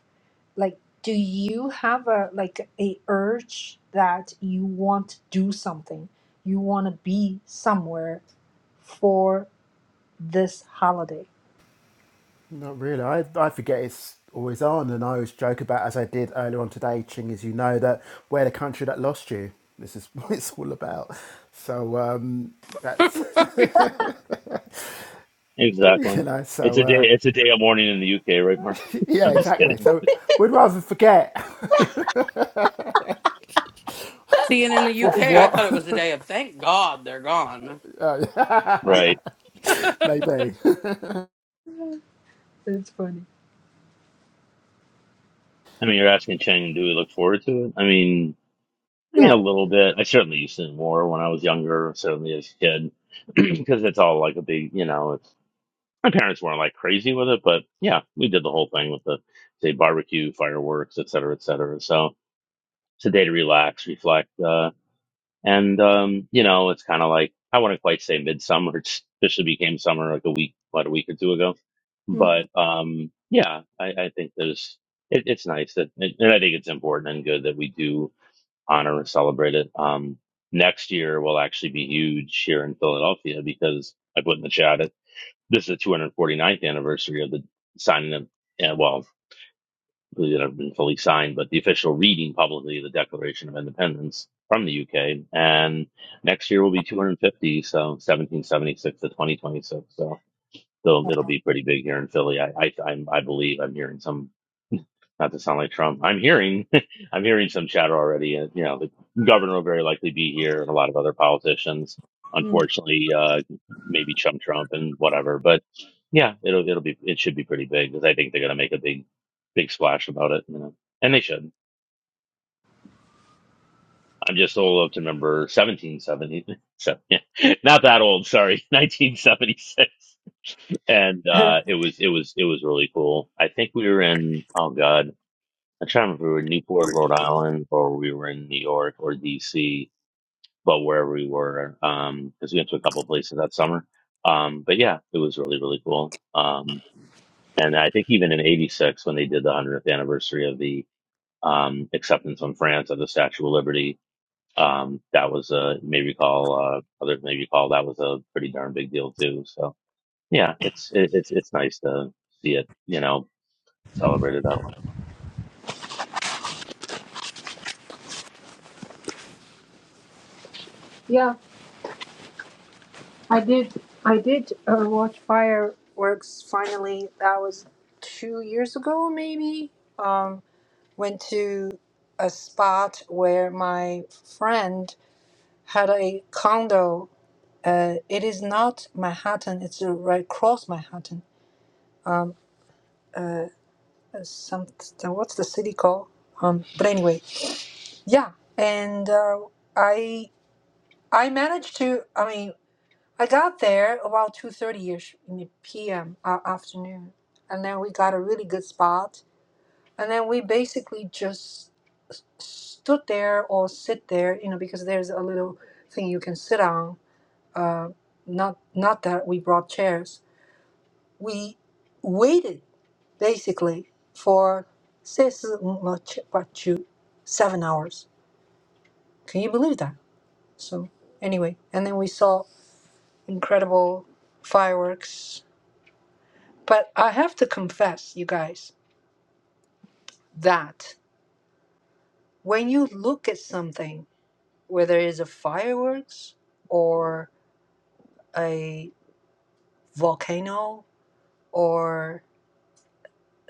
Speaker 1: Like, do you have a like a urge that you want to do something? You want to be somewhere for this holiday?
Speaker 7: Not really. I, I forget it's always on, and I always joke about, as I did earlier on today, Ching, as you know, that we're the country that lost you. This is what it's all about. So um, that's,
Speaker 5: Exactly.
Speaker 7: you know,
Speaker 5: It's
Speaker 7: so
Speaker 5: a day.
Speaker 7: uh,
Speaker 5: It's a day of mourning in the UK, right, Mark?
Speaker 7: yeah,
Speaker 5: I'm just
Speaker 7: exactly.
Speaker 5: kidding.
Speaker 7: So we'd rather forget.
Speaker 4: Seeing in the UK,
Speaker 7: Fourth of
Speaker 4: I thought it was
Speaker 7: what?
Speaker 4: the day of thank God they're gone.
Speaker 5: Right.
Speaker 7: Maybe.
Speaker 1: That's funny.
Speaker 5: I mean, you're asking Chang, do we look forward to it? I mean, I mean a
Speaker 1: Yeah.
Speaker 5: little bit. I certainly used to more when I was younger, certainly as a kid, because it's all like a big, you know. It's, my parents weren't like crazy with it, but yeah, we did the whole thing with the say barbecue, fireworks, et cetera, et cetera. So it's a day to relax, reflect. Uh, and um, you know, it's kind of like I wouldn't quite say midsummer. It officially became summer like a week, what a week or two ago. But um, yeah, I, I think there's it, it's nice that, and I think it's important and good that we do honor and celebrate it. Um, next year will actually be huge here in Philadelphia because I put in the chat it. This is the 249th anniversary of the signing of, yeah, well, because it had been fully signed, but the official reading publicly of the Declaration of Independence from the UK. And next year will be 250, so 1776 to 2026. So, so it'll be pretty big here in Philly. I, I, I'm, I believe I'm hearing some not to sound like Trump, I'm hearing, I'm hearing some chatter already. Uh, you know, the governor will very likely be here, and a lot of other politicians.
Speaker 1: Mm-hmm.
Speaker 5: Unfortunately, uh, maybe Trump, Trump, and whatever. But yeah, it'll it'll be it should be pretty big because I think they're going to make a big big splash about it. You know, and they should. I'm just old enough to remember 1770. So, yeah, not that old. Sorry, 1976. And uh, it was it was it was really cool. I think we were in. Oh God. I'm trying to remember, if we were in Newport, Rhode Island, or we were in New York or DC, but wherever we were, um, because we went to a couple of places that summer. Um, but yeah, it was really, really cool. Um, and I think even in 86, when they did the 100th anniversary of the, um, acceptance on France of the Statue of Liberty, um, that was, uh, may recall, uh, others may recall that was a pretty darn big deal too. So yeah, it's, it, it's, it's nice to see it, you know, celebrated that one.
Speaker 1: yeah. I did. I did uh, watch fireworks. Finally, that was two years ago, maybe. Um, went to a spot where my friend had a condo. Uh, it is not Manhattan. It's uh, right across Manhattan. Uh, uh, some what's the city called? Um, but anyway, yeah. And uh, I I managed to. I mean. I got there about 2:30ish in the p.m. Uh, afternoon, and then we got a really good spot, and then we basically just s- stood there or sit there, you know, because there's a little thing you can sit on. Uh, not not that we brought chairs. We waited basically for six much two seven hours. Can you believe that? So anyway, and then we saw incredible fireworks But I have to confess, you guys, that when you look at something, whether it's a fireworks or a volcano or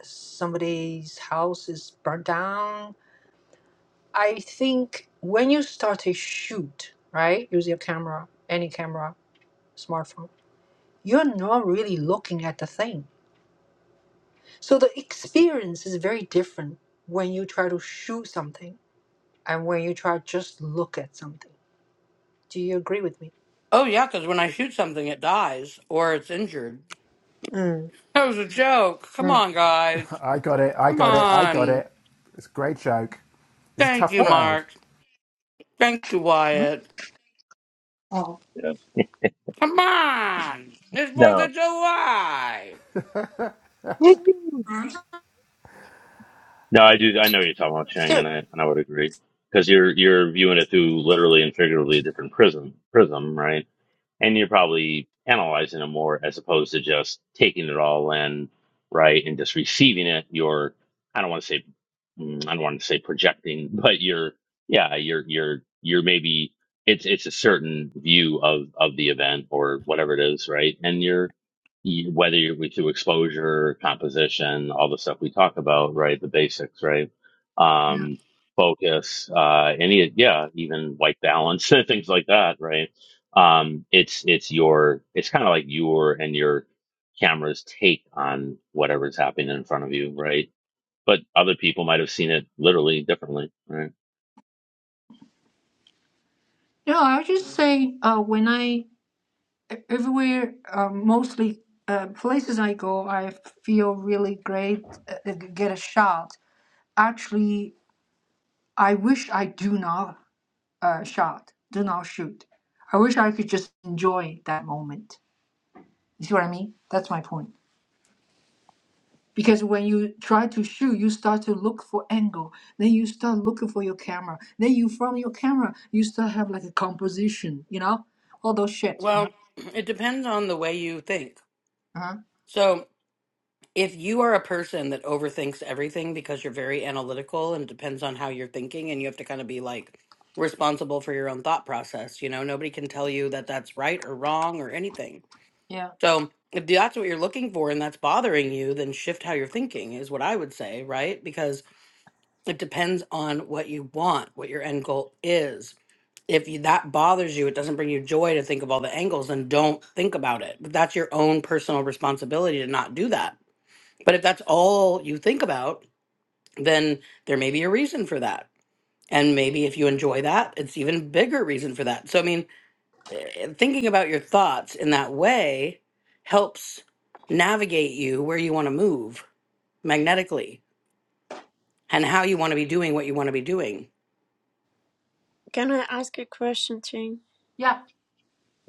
Speaker 1: somebody's house is burnt down, I think when you start to shoot, right, use your camera, any camera, smartphone, you're not really looking at the thing. So the experience is very different when you try to shoot something and when you try to just look at something Do you agree with me?
Speaker 4: Oh, yeah, because when I shoot something, it dies or it's injured.
Speaker 1: Mm,
Speaker 4: That was a joke. Come
Speaker 1: mm.
Speaker 4: on, guys.
Speaker 7: I got it. I
Speaker 4: Come
Speaker 7: got it. I got
Speaker 4: on.
Speaker 7: it. It's a great joke. It's a
Speaker 4: Thank
Speaker 7: tough
Speaker 4: you,
Speaker 1: What?
Speaker 7: crowd.
Speaker 4: Mark. Thank you,
Speaker 1: What?
Speaker 4: Wyatt.
Speaker 1: Oh.
Speaker 5: Yeah.
Speaker 4: Come on. It's 4th of July.
Speaker 5: No. No, I do. I know you're talking about Chang, and I and I would agree because you're you're viewing it through literally and figuratively a different prism prism, right? and you're probably analyzing it more as opposed to just taking it all in, right, and just receiving it. You're, I don't want to say, mm, I don't want to say projecting, but you're, yeah, you're, you're, you're maybe it's it's a certain view of of the event or whatever it is, right? And you're you, whether you're with through exposure, composition, all the stuff we talk about, right, the basics, right.
Speaker 1: Yeah.
Speaker 5: Um, focus, uh, any, yeah, even white balance, things like that, right? um it's it's your it's kind of like your and your camera's take on whatever's happening in front of you right but other people might have seen it literally differently right
Speaker 1: Yeah, I just say uh, when I e, everywhere, uh, mostly uh, places I go, I feel really great. Uh, uh, get a shot. Actually, I wish I do not uh, shot, do not shoot. I wish I could just enjoy that moment. You see what I mean? That's my point. because when you try to shoot you start to look for angle then you start looking for your camera then you from your camera you start have like a composition you know all those shit you know?
Speaker 4: Well, it depends on the way you think.
Speaker 1: uh-huh.
Speaker 4: So. if you are a person that overthinks everything because you're very analytical and depends on how you're thinking and you have to kind of be like responsible for your own thought process you know nobody can tell you that that's right or wrong or anything
Speaker 1: yeah
Speaker 4: so if that's what you're looking for and that's bothering you then shift how you're thinking is what i would say right because it depends on what you want what your end goal is if you, that bothers you it doesn't bring you joy to think of all the angles then don't think about it but that's your own personal responsibility to not do that but if that's all you think about, then there may be a reason for that. And maybe if you enjoy that, it's even bigger reason for that. So I mean, eh, thinking about your thoughts in that way helps navigate you where you want to move magnetically and how you want to be doing what you want to be doing.
Speaker 6: Can I ask a question, Ching?
Speaker 1: yeah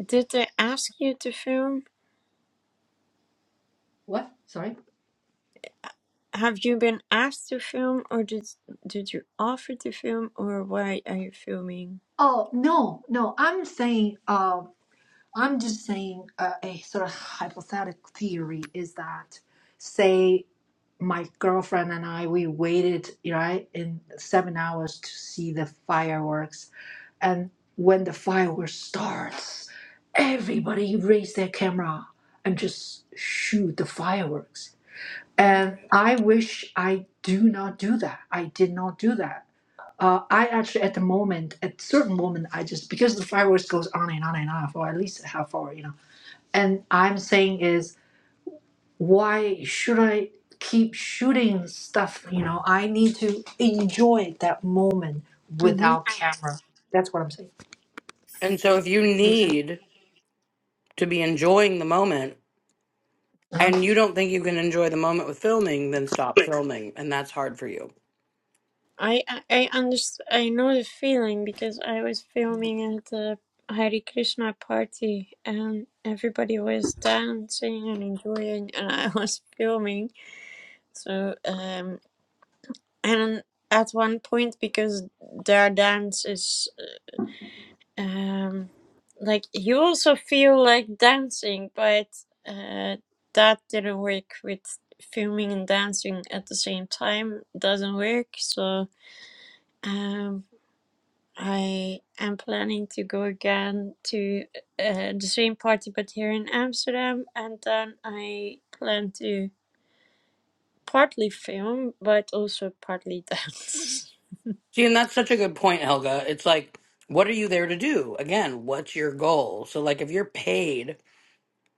Speaker 6: Did they ask you to film?
Speaker 1: what sorry
Speaker 6: Have you been asked to film, or did did you offer to film, or why are you filming?
Speaker 1: oh no no i'm saying uh, i'm just saying uh, a sort of hypothetical theory is that say my girlfriend and i we waited right in seven hours to see the fireworks And when the fireworks starts, everybody raise their camera and just shoot the fireworks. And I wish I do not do that. I did not do that. Uh, I actually at the moment, at certain moment, I just because the fireworks goes on and on and on for at least half hour, you know. And I'm saying is why should I keep shooting stuff? You know, I need to enjoy that moment
Speaker 6: Mm-hmm.
Speaker 1: without camera. That's what I'm saying.
Speaker 4: And so if you
Speaker 1: Make sense?
Speaker 4: need to be enjoying the moment
Speaker 1: Uh-huh.
Speaker 4: and you don't think you can enjoy the moment with filming, then stop filming and that's hard for you.
Speaker 6: I I I underst I know the feeling because I was filming at the Hare Krishna party and everybody was dancing and enjoying and I was filming. So um and at one point because their dance is um like you also feel like dancing but uh that didn't work with filming and dancing at the same time doesn't work so um I am planning to go again to uh, the same party, but here in Amsterdam, and then I plan to partly film, but also partly dance.
Speaker 4: See, and that's such a good point, Helga. It's like, what are you there to do? Again, what's your goal? So, like, if you're paid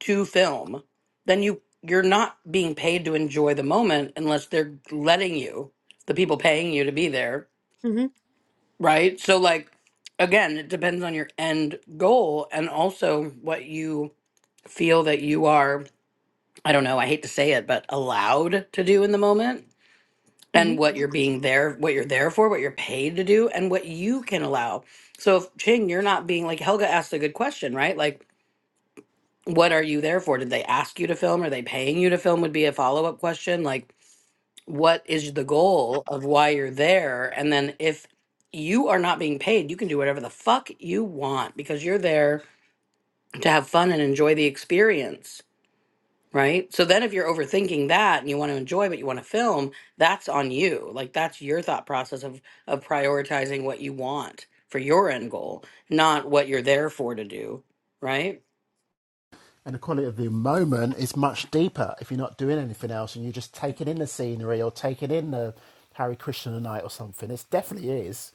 Speaker 4: to film, then you you're not being paid to enjoy the moment unless they're letting you, the people paying you to be there,
Speaker 6: hmm
Speaker 4: right? So, like, again, it depends on your end goal and also what you feel that you are. I don't know. I hate to say it, but allowed to do in the moment.
Speaker 6: hmm
Speaker 4: and what you're being there, what you're there for, what you're paid to do, and what you can allow. So, if Ching, you're not being like Helga asked a good question, right? Like, what are you there for? Did they ask you to film? Are they paying you to film? Would be a follow up question. Like, what is the goal of why you're there? And then if you are not being paid, you can do whatever the fuck you want because you're there to have fun and enjoy the experience Right. So then if you're overthinking that and you want to enjoy but you want to film, that's on you. Like that's your thought process of of prioritizing what you want for your end goal, not what you're there for to do. Right?
Speaker 7: And the quality of the moment is much deeper if you're not doing anything else and you're just taking in the scenery or taking in the Harry Krishna night or something. It definitely is.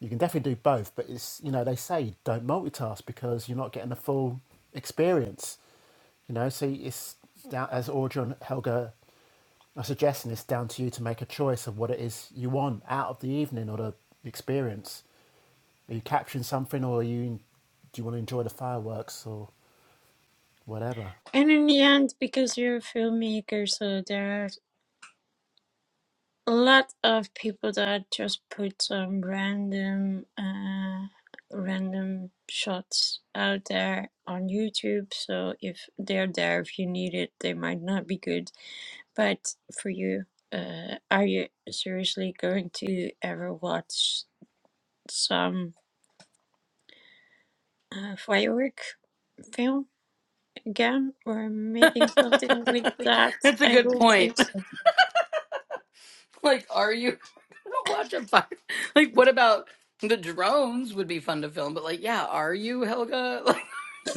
Speaker 7: You can definitely do both, but it's you know they say don't multitask because you're not getting the full experience. You know, so it's down, as Audrey and Helga are suggesting, it's down to you to make a choice of what it is you want out of the evening or the experience. Are you capturing something, or are you do you want to enjoy the fireworks or whatever?
Speaker 6: And in the end, because you're a filmmaker, so there are a lot of people that just put some random, uh, random shots out there on YouTube. So if they're there, if you need it, they might not be good But for you, uh, are you seriously going to ever watch some uh, firework film again or making something with that?
Speaker 4: that's a
Speaker 6: I
Speaker 4: good
Speaker 6: don't think
Speaker 4: point.
Speaker 6: so.
Speaker 4: Like, are you gonna watch a fire? Like, what about the drones would be fun to film, but like, yeah, are you, Helga? Like, are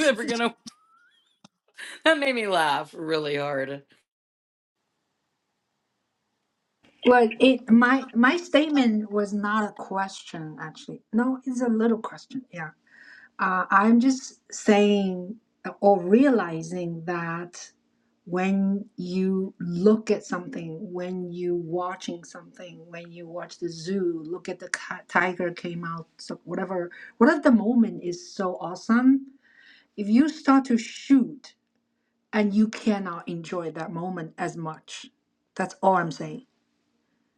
Speaker 4: you ever gonna that made me laugh really hard.
Speaker 1: Well, it my my statement was not a question actually. No, it's a little question. Yeah. Uh, I'm just saying or realizing that when you look at something, when you watching something, when you watch the zoo, look at the ca- tiger came out, so whatever, whatever the moment is so awesome. If you start to shoot and you cannot enjoy that moment as much, that's all I'm saying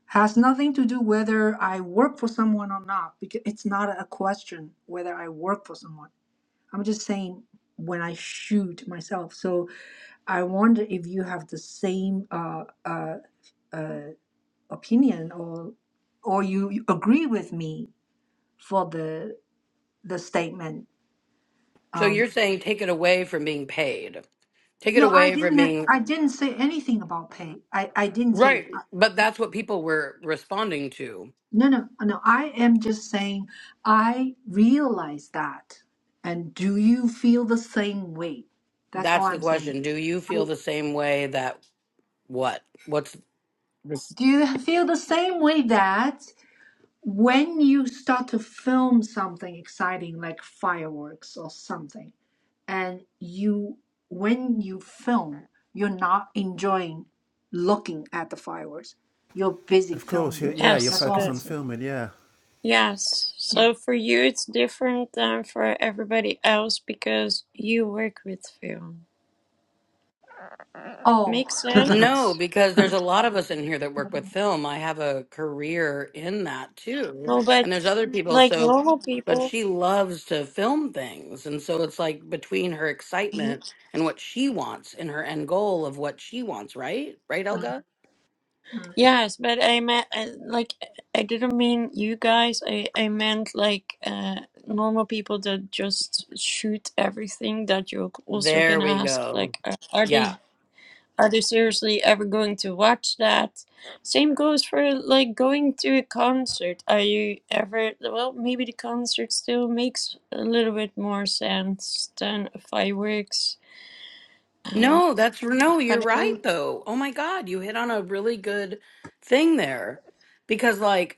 Speaker 1: has nothing to do whether I work for someone or not because it's not a question whether I work for someone. I'm just saying when I shoot myself. So I wonder if you have the same uh, uh, uh, opinion or or you, you agree with me for the the statement.
Speaker 4: So
Speaker 1: Um,
Speaker 4: you're saying take it away from being paid. Take it
Speaker 1: no, I
Speaker 4: away from
Speaker 1: didn't.
Speaker 4: being
Speaker 1: I didn't say anything about pay. I I didn't say.
Speaker 4: Right. But that's what people were responding to.
Speaker 1: No, no, no. I am just saying I realize that. And do you feel the same way? That's all
Speaker 4: That's the
Speaker 1: I'm saying.
Speaker 4: question. Do you feel the same way that what? What's
Speaker 1: Do you feel the same way that when you start to film something exciting like fireworks or something, and you, when you film, you're not enjoying looking at the fireworks, you're busy
Speaker 7: Of course, you
Speaker 1: filming.
Speaker 7: yeah, you're
Speaker 6: Yes,
Speaker 1: That's all
Speaker 7: focused
Speaker 6: uh,
Speaker 1: I'm
Speaker 7: on
Speaker 1: saying.
Speaker 7: filming, yeah.
Speaker 6: yes.
Speaker 1: Yeah.
Speaker 6: So for you, it's different than for everybody else because you work with film.
Speaker 1: Oh.
Speaker 6: Makes
Speaker 4: no,
Speaker 6: sense?
Speaker 4: because there's a lot of us in here that work with film. I have a career in that too.
Speaker 6: No,
Speaker 4: And
Speaker 6: but
Speaker 4: there's other people.
Speaker 6: like
Speaker 4: So,
Speaker 6: normal
Speaker 4: but
Speaker 6: people.
Speaker 4: she loves to film things. And so it's like between her excitement and what she wants and her end goal of what she wants, right? Right, Elga?
Speaker 6: Yes, but I meant uh, like I didn't mean you guys. I I meant like uh normal people that just shoot everything that you're also
Speaker 4: There
Speaker 6: gonna
Speaker 4: we
Speaker 6: ask
Speaker 4: go.
Speaker 6: like uh, are they
Speaker 4: Yeah.
Speaker 6: are they seriously ever going to watch that? Same goes for like going to a concert. Are you ever well, maybe the concert still makes a little bit more sense than fireworks. Um
Speaker 4: No, that's no, you're
Speaker 6: but I
Speaker 4: right though. Oh my God, you hit on a really good thing there. Because like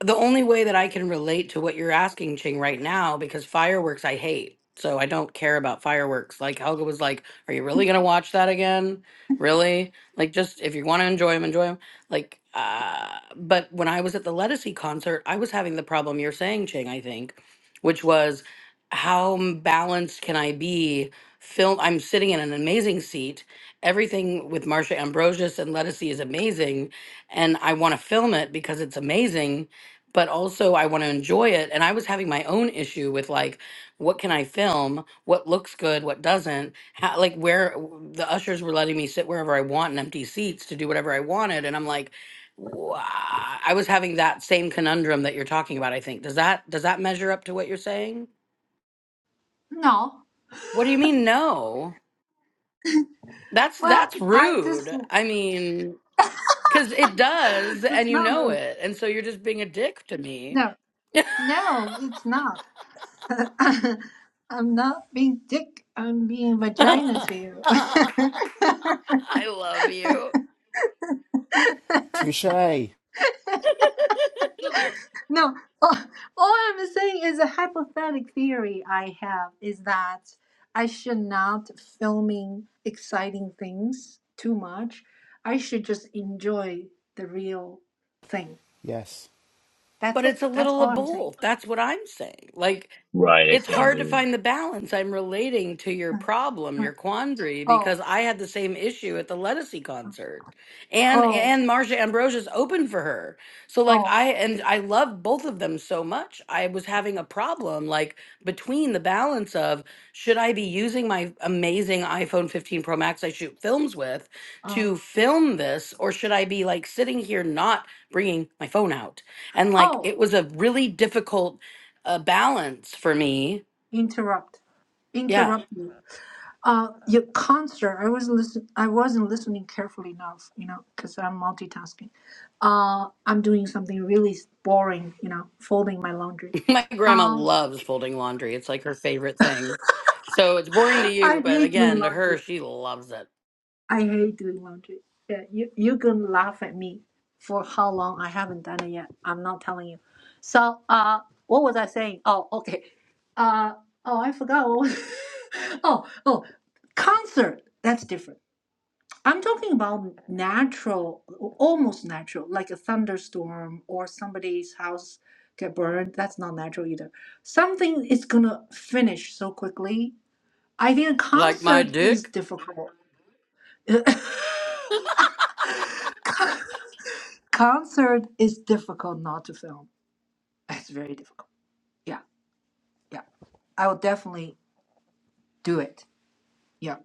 Speaker 4: the only way that I can relate to what you're asking, Ching, right now, because fireworks I hate. So I don't care about fireworks. Like Helga was like, Are you really gonna watch that again? Really? Like just if you wanna enjoy them, enjoy them. Like uh but when I was at the Lettucey concert, I was having the problem you're saying, Ching, I think, which was how m- balanced can I be? Film I'm sitting in an amazing seat. Everything with Marsha Ambrosius and Lettucey is amazing, and I want to film it because it's amazing but also I want to enjoy it. And I was having my own issue with like, what can I film? What looks good? What doesn't? How, like, where w- the ushers were letting me sit wherever I want in empty seats to do whatever I wanted. And I'm like, "Wha- I was having that same conundrum that you're talking about. I think does that does that measure up to what you're saying?
Speaker 1: No.
Speaker 4: What do you mean no? That's
Speaker 1: Well,
Speaker 4: that's
Speaker 1: I just,
Speaker 4: rude. I mean, because it does, and
Speaker 1: it's
Speaker 4: you
Speaker 1: not
Speaker 4: know
Speaker 1: rude.
Speaker 4: it, and so you're just being a dick to me.
Speaker 1: No, no, it's not. I'm not being dick. I'm being vagina to you.
Speaker 4: I love you.
Speaker 7: Touche.
Speaker 1: no, all, all I'm saying is a hypothetical theory I have is that I should not filming exciting things too much. I should just enjoy the real thing.
Speaker 7: Yes.
Speaker 1: That's
Speaker 4: but it's
Speaker 1: it.
Speaker 4: a
Speaker 1: That's
Speaker 4: little
Speaker 1: all
Speaker 4: of
Speaker 1: I'm saying.
Speaker 4: both. That's what I'm saying. Like,
Speaker 5: right it
Speaker 4: it's
Speaker 5: can
Speaker 4: hard to
Speaker 5: be
Speaker 4: find the balance. I'm relating to your
Speaker 1: Uh,
Speaker 4: problem,
Speaker 1: uh.
Speaker 4: your quandary,
Speaker 1: Oh,
Speaker 4: because I had the same issue at the Lettucey concert, and
Speaker 1: oh,
Speaker 4: and Marsha Ambrosia's opened for her. So like
Speaker 1: oh,
Speaker 4: I and I love both of them so much. I was having a problem like between the balance of should I be using my amazing iPhone 15 Pro Max I shoot films with
Speaker 1: oh.
Speaker 4: to film this, or should I be like sitting here not bringing my phone out? and like
Speaker 1: Oh,
Speaker 4: it was a really difficult uh, balance for me
Speaker 1: interrupt
Speaker 4: yeah
Speaker 1: interrupt you uh your concert i was listen i wasn't listening carefully enough you know because i'm multitasking uh i'm doing something really boring you know folding my laundry
Speaker 4: my grandma
Speaker 1: um
Speaker 4: loves folding laundry it's like her favorite thing so it's boring to you
Speaker 1: i
Speaker 4: but
Speaker 1: hate doing
Speaker 4: again to her
Speaker 1: laundry
Speaker 4: she loves it
Speaker 1: i hate doing laundry yeah you you can laugh at me for how long i haven't done it yet i'm not telling you so uh what was i saying oh okay uh oh i forgot what was oh oh concert that's different I'm talking about natural, almost natural, like a thunderstorm or somebody's house get burned. That's not natural either. Something is gonna finish so quickly. I think a
Speaker 4: like my
Speaker 1: concert is
Speaker 4: dick
Speaker 1: difficult. concert is difficult not to film. It's very difficult. Yeah, yeah. I will definitely do it. Yeah,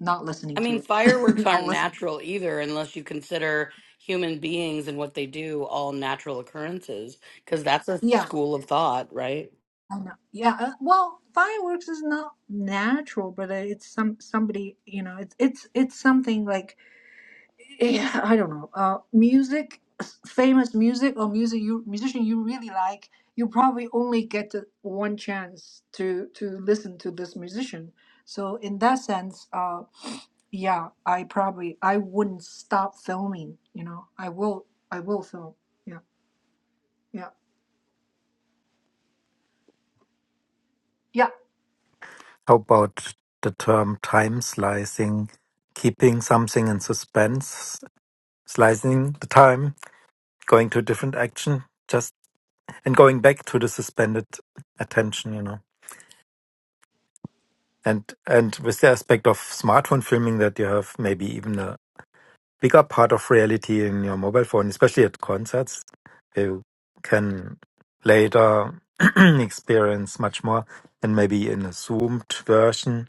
Speaker 1: not
Speaker 4: i
Speaker 1: listening to
Speaker 4: mean
Speaker 1: it.
Speaker 4: fireworks
Speaker 1: I'll
Speaker 4: aren't
Speaker 1: listen.
Speaker 4: natural either unless you consider human beings and what they do all natural occurrences because that's a
Speaker 1: Yeah.
Speaker 4: school of thought right
Speaker 1: I know. Yeah. Uh, well, fireworks is not natural, but uh, it's some somebody. You know, it's it's it's something like yeah, I don't know. Uh, music, famous music or music you musician you really like. You probably only get the one chance to to listen to this musician. So in that sense, uh, yeah, I probably I wouldn't stop filming. You know, I will I will film. Yeah, yeah, yeah.
Speaker 3: How about the term time slicing, keeping something in suspense, slicing the time going to a different action just and going back to the suspended attention you know and and with the aspect of smartphone filming that you have maybe even a bigger part of reality in your mobile phone especially at concerts you can later experience much more and maybe in a zoomed version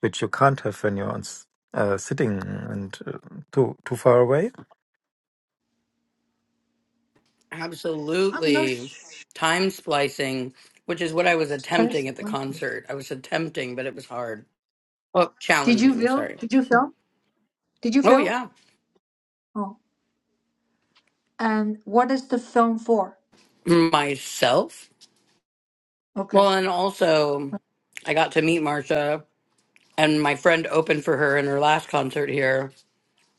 Speaker 3: which you can't have when you're on s- uh, sitting and uh, too too far away
Speaker 1: I'm no.
Speaker 4: absolutely
Speaker 1: Sh-
Speaker 4: time splicing which is what i was attempting at the concert i was attempting but it was hard Well,
Speaker 1: Did you
Speaker 4: challenging,
Speaker 1: film?
Speaker 4: sorry.
Speaker 1: Did you film? Did you
Speaker 4: Oh,
Speaker 1: film?
Speaker 4: yeah.
Speaker 1: Oh, and what is the film for?
Speaker 4: Myself.
Speaker 1: Okay.
Speaker 4: Well, and also, I got to meet Marsha, and my friend opened for her in her last concert here.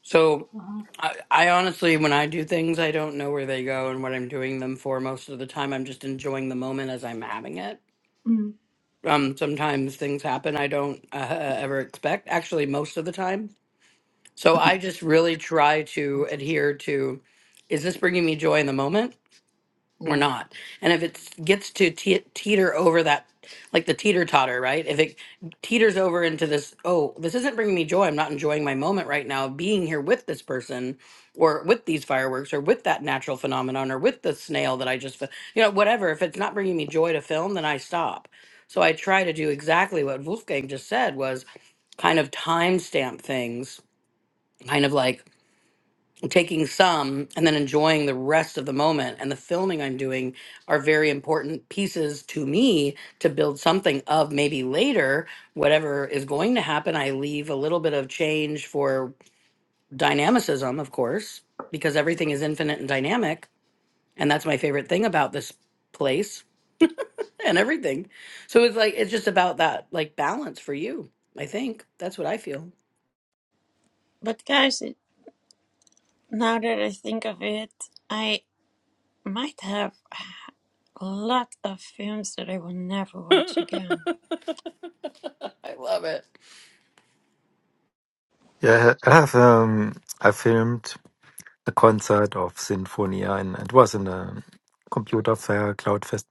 Speaker 4: So,
Speaker 1: Uh-huh.
Speaker 4: I, I honestly, when I do things, I don't know where they go and what I'm doing them for most of the time. I'm just enjoying the moment as I'm having it.
Speaker 1: Mm.
Speaker 4: Um, sometimes things happen I don't uh, ever expect, actually, most of the time. So, I just really try to adhere to is this bringing me joy in the moment? or
Speaker 1: Yeah.
Speaker 4: not. And if it gets to te- teeter over that, like the teeter totter, right? If it teeters over into this, oh, this isn't bringing me joy. I'm not enjoying my moment right now, of being here with this person or with these fireworks or with that natural phenomenon or with the snail that I just, fi- you know, whatever. If it's not bringing me joy to film, then I stop. So I try to do exactly what Wolfgang just said was kind of timestamp things, kind of like taking some and then enjoying the rest of the moment and the filming I'm doing are very important pieces to me to build something of maybe later whatever is going to happen I leave a little bit of change for dynamicism of course because everything is infinite and dynamic and that's my favorite thing about this place and everything so it's like it's just about that like balance for you I think that's what I feel
Speaker 6: but guys, now that I think of it, I. might have a lot of films that I will never watch again.
Speaker 4: I love it
Speaker 3: yeah i have um i filmed the concert of Sinfonia, and it was in a computer fair, Cloudfest,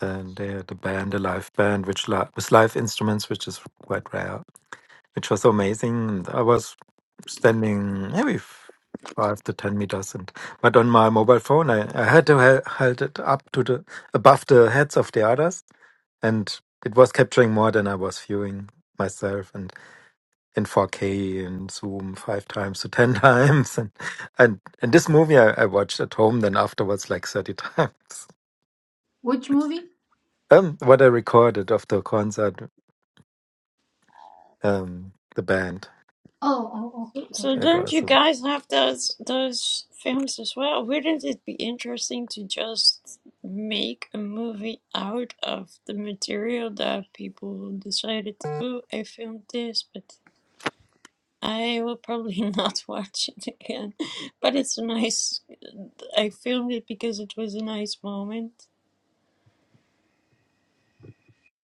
Speaker 3: and they had a band, a live band, which li- with live instruments, which is quite rare, which was amazing. And I was standing maybe f- five to ten meters, and but on my mobile phone, I, I had to ha- hold it up to the above the heads of the others, and it was capturing more than I was viewing myself, and in 4K and Zoom five times to 10 times. And, and, and this movie I, I watched at home, then afterwards, like 30 times.
Speaker 1: Which movie?
Speaker 3: Um, what I recorded of the concert, um, the band.
Speaker 1: Oh, oh, oh.
Speaker 6: So
Speaker 1: Okay.
Speaker 3: It
Speaker 6: don't you
Speaker 3: was, a-
Speaker 6: guys have those those films as well? Wouldn't it be interesting to just make a movie out of the material that people decided to do? I filmed this, but I will probably not watch it again. But it's a nice. I filmed it because it was a nice moment.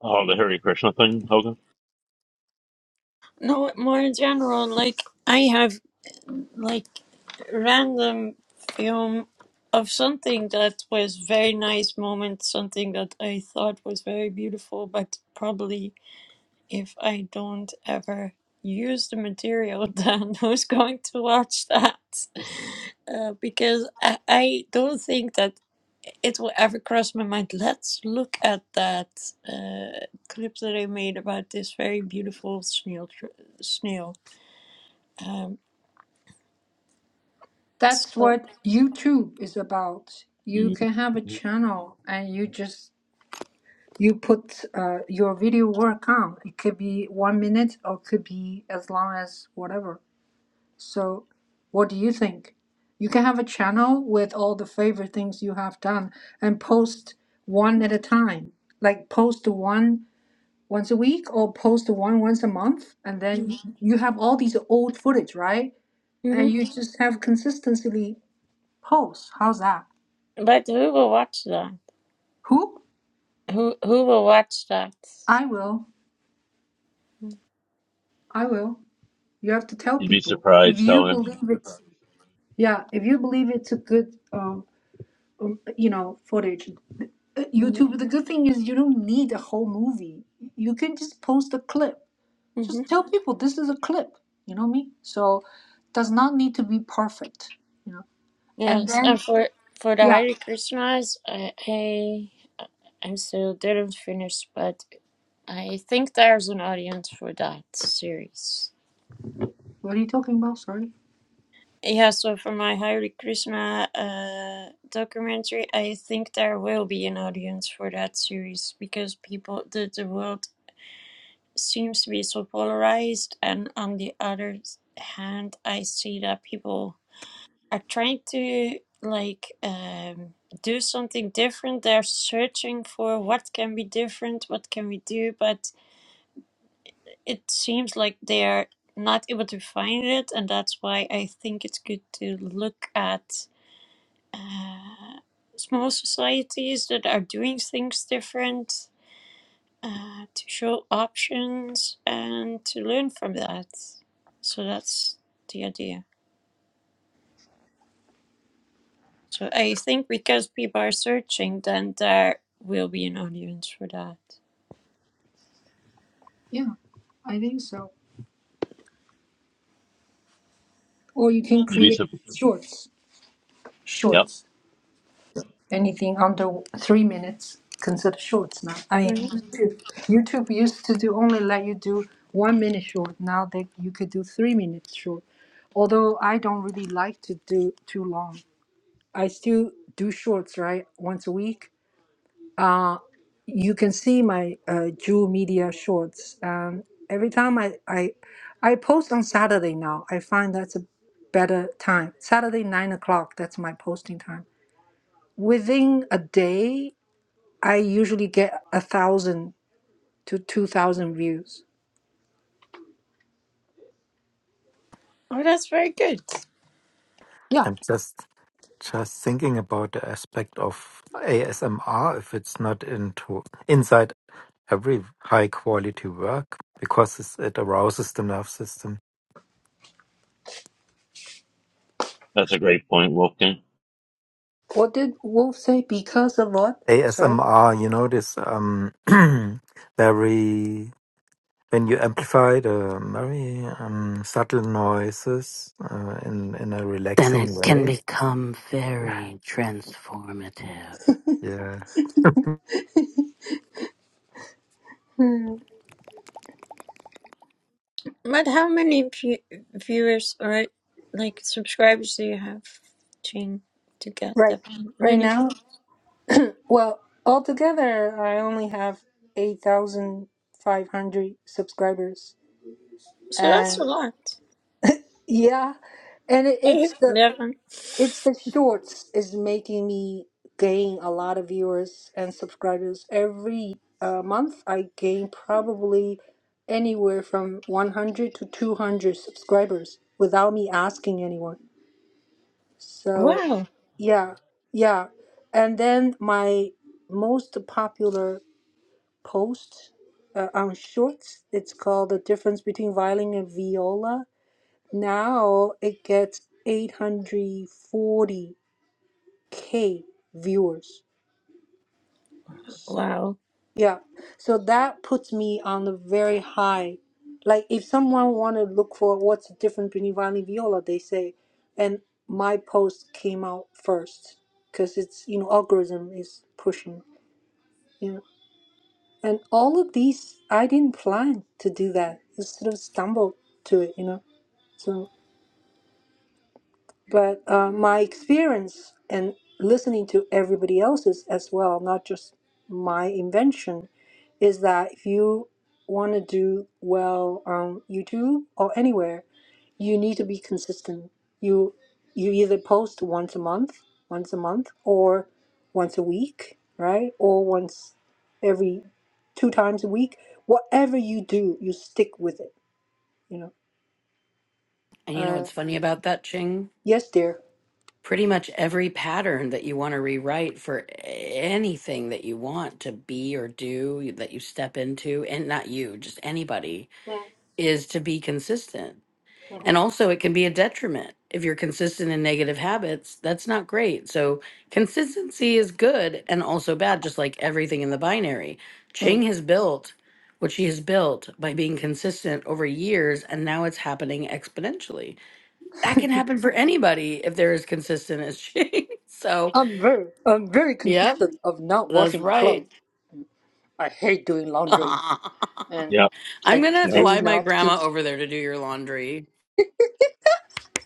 Speaker 5: oh the hare krishna thing hogan
Speaker 6: No, more in general, like I have. like random film of something that was very nice moment, something that I thought was very beautiful, but probably if I don't ever use the material, then who's going to watch that? Uh, because I, I don't think that it will ever cross my mind. Let's look at that uh, clip that I made about this very beautiful snail. Tr- snail. Um,
Speaker 1: That's
Speaker 6: so,
Speaker 1: what YouTube is about. You
Speaker 5: Mhm.
Speaker 1: can have a channel and you just you put uh, your video work on. It could be one minute or it could be as long as whatever. So, what do you think? You can have a channel with all the favorite things you have done and post one at a time. Like post one once a week or post one once a month and
Speaker 6: mm-hmm,
Speaker 1: then you have all these old footage, right?
Speaker 6: mm-hmm.
Speaker 1: And you just have consistently post. How's that?
Speaker 6: But who will watch that?
Speaker 1: Who?
Speaker 6: Who who will watch that?
Speaker 1: I will. I will. You have to tell
Speaker 5: you'd be
Speaker 1: people. If
Speaker 5: surprised
Speaker 1: you
Speaker 5: Tyler.
Speaker 1: believe it's yeah, if you believe it's a good um um, you know footage Uh,
Speaker 6: hmm
Speaker 1: youtube the good thing is you don't need a whole movie you can just post a clip
Speaker 6: hmm
Speaker 1: just tell people this is a clip you know me so does not need to be perfect you know and
Speaker 6: Yes,
Speaker 1: then
Speaker 6: and for for the
Speaker 1: yeah
Speaker 6: Hare Krishnas, I, I I still didn't finish, but I think there's an audience for that series.
Speaker 1: what are you talking about sorry
Speaker 6: Yeah, so for my Hare Krishna uh, documentary, I think there will be an audience for that series because people, the, the world seems to be so polarized and on the other hand i see that people are trying to like um, do something different they're searching for what can be different what can we do but it seems like they're not able to find it and that's why i think it's good to look at uh, small societies that are doing things different uh, to show options and to learn from that. So that's the idea. So I think because people are searching, then there will be an audience for that.
Speaker 1: yeah i think so or you can
Speaker 5: you'd be
Speaker 1: create
Speaker 5: surprised
Speaker 1: shorts
Speaker 5: yep
Speaker 1: shorts Anything under three minutes consider shorts now. I mean,
Speaker 6: Mhm.
Speaker 1: YouTube, YouTube used to do only let you do one minute short. Now they you could do three minutes short. Although I don't really like to do too long. I still do shorts right once a week. You can see my uh, Jewel Media shorts. Um, every time I, I I post on Saturday now. I find that's a better time. Saturday nine o'clock. That's my posting time. Within a day, I usually get a thousand to two thousand views.
Speaker 6: Oh, that's very good.
Speaker 1: Yeah.
Speaker 3: I'm just just thinking about the aspect of ASMR if it's not into inside every high quality work because it's, it arouses the nerve system.
Speaker 5: that's a great point wolfgang
Speaker 1: What did Wolf say? Because of what? Sorry.
Speaker 3: ASMR, you know, this um, very when you amplify the um, very um, subtle noises uh, in in a
Speaker 4: then it
Speaker 3: relaxing
Speaker 4: can
Speaker 3: way.
Speaker 4: become
Speaker 3: Yeah,
Speaker 4: very transformative.
Speaker 3: yeah.
Speaker 1: Hmm.
Speaker 6: But how many view- viewers or like subscribers do you have, Jane, to get
Speaker 1: Right.
Speaker 6: that
Speaker 1: Right
Speaker 6: many?
Speaker 1: now. Well, altogether, I only have eight thousand five hundred subscribers,
Speaker 6: So that's
Speaker 1: and
Speaker 6: a lot.
Speaker 1: yeah, and it,
Speaker 6: I
Speaker 1: it's
Speaker 6: have
Speaker 1: the
Speaker 6: eleven.
Speaker 1: It's the shorts is making me gain a lot of viewers and subscribers every uh, month. I gain probably anywhere from 100 to 200 subscribers without me asking anyone. So,
Speaker 6: Wow!
Speaker 1: yeah, yeah. And then my most popular post uh, on shorts, it's called The Difference Between Violin and Viola. Now it gets 840 K viewers.
Speaker 6: Wow!
Speaker 1: Yeah. So that puts me on a very high. Like if someone want to look for what's the difference between Viola and Viola, they say, and my post came out first because it's you know algorithm is pushing you know. And all of these, I didn't plan to do that. I sort of stumbled to it, you know. So. But uh, my experience and listening to everybody else's as well, not just my invention, is that if you want to do well on YouTube or anywhere, you need to be consistent. You you either post once a month, once a month, or once a week, right? Or once every two times a week. Whatever you do, you stick with it. You know.
Speaker 4: And you know
Speaker 1: Uh,
Speaker 4: what's funny about that, Ching?
Speaker 1: yes, dear.
Speaker 4: Pretty much every pattern that you want to rewrite for anything that you want to be or do that you step into, and not you, just anybody, is to be consistent And also, it can be a detriment if you're consistent in negative habits. That's not great. So, consistency is good and also bad, just like everything in the binary. Ching has built what she has built by being consistent over years, and now it's happening exponentially. That can happen for anybody if they're as consistent as Ching. So,
Speaker 1: I'm very, I'm very
Speaker 4: yep,
Speaker 1: consistent of not
Speaker 4: that's
Speaker 1: washing my clothes.
Speaker 4: right.
Speaker 1: I hate doing laundry,
Speaker 4: I'm
Speaker 1: and
Speaker 5: yep
Speaker 1: I
Speaker 4: going to
Speaker 5: yep
Speaker 1: do
Speaker 4: fly my
Speaker 1: not. Con-
Speaker 4: grandma over there to do your laundry.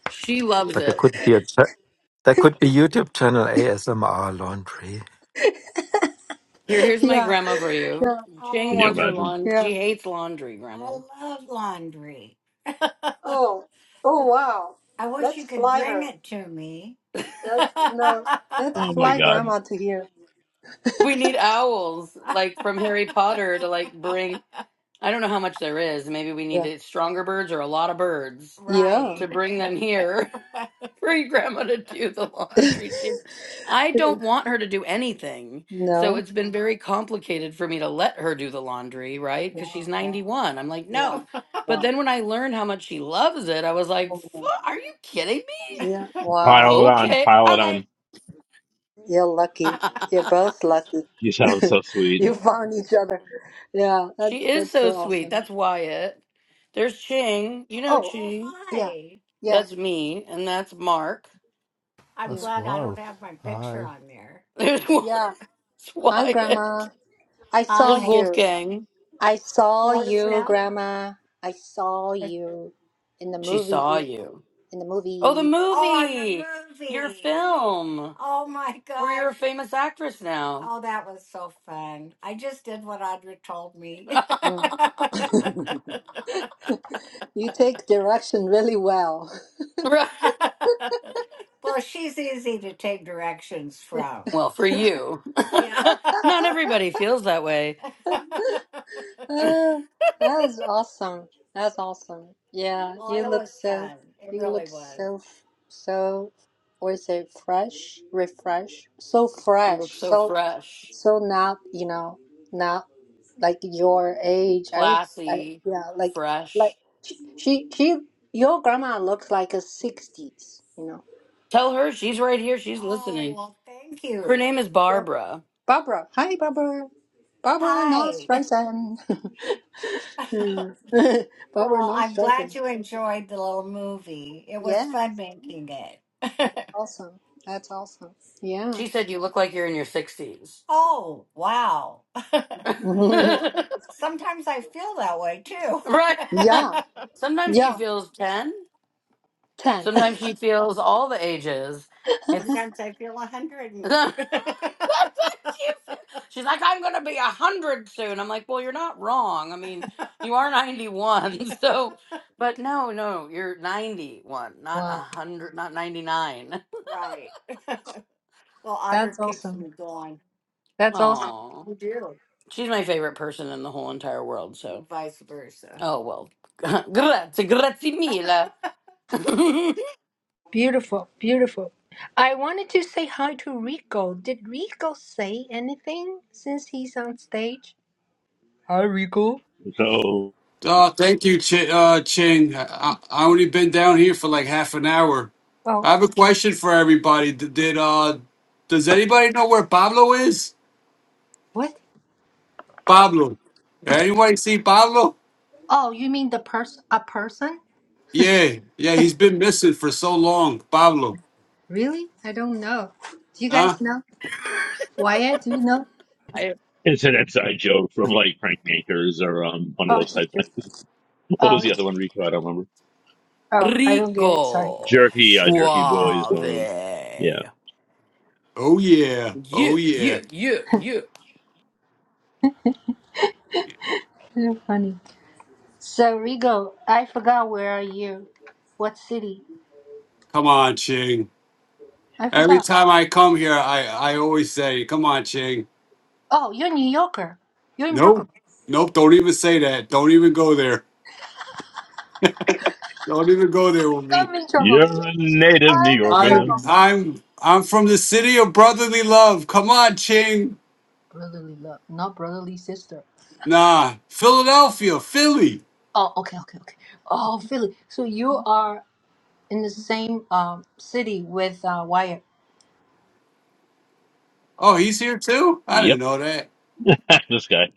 Speaker 4: She loves
Speaker 3: But there
Speaker 4: it.
Speaker 3: could be a cha- there could be YouTube channel ASMR Laundry.
Speaker 4: Here, here's my
Speaker 1: yeah,
Speaker 4: grandma for you.
Speaker 1: yeah,
Speaker 4: Jing Oh,
Speaker 5: can you
Speaker 4: wants her
Speaker 5: imagine
Speaker 4: lawn.
Speaker 1: yeah.
Speaker 4: She hates laundry, I grandma. love laundry.
Speaker 1: Oh, oh wow.
Speaker 4: I wish you
Speaker 1: Let's
Speaker 4: could
Speaker 1: fly
Speaker 4: bring
Speaker 1: her.
Speaker 4: it to me.
Speaker 1: That's no. Let's
Speaker 5: oh my
Speaker 1: fly
Speaker 5: god
Speaker 1: grandma to here.
Speaker 4: We need owls, like from Harry Potter, to like bring. I don't know how much there is. Maybe we need
Speaker 1: Yeah.
Speaker 4: it- stronger birds or a lot of birds right.
Speaker 1: Yeah.
Speaker 4: to bring them here for your grandma to do the laundry. She, I don't want her to do anything. So
Speaker 1: No.
Speaker 4: it's been very complicated for me to let her do the laundry, right? Because she's
Speaker 1: Wow. Wow.
Speaker 4: 91. I'm like,
Speaker 1: Wow.
Speaker 4: no. But
Speaker 1: Wow.
Speaker 4: then when I learned how much she loves it, I was like,
Speaker 1: Oh, no.
Speaker 4: "Fu- are you kidding me?
Speaker 1: Yeah.
Speaker 4: okay.
Speaker 1: Wow.
Speaker 5: pile it on
Speaker 4: Okay.
Speaker 5: pile it
Speaker 4: Okay.
Speaker 5: on
Speaker 1: You're lucky. You're both lucky.
Speaker 5: you sound so sweet
Speaker 1: you found each other. Yeah.
Speaker 4: She
Speaker 1: That's
Speaker 4: is
Speaker 1: that's
Speaker 4: so
Speaker 1: so
Speaker 4: sweet.
Speaker 1: awesome.
Speaker 4: That's Wyatt. There's Ching. You know Oh,
Speaker 1: Oh,
Speaker 4: Ching. Oh,
Speaker 1: yeah,
Speaker 4: hi.
Speaker 1: yeah,
Speaker 4: That's me, and that's Mark. I'm
Speaker 1: yeah,
Speaker 7: That's
Speaker 4: glad I don't
Speaker 7: wild.
Speaker 4: have my picture
Speaker 7: Hi.
Speaker 4: on there. There's
Speaker 1: yeah. Hi,
Speaker 4: Wyatt. There's
Speaker 1: Grandma. I saw
Speaker 4: Hi.
Speaker 1: you.
Speaker 4: Wolfgang.
Speaker 1: I saw
Speaker 4: What is
Speaker 1: you,
Speaker 4: that?
Speaker 1: Grandma. I saw you in the
Speaker 4: She
Speaker 1: movie.
Speaker 4: saw you.
Speaker 1: In the
Speaker 4: Oh, the
Speaker 1: movie.
Speaker 4: Oh, on the movie, movie. your film, Oh my god. where you're a famous actress now. Oh, that was so fun. I just did what Audra told me.
Speaker 1: Mm. you take direction really well.
Speaker 4: right? Well, she's easy to take directions from. Well, for you. Yeah. Not everybody feels that way. well,
Speaker 1: Oh, that is awesome. That's awesome. Yeah, you
Speaker 4: it
Speaker 1: look
Speaker 4: was
Speaker 1: so,
Speaker 4: fun. It
Speaker 1: you
Speaker 4: really
Speaker 1: look
Speaker 4: was.
Speaker 1: so, f- so, what is it, fresh, refresh, so
Speaker 4: You look
Speaker 1: fresh,
Speaker 4: so
Speaker 1: so,
Speaker 4: fresh,
Speaker 1: so not, you know, not like your age. I would, I,
Speaker 4: classy,
Speaker 1: yeah, like, like
Speaker 4: fresh.
Speaker 1: she, she, she, your grandma looks like a 60s, you know.
Speaker 4: Tell her she's right here. She's Oh, listening. well, thank Her you. name is
Speaker 1: Well,
Speaker 4: Barbara.
Speaker 1: Barbara, hi Barbara, Barbara not
Speaker 4: Hi.
Speaker 1: Streisand. Yeah. Barbara
Speaker 4: Well,
Speaker 1: not
Speaker 4: I'm glad
Speaker 1: Streisand.
Speaker 4: you enjoyed the little movie. It was fun making it.
Speaker 1: Awesome. That's awesome. Yeah.
Speaker 4: She said you look like you're in your 60s. oh, wow. Sometimes I feel that way too.
Speaker 1: yeah.
Speaker 4: right. Sometimes she
Speaker 1: Yeah.
Speaker 4: feels 10.
Speaker 1: 10.
Speaker 4: Sometimes she feels all the ages. It's Sometimes I feel a hundred. and- what she She's like, I'm gonna be a hundred soon. I'm like, well, you're not wrong. I mean, you are 91, so, but no, no, you're 91, not a
Speaker 1: Wow.
Speaker 4: hundred, not 99. right. Well,
Speaker 1: That's
Speaker 4: Audra keeps me
Speaker 1: awesome.
Speaker 4: going.
Speaker 1: That's awesome.
Speaker 4: Oh, You do. she's my favorite person in the whole entire world. So, Vice versa. oh well. grazie, grazie mille.
Speaker 1: Beautiful. Beautiful. I wanted to say hi to Rico. Did Rico say anything since he's on stage? Hi, Rico.
Speaker 5: so
Speaker 8: Oh, thank you, Ch- uh, Ching. I-, I only been down here for like half an hour. I
Speaker 1: Oh,
Speaker 8: have a question for everybody. D- did uh, does anybody know where Pablo is?
Speaker 1: what?
Speaker 8: Pablo. Anybody see Pablo?
Speaker 1: Oh, you mean the person? A person?
Speaker 8: Yeah, yeah. He's been missing for so long. Pablo.
Speaker 1: really? I don't know. Do you
Speaker 8: Huh?
Speaker 1: guys know? Wyatt, do you know?
Speaker 4: I-
Speaker 5: It's an inside joke from like Crankmakers or um one of
Speaker 1: Oh,
Speaker 5: those
Speaker 1: it's
Speaker 5: type
Speaker 1: a-
Speaker 5: things. What
Speaker 1: oh,
Speaker 5: was the
Speaker 1: it's-
Speaker 5: other one, Rico? I don't remember.
Speaker 1: oh, I don't get it. Sorry.
Speaker 4: Rico,
Speaker 5: Jerky, uh, Jerky Boys.
Speaker 4: suave.
Speaker 5: Uh, yeah,
Speaker 4: Yeah,
Speaker 8: Oh yeah.
Speaker 4: yeah,
Speaker 8: Oh yeah.
Speaker 4: yeah, yeah.
Speaker 1: You're funny. So Rigo, I forgot where are you? What city?
Speaker 8: Come on, Ching.
Speaker 1: I
Speaker 8: Every
Speaker 1: forgot.
Speaker 8: time I come here, I I always say, "Come on, Ching."
Speaker 1: Oh, you're a New Yorker. You're in Brooklyn.
Speaker 8: Nope. Nope. Don't even say that. Don't even go there. Don't even go there with me.
Speaker 1: I'm in trouble.
Speaker 5: you're a native New
Speaker 1: I'm in
Speaker 5: Yorker.
Speaker 8: I'm
Speaker 1: trouble.
Speaker 8: I'm I'm from the city of brotherly love. Come on, Ching.
Speaker 1: Brotherly love, not brotherly sister.
Speaker 8: Nah, Philadelphia, Philly.
Speaker 1: Oh, okay, okay, okay. Oh, Philly. So you are in the same um city with uh, Wyatt.
Speaker 8: Oh, he's here too. I didn't
Speaker 5: Yep,
Speaker 8: know that.
Speaker 5: this guy.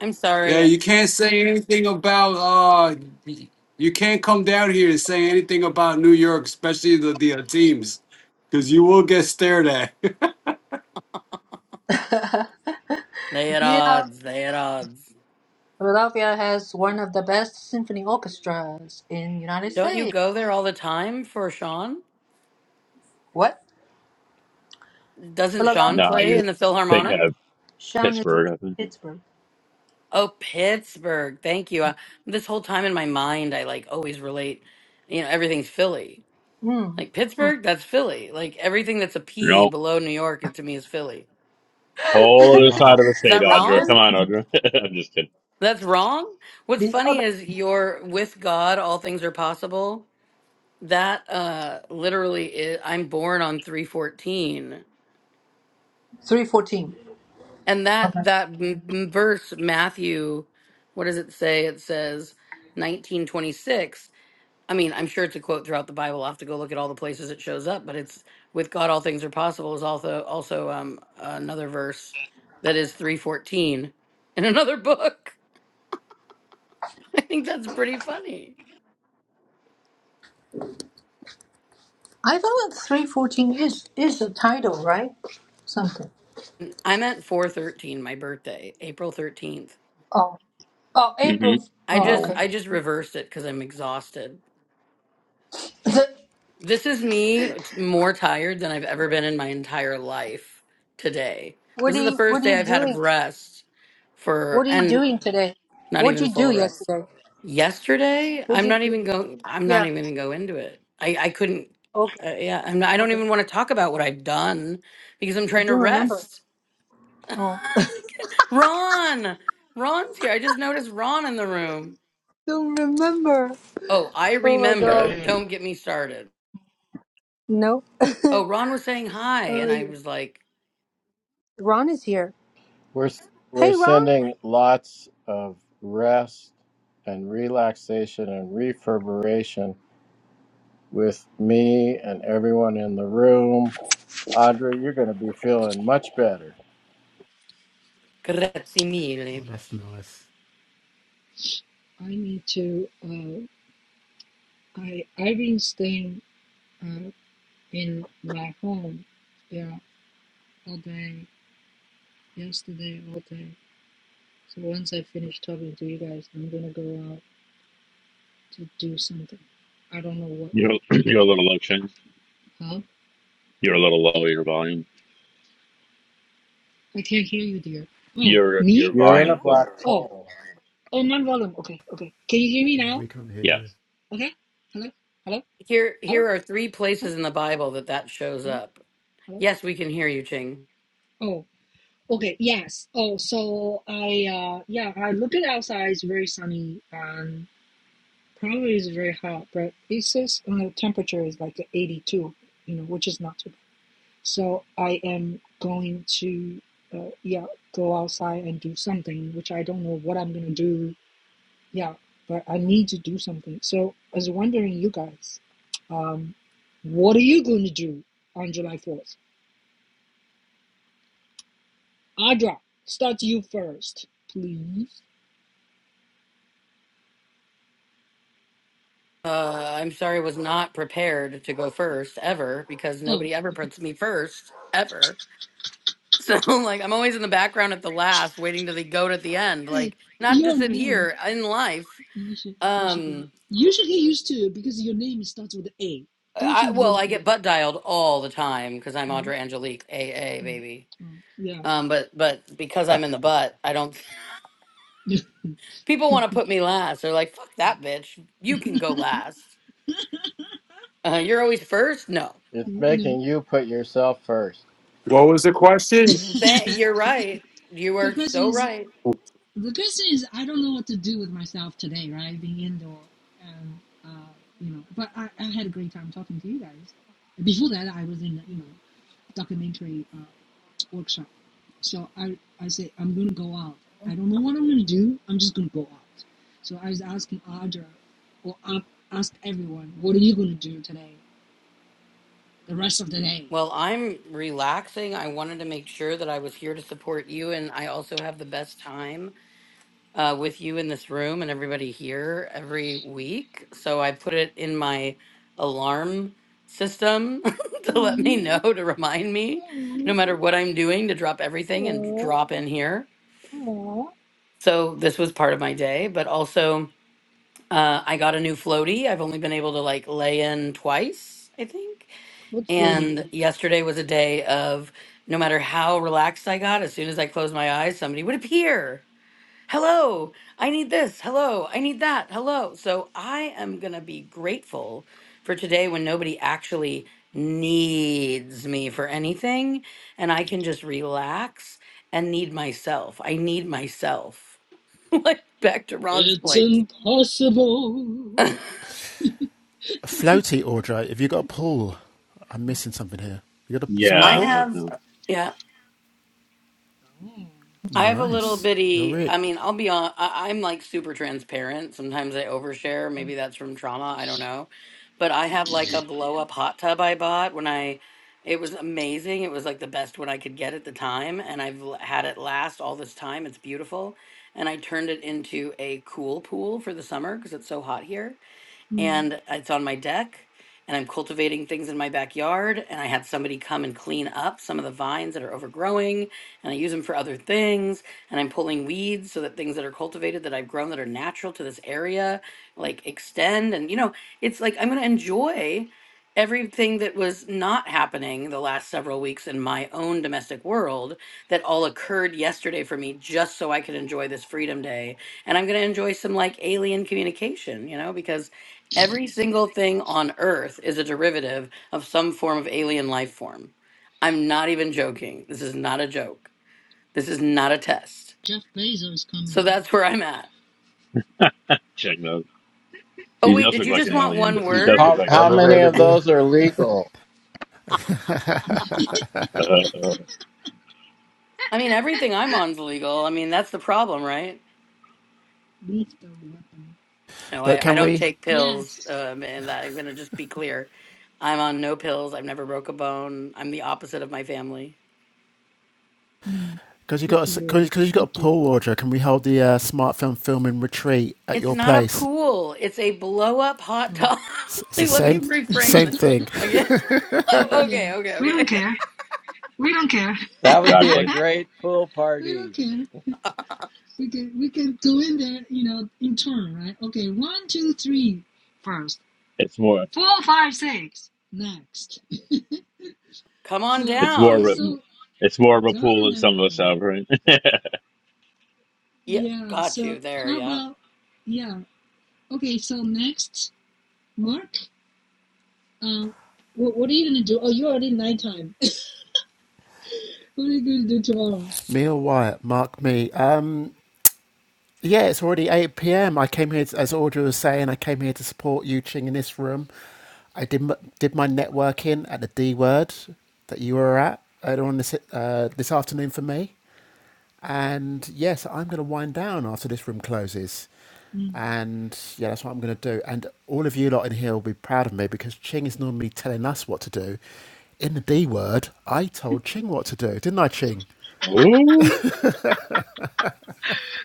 Speaker 4: I'm
Speaker 8: Yeah,
Speaker 4: sorry.
Speaker 8: you can't say anything about uh, y- you can't come down here and say anything about New York, especially the the uh, teams, because you will get stared at.
Speaker 1: Mm-hmm.
Speaker 4: They at
Speaker 1: yeah.
Speaker 4: odds. They at odds.
Speaker 1: Philadelphia has one of the best symphony orchestras in United
Speaker 4: Don't you
Speaker 1: States.
Speaker 4: go there all the time for Sean?
Speaker 1: What?
Speaker 4: Doesn't
Speaker 1: Philadelphia.
Speaker 4: Sean
Speaker 5: Nah,
Speaker 4: play
Speaker 5: you
Speaker 4: in the
Speaker 5: think
Speaker 4: Philharmonic?
Speaker 5: of
Speaker 1: Sean is in
Speaker 5: Pittsburgh. I think.
Speaker 1: Pittsburgh.
Speaker 4: Oh, Pittsburgh. Thank you. Uh, this whole time in my mind, I like always relate, you know, everything's Philly.
Speaker 1: Hmm.
Speaker 4: Like Pittsburgh, that's Philly. Like everything that's a P
Speaker 5: No,
Speaker 4: below New York is- to me is Philly.
Speaker 5: whole other
Speaker 8: nah.
Speaker 5: side of the
Speaker 4: Is
Speaker 5: state,
Speaker 4: that
Speaker 1: Oh,
Speaker 5: Audra.
Speaker 1: this
Speaker 5: Come
Speaker 4: wrong?
Speaker 5: on, Audra. I'm just kidding.
Speaker 4: That's wrong. What's
Speaker 1: the
Speaker 4: funny
Speaker 1: other
Speaker 4: is you're with God, all things are possible. That uh literally is, I'm born on 314.
Speaker 1: three fourteen.
Speaker 4: And
Speaker 1: Okay.
Speaker 4: that that m- m- verse Matthew, what does it say? It says 1926 I mean, I'm sure it's a quote throughout the Bible. I'll have to go look at all the places it shows up, but it's with God all things are possible is also also um another verse that is 314 in another book. I think that's pretty funny.
Speaker 1: I thought three fourteen is is a title, right? Something.
Speaker 4: I meant 413, my birthday, April 13th.
Speaker 1: Oh, oh, April.
Speaker 5: Mm-hmm.
Speaker 4: I
Speaker 1: Oh,
Speaker 4: just
Speaker 1: okay.
Speaker 5: Um,
Speaker 4: I just reversed it cuz I'm exhausted.
Speaker 1: The,
Speaker 4: This is me it's more tired than I've ever been in my entire life today.
Speaker 1: what
Speaker 4: This
Speaker 1: are
Speaker 4: is the
Speaker 1: you
Speaker 4: first
Speaker 1: What are
Speaker 4: day
Speaker 1: you
Speaker 4: I've had of
Speaker 1: doing?
Speaker 4: rest for
Speaker 1: What are you
Speaker 4: and
Speaker 1: doing today?
Speaker 4: not
Speaker 1: What'd
Speaker 4: even
Speaker 1: you
Speaker 4: full
Speaker 1: do
Speaker 4: rest.
Speaker 1: yesterday?
Speaker 4: yesterday
Speaker 1: What'd
Speaker 4: i'm
Speaker 1: you
Speaker 4: not even
Speaker 1: do?
Speaker 4: going i'm not
Speaker 1: Yeah.
Speaker 4: even gonna go into it i i couldn't
Speaker 1: Okay.
Speaker 4: uh, yeah I'm not, i don't
Speaker 1: Okay.
Speaker 4: even want to talk about what i've done because i'm
Speaker 1: You
Speaker 4: trying to
Speaker 1: don't remember?
Speaker 4: rest
Speaker 1: Oh,
Speaker 4: ron ron's here i just noticed ron in the room
Speaker 1: don't remember.
Speaker 4: oh i
Speaker 1: Oh my
Speaker 4: remember
Speaker 1: God.
Speaker 9: Hey,
Speaker 4: don't get me started
Speaker 1: No. oh,
Speaker 4: oh ron was saying hi and i
Speaker 1: yeah.
Speaker 4: was like
Speaker 1: Ron is here.
Speaker 9: We're we're
Speaker 1: Hey, Ron.
Speaker 9: sending lots of rest and relaxation and reverberation with me and everyone in the room. Audrey, you're going to be feeling much better.
Speaker 4: grazie
Speaker 7: Oh,
Speaker 4: mille
Speaker 7: that's nice.
Speaker 1: I need to. Uh, I Irene's staying. in my home yeah all day yesterday all day so once i finish talking to you guys i'm gonna go out to do something i don't know what
Speaker 5: you're you're a little low, Shane.
Speaker 1: huh
Speaker 5: You're a little low. Your volume.
Speaker 1: i can't hear you dear oh
Speaker 5: Your your
Speaker 1: me
Speaker 9: You're
Speaker 1: oh
Speaker 9: in a
Speaker 5: volume's low.
Speaker 9: black
Speaker 1: oh
Speaker 9: hole.
Speaker 1: oh my volume okay okay can you hear me
Speaker 7: Yeah,
Speaker 1: now
Speaker 7: we can't hear
Speaker 5: Yes.
Speaker 7: you.
Speaker 1: okay hello hello
Speaker 4: here
Speaker 1: hello
Speaker 4: here are three
Speaker 1: huh?
Speaker 4: places in the bible that that shows
Speaker 1: hello
Speaker 4: up
Speaker 1: hello
Speaker 4: yes we can hear you ching
Speaker 1: oh okay yes oh so i uh yeah i look at outside it's very sunny and. Probably is very hot, but it says and the temperature is like 82, you know, which is not too bad. So I am going to, uh, yeah, go outside and do something, which I don't know what I'm gonna do. Yeah, but I need to do something. So I was wondering, you guys, um, what are you gonna do on July 4th? Audra, start you first, please.
Speaker 4: Uh, I'm sorry, was not prepared to go first ever because
Speaker 1: Oh,
Speaker 4: nobody ever puts me first ever. So like I'm always in the background at the last, waiting to the goat at the end.
Speaker 1: hey,
Speaker 4: Like not
Speaker 1: your
Speaker 4: just in
Speaker 1: name.
Speaker 4: here, in life.
Speaker 1: You should, you should go.
Speaker 4: Um,
Speaker 1: You should get used to it because your name starts with A. Don't
Speaker 4: I
Speaker 1: you?
Speaker 4: well,
Speaker 1: you
Speaker 4: I
Speaker 1: yeah.
Speaker 4: get butt dialed all the time because I'm
Speaker 1: No.
Speaker 4: Audra Angelique, a a baby.
Speaker 1: Yeah.
Speaker 4: Um, but but because I'm in the butt, I don't. People want to put me last. They're like, "Fuck that bitch, you can go last. Uh, you're always first. No,
Speaker 9: It's
Speaker 1: no.
Speaker 9: making you put yourself first.
Speaker 8: What was the question?
Speaker 4: Th- you're right. You
Speaker 1: Good
Speaker 4: are
Speaker 1: question
Speaker 4: so
Speaker 1: is
Speaker 4: right.
Speaker 1: the question is I don't know what to do with myself today, right? Being indoor and uh, you know, but I, I had a great time talking to you guys. Before that, I was in you know documentary. uh, workshop. So I, I say, I'm going to go out. I don't know what I'm going to do. I'm just going to go out. So I was asking Audra or up, ask everyone, what are you going to do today, the rest of the day?
Speaker 4: Well, I'm relaxing. I wanted to make sure that I was here to support you, and I also have the best time uh, with you in this room and everybody here every week. So I put it in my alarm system to let me know, to remind me, no matter what I'm doing, to drop everything and drop in here. So this was part of my day, but also uh, I got a new floaty. I've only been able to like lay in twice, I think.
Speaker 1: What's floating?
Speaker 4: And yesterday was a day of no matter how relaxed I got, as soon as I closed my eyes, somebody would appear. Hello, I need this. Hello, I need that. Hello. So I am going to be grateful for today when nobody actually needs me for anything and I can just relax and need myself. I need myself. like back to Ron's
Speaker 1: It's
Speaker 4: point. I
Speaker 1: impossible.
Speaker 7: A Floaty, Audrey. Have you got a pool? I'm missing something here. You got a swimming
Speaker 5: Yeah. I
Speaker 7: pool?
Speaker 5: was
Speaker 4: have,
Speaker 5: noticing.
Speaker 4: yeah.
Speaker 1: Oh,
Speaker 4: I have a little
Speaker 1: oh,
Speaker 7: Nice. You're
Speaker 4: bitty.
Speaker 7: it.
Speaker 4: I
Speaker 1: okay.
Speaker 4: mean, I'll be on. I, I'm like super transparent. Sometimes I overshare. Maybe that's from trauma. I don't know. But I have like a blow up hot tub I bought when I. It was amazing. It was like the best one I could get at the time, and I've l- had it last all this time. It's beautiful, and I turned it into a cool pool for the summer because it's so hot here
Speaker 1: Hmm.
Speaker 4: and it's on my deck and I'm cultivating things in my backyard and I had somebody come and clean up some of the vines that are overgrowing and I use them for other things and I'm pulling weeds so that things that are cultivated that I've grown that are natural to this area like extend and you know it's like I'm going to enjoy everything that was not happening the last several weeks in my own domestic world that all occurred yesterday for me just so I could enjoy this freedom day and I'm going to enjoy some like alien communication you know because Every single thing on Earth is a derivative of some form of alien life form. I'm not even joking. This is not a joke. This is not a test.
Speaker 1: Jeff Bezos is coming.
Speaker 4: So that's where I'm at.
Speaker 5: Check those.
Speaker 4: Oh,
Speaker 5: He
Speaker 4: wait,
Speaker 5: does
Speaker 4: did
Speaker 5: look
Speaker 4: you
Speaker 5: like
Speaker 4: just
Speaker 5: an
Speaker 4: want
Speaker 5: alien.
Speaker 4: one
Speaker 5: He does
Speaker 1: Yay!
Speaker 4: word?
Speaker 5: look
Speaker 9: How
Speaker 5: like an
Speaker 9: how
Speaker 3: I'm
Speaker 5: alien.
Speaker 9: many
Speaker 5: doesn't
Speaker 9: of
Speaker 5: he?
Speaker 3: available
Speaker 9: those are legal?
Speaker 4: I
Speaker 5: Uh, uh,
Speaker 4: mean, everything I'm on's legal. I mean, that's the problem, right?
Speaker 1: Lift the weapon.
Speaker 4: No,
Speaker 7: But
Speaker 4: I, I
Speaker 7: can
Speaker 4: don't
Speaker 7: we?
Speaker 4: take pills.
Speaker 1: Yes.
Speaker 4: Um, and that, I'm going to just be clear. I'm on no pills. I've never broke a bone. I'm the opposite of my family.
Speaker 1: Hmm.
Speaker 7: Because you
Speaker 1: Good for
Speaker 7: got a
Speaker 1: you.
Speaker 7: because you got a
Speaker 1: Lucky.
Speaker 7: pool Audrey. Can we hold the uh, smart film filming retreat at
Speaker 4: It's
Speaker 7: your
Speaker 4: not a
Speaker 7: place?
Speaker 4: pool. It's a blow up hot
Speaker 1: Oh.
Speaker 4: tub.
Speaker 7: It's, it's the
Speaker 4: Wait, Let me
Speaker 7: same
Speaker 4: reframe
Speaker 7: same
Speaker 4: that
Speaker 7: thing.
Speaker 4: again.
Speaker 1: Uh,
Speaker 4: Oh,
Speaker 1: yeah.
Speaker 4: okay, okay,
Speaker 1: We don't
Speaker 4: okay.
Speaker 1: care. We don't care.
Speaker 9: That would be a
Speaker 5: exactly.
Speaker 9: great pool
Speaker 1: We don't
Speaker 9: party.
Speaker 1: care. we can we can go in there, you know, in turn, right? Okay, one, two, three first.
Speaker 5: It's more.
Speaker 1: Four, five, six. Next.
Speaker 4: Come on
Speaker 1: yeah.
Speaker 5: It's more. of
Speaker 4: down.
Speaker 5: a-
Speaker 1: So
Speaker 5: It's more of a pool than some of us
Speaker 1: colonel.
Speaker 5: have, right?
Speaker 4: Yeah,
Speaker 1: Yeah.
Speaker 4: got
Speaker 1: So
Speaker 4: you there.
Speaker 1: how
Speaker 4: Yeah.
Speaker 1: about yeah. Okay. So next, Mark. Um. What, what are you gonna do? Oh, you already nighttime. what are you gonna do tomorrow?
Speaker 7: Neil Wyatt, mark me. Um, Yeah, it's already 8 p.m. I came here, to, as Audrey was saying, I came here to support you Ching in this room. I did my, did my networking at the D word that you were at earlier on this, uh, this afternoon for me. And yes, I'm going to wind down after this room closes.
Speaker 1: Mm.
Speaker 7: And yeah, that's what I'm going to do. And all of you lot in here will be proud of me because Ching is normally telling us what to do. In the D word, I told Ching what to do, didn't I, Ching?
Speaker 5: Ooh.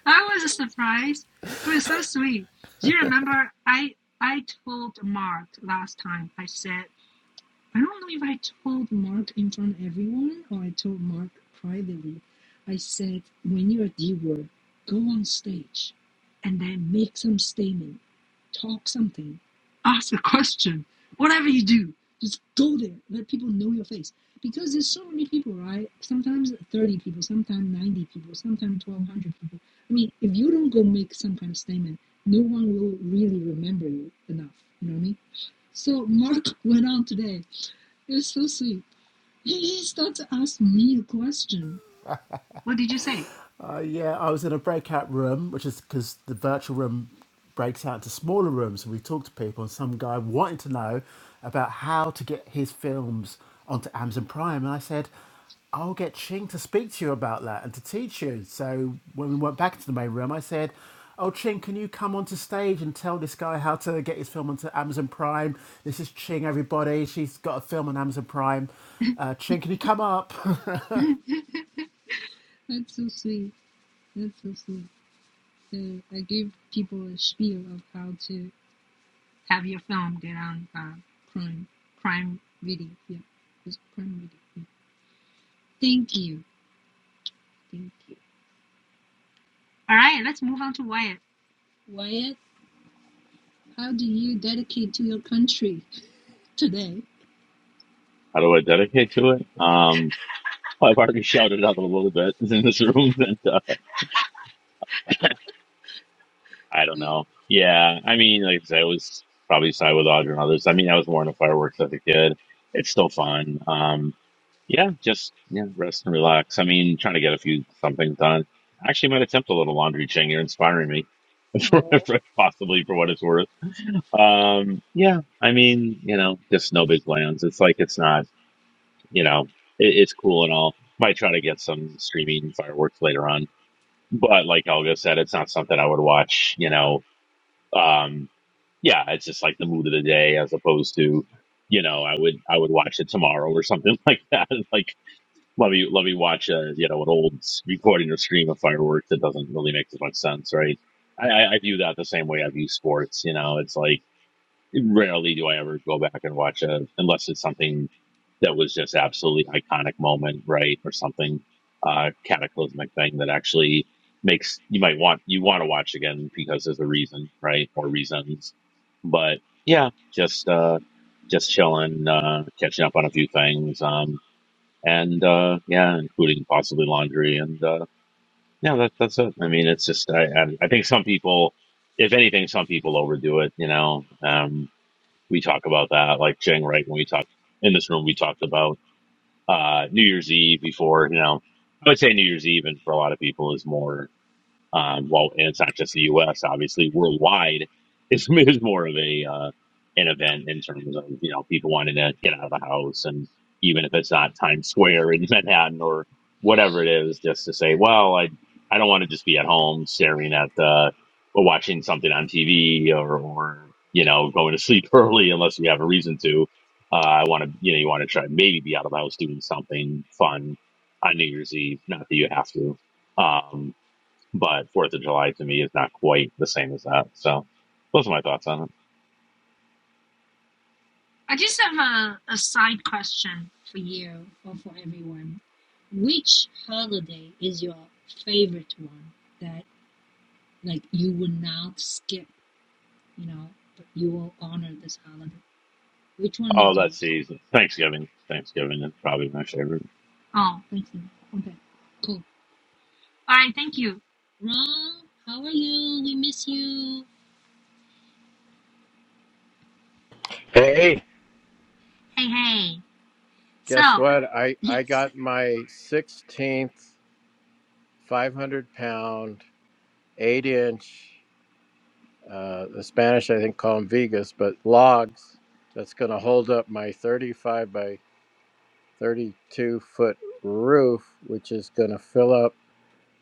Speaker 1: That was a surprise. It was so sweet. Do you remember I I told Mark last time? I said I don't know if I told Mark in front of everyone or I told Mark privately. I said, when you're at D word, go on stage and then make some statement, talk something, ask a question, whatever you do, just go there, let people know your face. Because there's so many people, right? Sometimes 30 people, sometimes 90 people, sometimes 1,200 people. I mean, if you don't go make some kind of statement, no one will really remember you enough. You know what I mean? So Mark went on today. You're so sweet. He starts to ask me a question. What did you say?
Speaker 7: Uh, yeah, I was in a breakout room, which is because the virtual room breaks out into smaller rooms, and we talked to people. And some guy wanted to know about how to get his films onto Amazon Prime, and I said, "I'll get Ching to speak to you about that and to teach you." So when we went back into the main room, I said, "Oh, Ching, can you come onto stage and tell this guy how to get his film onto Amazon Prime? This is Ching, everybody. She's got a film on Amazon Prime. Uh, Ching, can you come up?"
Speaker 1: That's so sweet. That's so sweet. Uh, I give people a spiel of how to Have your film get on uh, crime Prime video. Yeah, it's crime video. Yeah. Thank you. Thank you. All right, let's move on to Wyatt. Wyatt, how do you dedicate to your country today?
Speaker 5: How do I dedicate to it? Um. Well, I've already shouted out a little bit in this room, and uh, I don't know. Yeah, I mean, like I said, I was probably side with Audra and others. I mean, I was more into fireworks as a kid. It's still fun. Um, Yeah, just yeah, rest and relax. I mean, trying to get a few some things done. I actually might attempt a little laundry, Ching. You're inspiring me, for,
Speaker 1: Oh.
Speaker 5: for- possibly for what it's worth. Um, yeah, I mean, you know, just no big plans. It's like it's not, you know, it, it's cool and all. Might try to get some streaming fireworks later on, but like Olga said, it's not something I would watch. You know, um, yeah, it's just like the mood of the day as opposed to. You know, I would I would watch it tomorrow or something like that. Like let me let me watch a you know an old recording or stream of fireworks that doesn't really make as much sense, right? I, I, I view that the same way I view sports. You know, it's like rarely do I ever go back and watch a unless it's something that was just absolutely iconic moment, right, or something uh, cataclysmic thing that actually makes you might want you want to watch again because there's a reason, right, or reasons. But yeah, just uh, just chilling, uh, catching up on a few things. Um, and uh, yeah, including possibly laundry. And uh, yeah, that, that's it. I mean, it's just I, I I think some people, if anything, some people overdo it. You know, um, we talk about that like Cheng, right when we talk in this room. We talked about uh, New Year's Eve before. You know, I would say New Year's Eve, and for a lot of people, is more. Um, well, and it's not just the U.S. Obviously, worldwide is, is more of a uh, an event in terms of you know people wanting to get out of the house, and even if it's not Times Square in Manhattan or whatever it is, just to say, well, I I don't want to just be at home staring at uh, or watching something on TV or or you know going to sleep early unless you have a reason to. Uh, I want to, you know, you want to try maybe be out of the house doing something fun on New Year's Eve. Not that you have to. Um, but Fourth of July to me is not quite the same as that. So those are my thoughts on it.
Speaker 1: I just have a, a side question for you or for everyone. Which holiday is your favorite one that like you would not skip, you know, but you will honor this holiday? Which one
Speaker 5: Oh,
Speaker 1: is
Speaker 5: let's
Speaker 1: yours?
Speaker 5: see. Thanksgiving. Thanksgiving is probably my favorite.
Speaker 1: Oh, thank you. Okay. Cool. All right, thank you. Ron, how are you? We miss you.
Speaker 9: hey,
Speaker 1: Hey, hey. So,
Speaker 9: Guess what? I I
Speaker 1: yes.
Speaker 9: got my 16th 500 pound 8 inch uh, the Spanish I think call them vigas, but logs that's going to hold up my 35 by 32 foot roof, which is going to fill up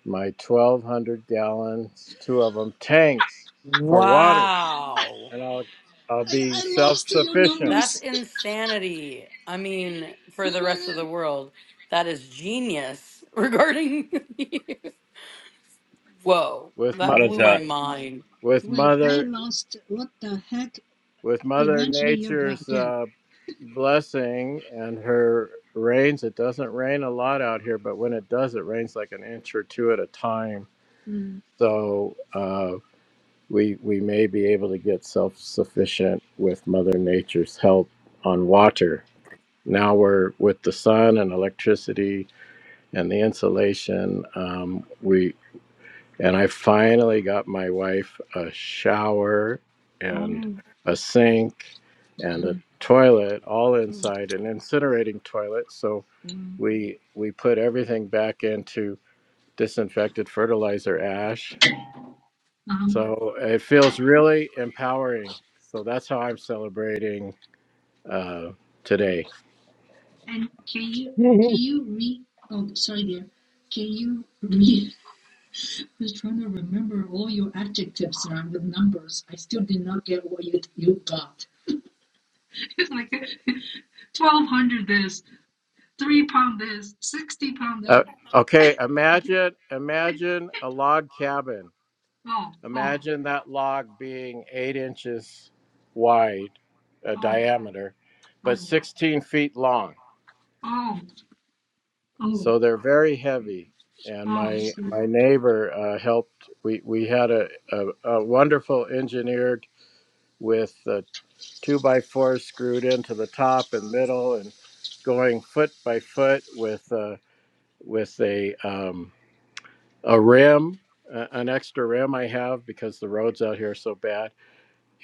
Speaker 9: my 1,200 gallons, two of them tanks for water,
Speaker 4: Wow.
Speaker 9: and I'll I'll
Speaker 1: I,
Speaker 9: be
Speaker 1: I
Speaker 9: self
Speaker 1: lost your
Speaker 9: sufficient
Speaker 4: That's
Speaker 1: numbers.
Speaker 4: insanity. I mean, for
Speaker 1: Who
Speaker 4: the
Speaker 1: were
Speaker 4: rest of the
Speaker 1: the-
Speaker 4: world, that is genius regarding. Whoa,
Speaker 9: with
Speaker 5: How
Speaker 4: that
Speaker 9: my
Speaker 5: does
Speaker 4: blew
Speaker 5: that?
Speaker 4: my mind.
Speaker 9: with
Speaker 1: Wait, I
Speaker 9: mother
Speaker 1: lost. What the heck?
Speaker 9: with Mother
Speaker 1: Eventually, you got
Speaker 9: Nature's
Speaker 1: that.
Speaker 9: uh, blessing and her rains. It doesn't rain a lot out here, but when it does, it rains like an inch or two at a time
Speaker 1: Mm.
Speaker 9: So uh, we we may be able to get self sufficient with Mother Nature's help on water. Now we're with the sun and electricity and the insulation. Um, we and I finally got my wife a shower and
Speaker 1: Oh,
Speaker 9: a sink and a toilet all
Speaker 1: cool,
Speaker 9: inside an incinerating toilet. So
Speaker 1: cool.
Speaker 9: we we put everything back into disinfected fertilizer ash
Speaker 1: Um,
Speaker 9: So it feels really empowering. So that's how I'm celebrating uh, today.
Speaker 1: and can you can
Speaker 5: Woohoo.
Speaker 1: you read? Oh, sorry, dear. Can you read? I was trying to remember all your adjectives around with numbers. I still did not get what you you got. It's like twelve hundred this, three pound this, sixty pound
Speaker 9: Uh,
Speaker 1: that.
Speaker 9: okay, imagine imagine a log cabin.
Speaker 1: Oh, oh,
Speaker 9: Imagine that log being eight inches wide, a
Speaker 1: oh,
Speaker 9: diameter, but
Speaker 1: oh,
Speaker 9: 16 feet long.
Speaker 1: oh, oh,
Speaker 9: So they're very heavy. And
Speaker 1: oh. I
Speaker 9: my
Speaker 1: see.
Speaker 9: my neighbor uh, helped. We we had a, a, a wonderful engineered with uh, two by fours screwed into the top and middle, and going foot by foot with uh, with a um, a rim, uh, an extra rim I have because the roads out here are so bad,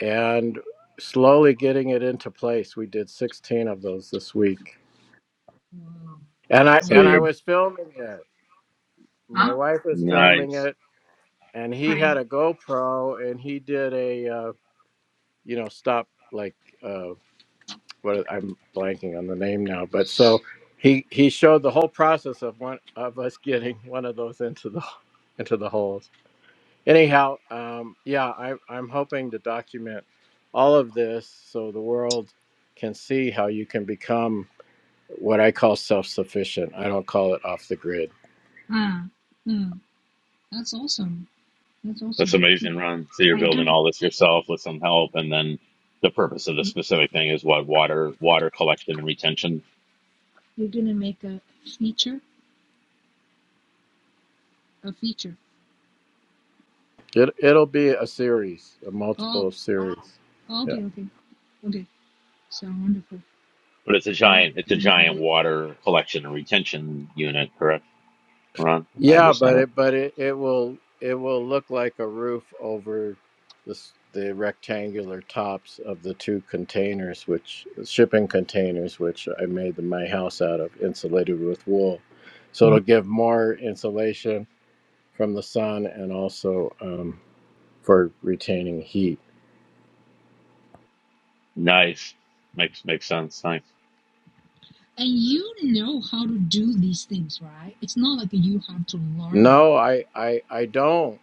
Speaker 9: and slowly getting it into place. We did 16 of those this week,
Speaker 1: Wow.
Speaker 9: and I
Speaker 5: So
Speaker 9: and
Speaker 1: Wow.
Speaker 9: I
Speaker 5: you're
Speaker 9: was filming it. My
Speaker 1: Huh?
Speaker 9: wife was filming
Speaker 5: nice.
Speaker 9: it, and he had
Speaker 1: Great.
Speaker 9: a GoPro, and he did a uh, you know stop like. uh, what I'm blanking on the name now, but so he he showed the whole process of one of us getting one of those into the into the holes. Anyhow, um, yeah, I, I'm hoping to document all of this so the world can see how you can become what I call self-sufficient. I don't call it off the grid.
Speaker 1: Mm. Mm. That's awesome. That's
Speaker 5: That's
Speaker 1: awesome.
Speaker 5: amazing, Ron. So you're
Speaker 1: Are you
Speaker 5: building
Speaker 1: gonna
Speaker 5: all this yourself with some help, and then the purpose of the specific thing is what water, water collection and retention.
Speaker 1: you're gonna make a feature? A feature.
Speaker 9: It it'll be a series, a
Speaker 1: Oh,
Speaker 9: multiple series.
Speaker 1: okay, okay. Okay. So wonderful.
Speaker 5: But it's a
Speaker 1: Yeah,
Speaker 5: giant, it's a
Speaker 1: cannot
Speaker 5: giant
Speaker 1: wait.
Speaker 5: water collection and retention unit, correct, Ron? I
Speaker 9: Yeah, but
Speaker 5: understand it.
Speaker 9: it but it, it will it will look like a roof over this the rectangular tops of the two containers, which shipping containers, which I made the, my house out of, insulated with wool. So it'll give more insulation from the sun and also um, for retaining heat.
Speaker 5: Nice. Makes makes sense. Thanks.
Speaker 1: And you know how to do these things, right? It's not like you have to learn.
Speaker 9: No, I I I don't,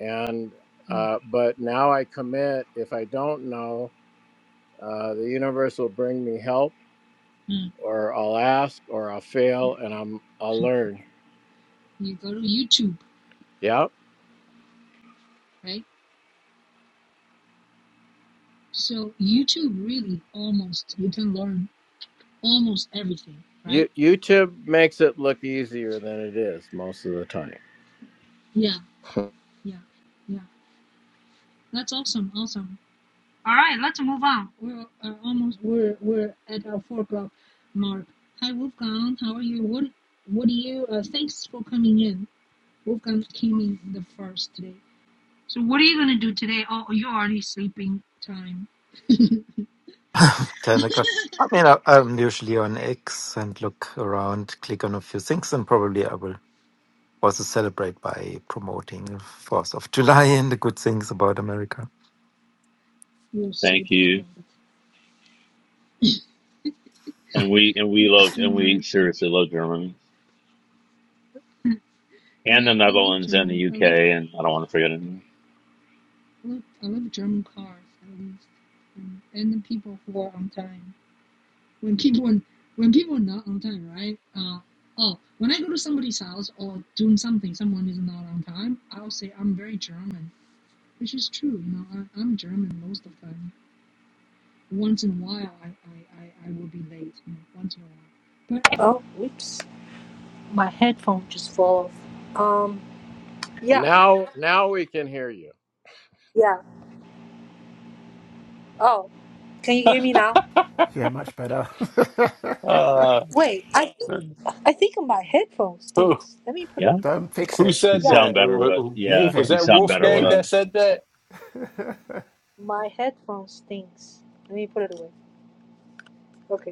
Speaker 9: and
Speaker 1: Oh.
Speaker 9: uh, but now I commit. If I don't know, uh, the universe will bring me help
Speaker 1: mm.
Speaker 9: or I'll ask or I'll fail and I'm I'll learn.
Speaker 1: you go to YouTube,
Speaker 9: Yeah.
Speaker 1: right? So YouTube really almost you can learn almost everything,
Speaker 9: You,
Speaker 1: right?
Speaker 9: YouTube makes it look easier than it is most of the time.
Speaker 1: Yeah, yeah, yeah. That's awesome, awesome. All right, let's move on. We're uh, almost we're we're at our four o'clock mark. Hi, Wolfgang. How are you? What what do you? Uh, thanks for coming in. Wolfgang came in the first today. So what are you gonna do today? Oh, you're already sleeping time.
Speaker 3: ten o'clock. I mean, I, I'm usually on X and look around, click on a few things, and probably I will also celebrate by promoting Fourth of July and the good things about America.
Speaker 1: You're so
Speaker 5: Thank you.
Speaker 1: tired.
Speaker 5: and we and we loved and we
Speaker 1: Extremely.
Speaker 5: seriously love Germany and the
Speaker 1: Yeah, I love
Speaker 5: Netherlands and
Speaker 1: German.
Speaker 5: the
Speaker 1: I
Speaker 5: UK
Speaker 1: love,
Speaker 5: and I don't want to forget anything.
Speaker 1: love I love German cars at least, and, and the people who are on time. when people when people are not on time, right? Uh, oh, when I go to somebody's house or doing something, someone is not on time. I'll say I'm very German, which is true. You know, I, I'm German most of the time. Once in a while, I I, I, I will be late. You know, once in a while. But Oh, whoops. My headphone just fell off. Um, yeah,
Speaker 9: Now now we can hear you.
Speaker 1: yeah. Oh, can you hear me now?
Speaker 7: yeah, much better.
Speaker 8: Uh,
Speaker 1: Wait, I I think my headphone
Speaker 8: who,
Speaker 1: stinks. Let me put it
Speaker 5: Yeah,
Speaker 1: away.
Speaker 7: Don't fix
Speaker 8: who
Speaker 7: it.
Speaker 5: you
Speaker 8: said
Speaker 1: Yeah,
Speaker 5: sound
Speaker 8: that?
Speaker 5: better with
Speaker 8: Who- who-
Speaker 5: yeah,
Speaker 7: Leave
Speaker 8: Was
Speaker 7: it.
Speaker 5: you
Speaker 8: that
Speaker 5: sound better with
Speaker 8: Wolfgang
Speaker 7: Yeah.
Speaker 5: a
Speaker 8: that said that?
Speaker 1: my headphone stinks. Let me put it away.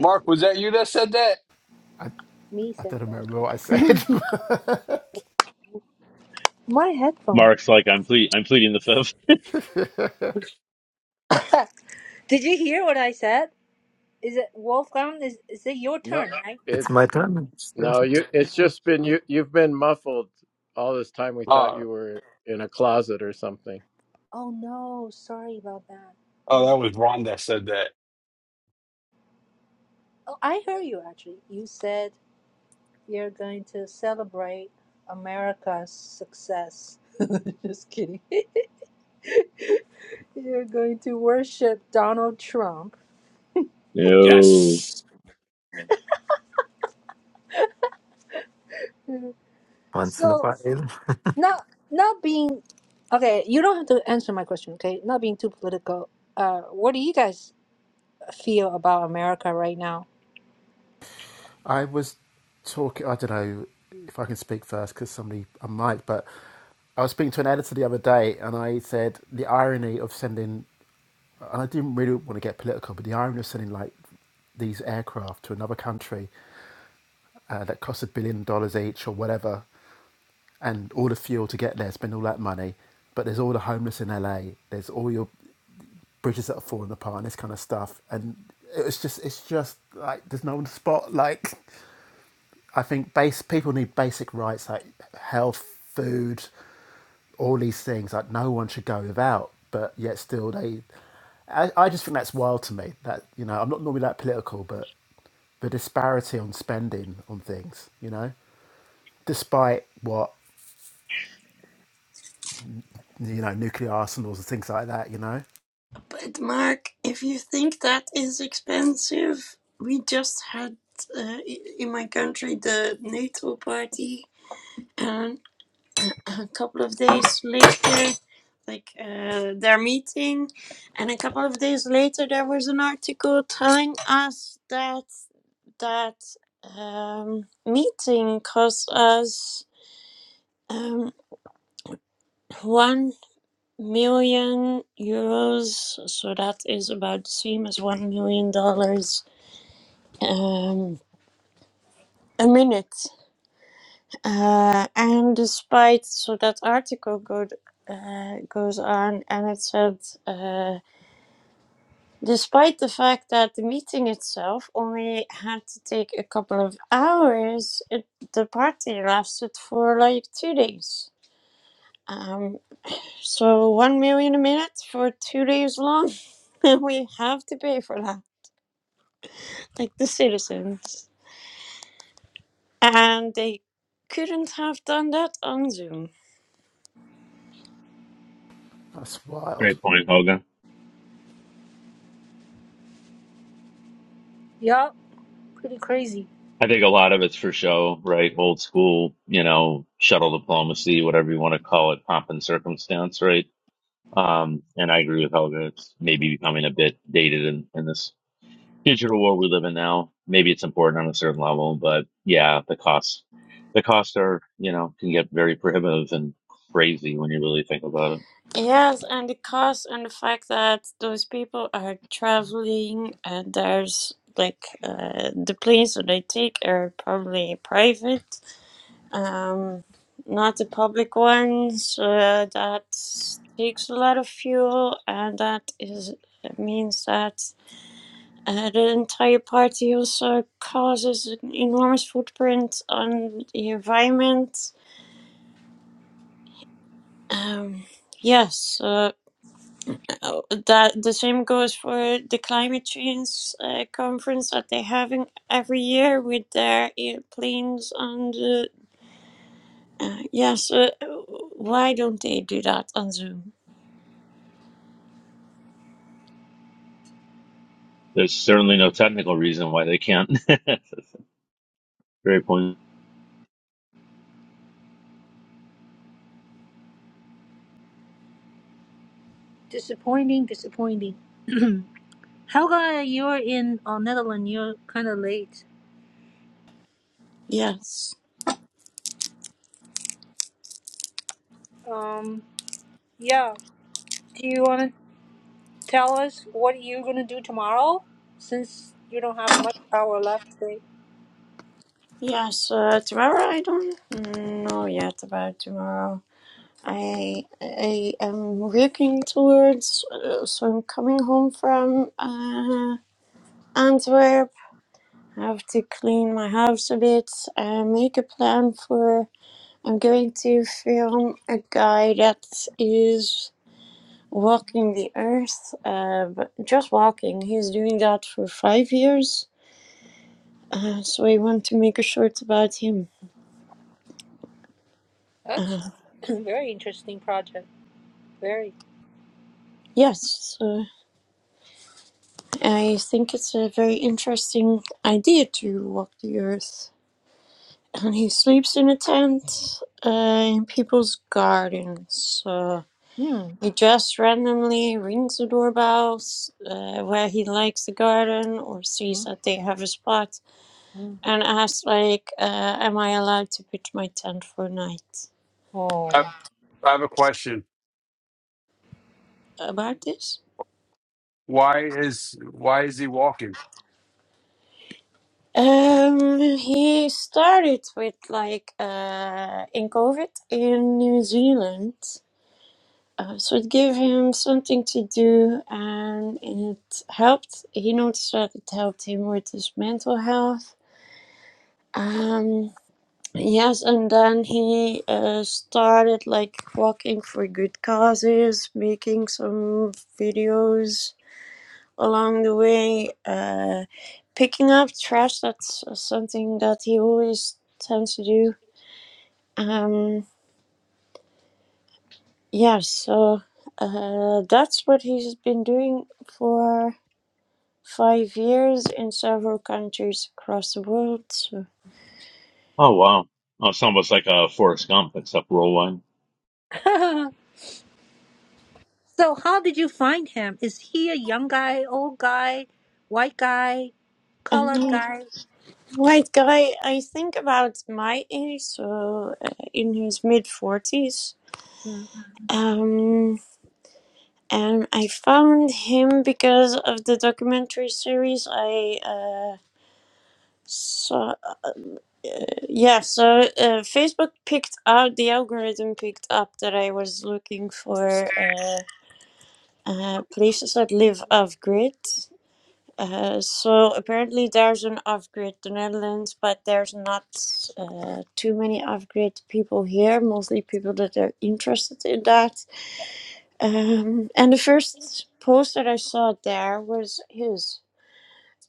Speaker 8: Mark, was that you that said that?
Speaker 7: I,
Speaker 1: Me
Speaker 7: I
Speaker 1: said
Speaker 7: don't
Speaker 1: that.
Speaker 7: remember what I said.
Speaker 1: My headphone.
Speaker 5: Mark's like I'm ple- I'm pleading the fifth.
Speaker 1: Did you hear what I said? Is it Wolfgang? Is is it your
Speaker 9: No
Speaker 1: turn, right?
Speaker 3: It's
Speaker 9: it's
Speaker 3: my turn.
Speaker 9: no you it's just been you you've been muffled all this time we thought you were in a closet or something.
Speaker 1: Oh no, sorry about that.
Speaker 8: Oh,
Speaker 1: Oh,
Speaker 8: that was Ron that said that.
Speaker 1: oh I heard you actually. You said you're going to celebrate America's success. Just kidding. You're going to worship Donald Trump.
Speaker 5: No,
Speaker 3: Once in a
Speaker 1: So
Speaker 3: while,
Speaker 1: not not being okay. You don't have to answer my question. Okay, not being too political. Uh, what do you guys feel about America right now?
Speaker 7: I was talking, I don't know if I can speak first because somebody, I might, but I was speaking to an editor the other day and I said the irony of sending, and I didn't really want to get political, but the irony of sending like these aircraft to another country uh, that cost a billion dollars each or whatever, and all the fuel to get there, spend all that money. But there's all the homeless in LA. There's all your bridges that are falling apart and this kind of stuff and it's just it's just like there's no one to spot like i think base people need basic rights like health food all these things like no one should go without but yet still they i, I just think that's wild to me that you know i'm not normally that political but the disparity on spending on things you know despite what you know nuclear arsenals and things like that you know
Speaker 6: But Mark, if you think that is expensive, we just had uh, in my country the NATO party, and a couple of days later, like uh, their meeting, and a couple of days later, there was an article telling us that that um, meeting cost us um, one million euros, so that is about the same as one million dollars um, a minute. Uh, and despite so that article go, uh, goes on, and it said, uh, despite the fact that the meeting itself only had to take a couple of hours, it, the party lasted for like two days. Um, so one million a minute for two days long, and we have to pay for that, like the citizens, and they couldn't have done that on Zoom.
Speaker 7: that's wild
Speaker 5: great point, Hogan. I think a lot of it's for show, right? Old school, you know, shuttle diplomacy, whatever you want to call it, pomp and circumstance, right? Um, and I agree with Helga. It's maybe becoming a bit dated in, in this digital world we live in now, maybe it's important on a certain level, but yeah, the costs, the costs are, you know, can get very prohibitive and crazy when you really think about it.
Speaker 6: Yes, and the cost and the fact that those people are traveling and there's like uh, the planes that they take are probably private, um, not the public ones. Uh, that takes a lot of fuel, and that is means that uh, the entire party also causes an enormous footprint on the environment. Um, yes, so Oh, that the same goes for the climate change uh, conference that they're having every year with their airplanes on the. Uh, yes, uh, why don't they do that on Zoom?
Speaker 5: There's certainly no technical reason why they can't. It's a Very point.
Speaker 1: Disappointing, disappointing. Helga, you're in uh, Netherlands. You're kind of late.
Speaker 6: Yes.
Speaker 1: Um, yeah. Do you want to tell us what you're gonna do tomorrow, since you don't have much power left today?
Speaker 6: Yes, uh, tomorrow I don't know yet about tomorrow. I I am working towards, uh, so I'm coming home from uh, Antwerp. have to clean my house a bit and make a plan for I'm going to film a guy that is walking the earth, uh, but just walking. He's doing that for five years, uh, so I want to make a short about him.
Speaker 1: That's
Speaker 6: Uh,
Speaker 1: a very interesting project. Very.
Speaker 6: yes, so I think it's a very interesting idea to walk the earth. And he sleeps in a tent uh, in people's gardens. So He just randomly rings the doorbells uh, where he likes the garden or sees that they have a spot and asks, like, uh, am I allowed to pitch my tent for a night
Speaker 8: I,
Speaker 1: Oh.
Speaker 8: I have a question.
Speaker 6: about this?
Speaker 8: Why is why is he walking?
Speaker 6: Um, he started with like uh, in COVID in New Zealand. Uh, so it gave him something to do and it helped. He noticed that it helped him with his mental health. Um, Yes, and then he uh, started like working for good causes, making some videos along the way, uh, picking up trash. That's uh, something that he always tends to do. Um, yeah, so uh, that's what he's been doing for five years in several countries across the world. So.
Speaker 5: Oh, wow. Oh, it's almost like a Forrest Gump, except roll one.
Speaker 1: so, how did you find him? Is he a young guy, old guy, white guy, colored
Speaker 6: uh,
Speaker 1: guy?
Speaker 6: Like guy, I think about my age, so uh, in his mid forties. Um, and I found him because of the documentary series I uh, saw. Yeah, so uh, Facebook picked out the algorithm picked up that I was looking for uh, uh, places that live off grid, Uh, so apparently there's an off-grid the Netherlands, but there's not uh, too many off-grid people here. Mostly people that are interested in that. Um, and the first post that I saw there was his.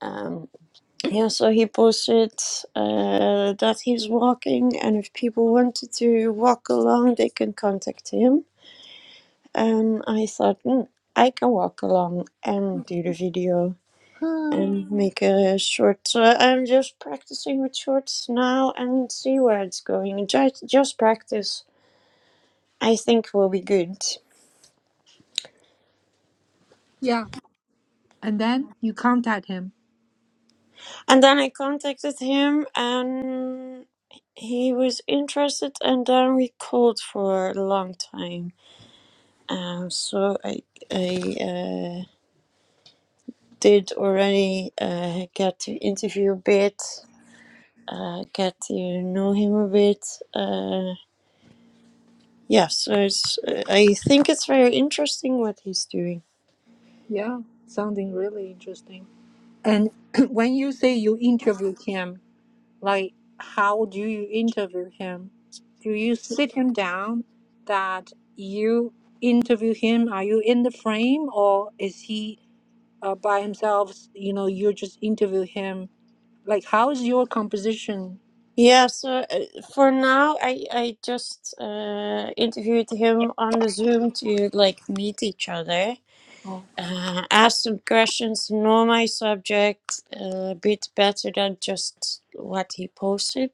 Speaker 6: Um, yeah, so he posted uh, that he's walking, and if people wanted to walk along, they can contact him. And I thought, "Hmm, I can walk along and do the video. and make a short. So I'm just practicing with shorts now and see where it's going. Just just practice. I think will be good.
Speaker 1: Yeah. And then you contact him.
Speaker 6: And then I contacted him and he was interested and then we called for a long time. Um, so I I uh, did already uh, get to interview a bit, uh, get to know him a bit. Uh, Yes, it's, uh, I think it's very interesting what he's doing.
Speaker 1: Yeah. Sounding really interesting. And when you say you interview him, like how do you interview him? Do you sit him down that you interview him? Are you in the frame or is he uh, by himself? You know, you just interview him. Like how is your composition?
Speaker 6: Yeah, so uh, for now, I I just uh, interviewed him on the Zoom to like meet each other, uh, ask some questions, know my subject uh, a bit better than just what he posted.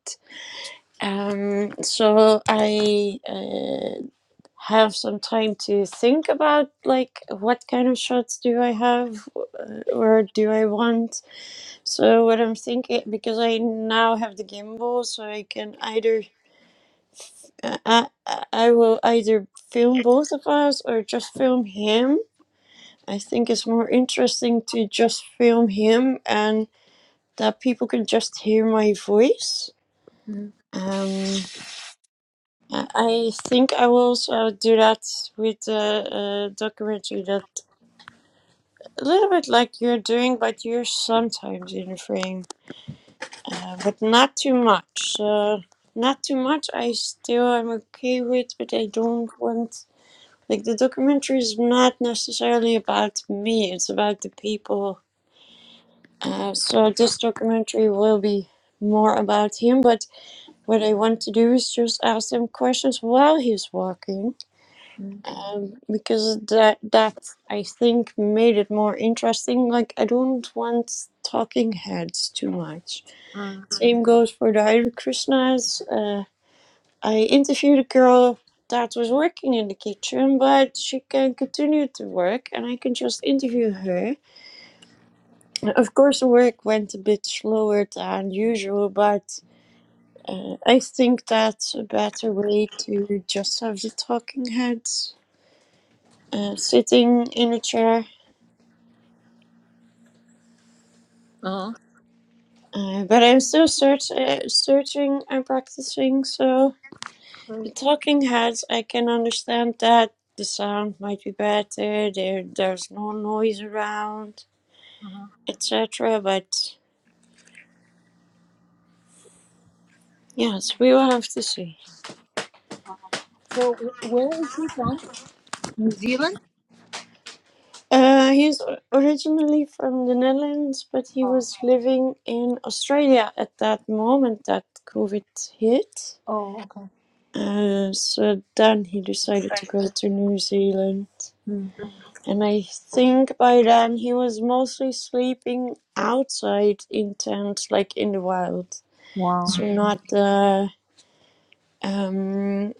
Speaker 6: Um, so I uh, have some time to think about like what kind of shots do I have, uh, or do I want? So what I'm thinking, because I now have the gimbal, so I can either uh, I, I I will either film both of us or just film him. I think it's more interesting to just film him and that people can just hear my voice. Um, I I think I will also do that with the uh, documentary that a little bit like you're doing, but you're sometimes in the frame. uh, but not too much. Uh, not too much. I still am okay with, but I don't want like the documentary is not necessarily about me. It's about the people. Uh, so this documentary will be more about him. But what I want to do is just ask him questions while he's walking, um, because that that I think made it more interesting. Like I don't want talking heads too much. Same goes for the Hare Krishnas. Uh, I interviewed a girl that was working in the kitchen, but she can continue to work and I can just interview her. Of course, the work went a bit slower than usual, but uh, I think that's a better way to just have the talking heads uh, sitting in a chair.
Speaker 1: Uh-huh.
Speaker 6: Uh, but I'm still search- uh, searching and practicing, so. The
Speaker 1: Right.
Speaker 6: Talking Heads, I can understand that. The sound might be better, there there's no noise around, etc. But yes, we will have to see. Uh, he's o- originally from the Netherlands, but he was living in Australia at that moment that COVID hit. Uh, so then he decided to go to New Zealand. And I think by then he was mostly sleeping outside in tents, like in the wild. So not uh, um,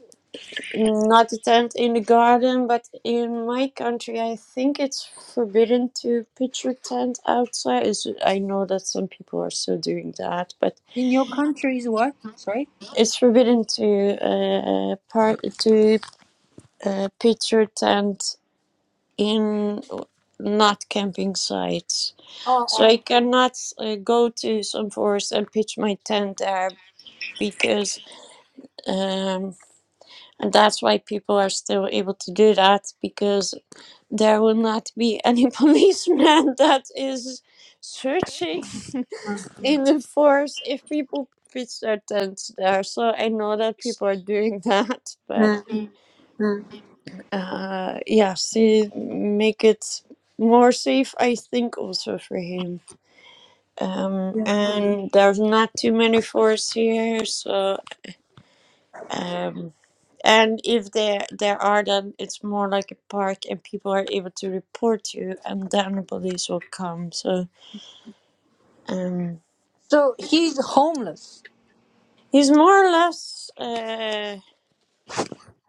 Speaker 6: not a tent in the garden, but in my country, I think it's forbidden to pitch your tent outside. It's, I know that some people are still doing that, but
Speaker 1: In your country is what? Sorry?
Speaker 6: it's forbidden to uh, part to uh, pitch your tent in not camping sites. So I cannot uh, go to some forest and pitch my tent there because. um. And that's why people are still able to do that because there will not be any policeman that is searching in the forest if people pitch their tents there. So I know that people are doing that, but uh, yeah, see, make it more safe, I think, also for him. Um, and there's not too many forests here, so. Um, and if there there are, then it's more like a park, and people are able to report you, and then the police will come. So um,
Speaker 1: So he's homeless.
Speaker 6: he's more or less, uh,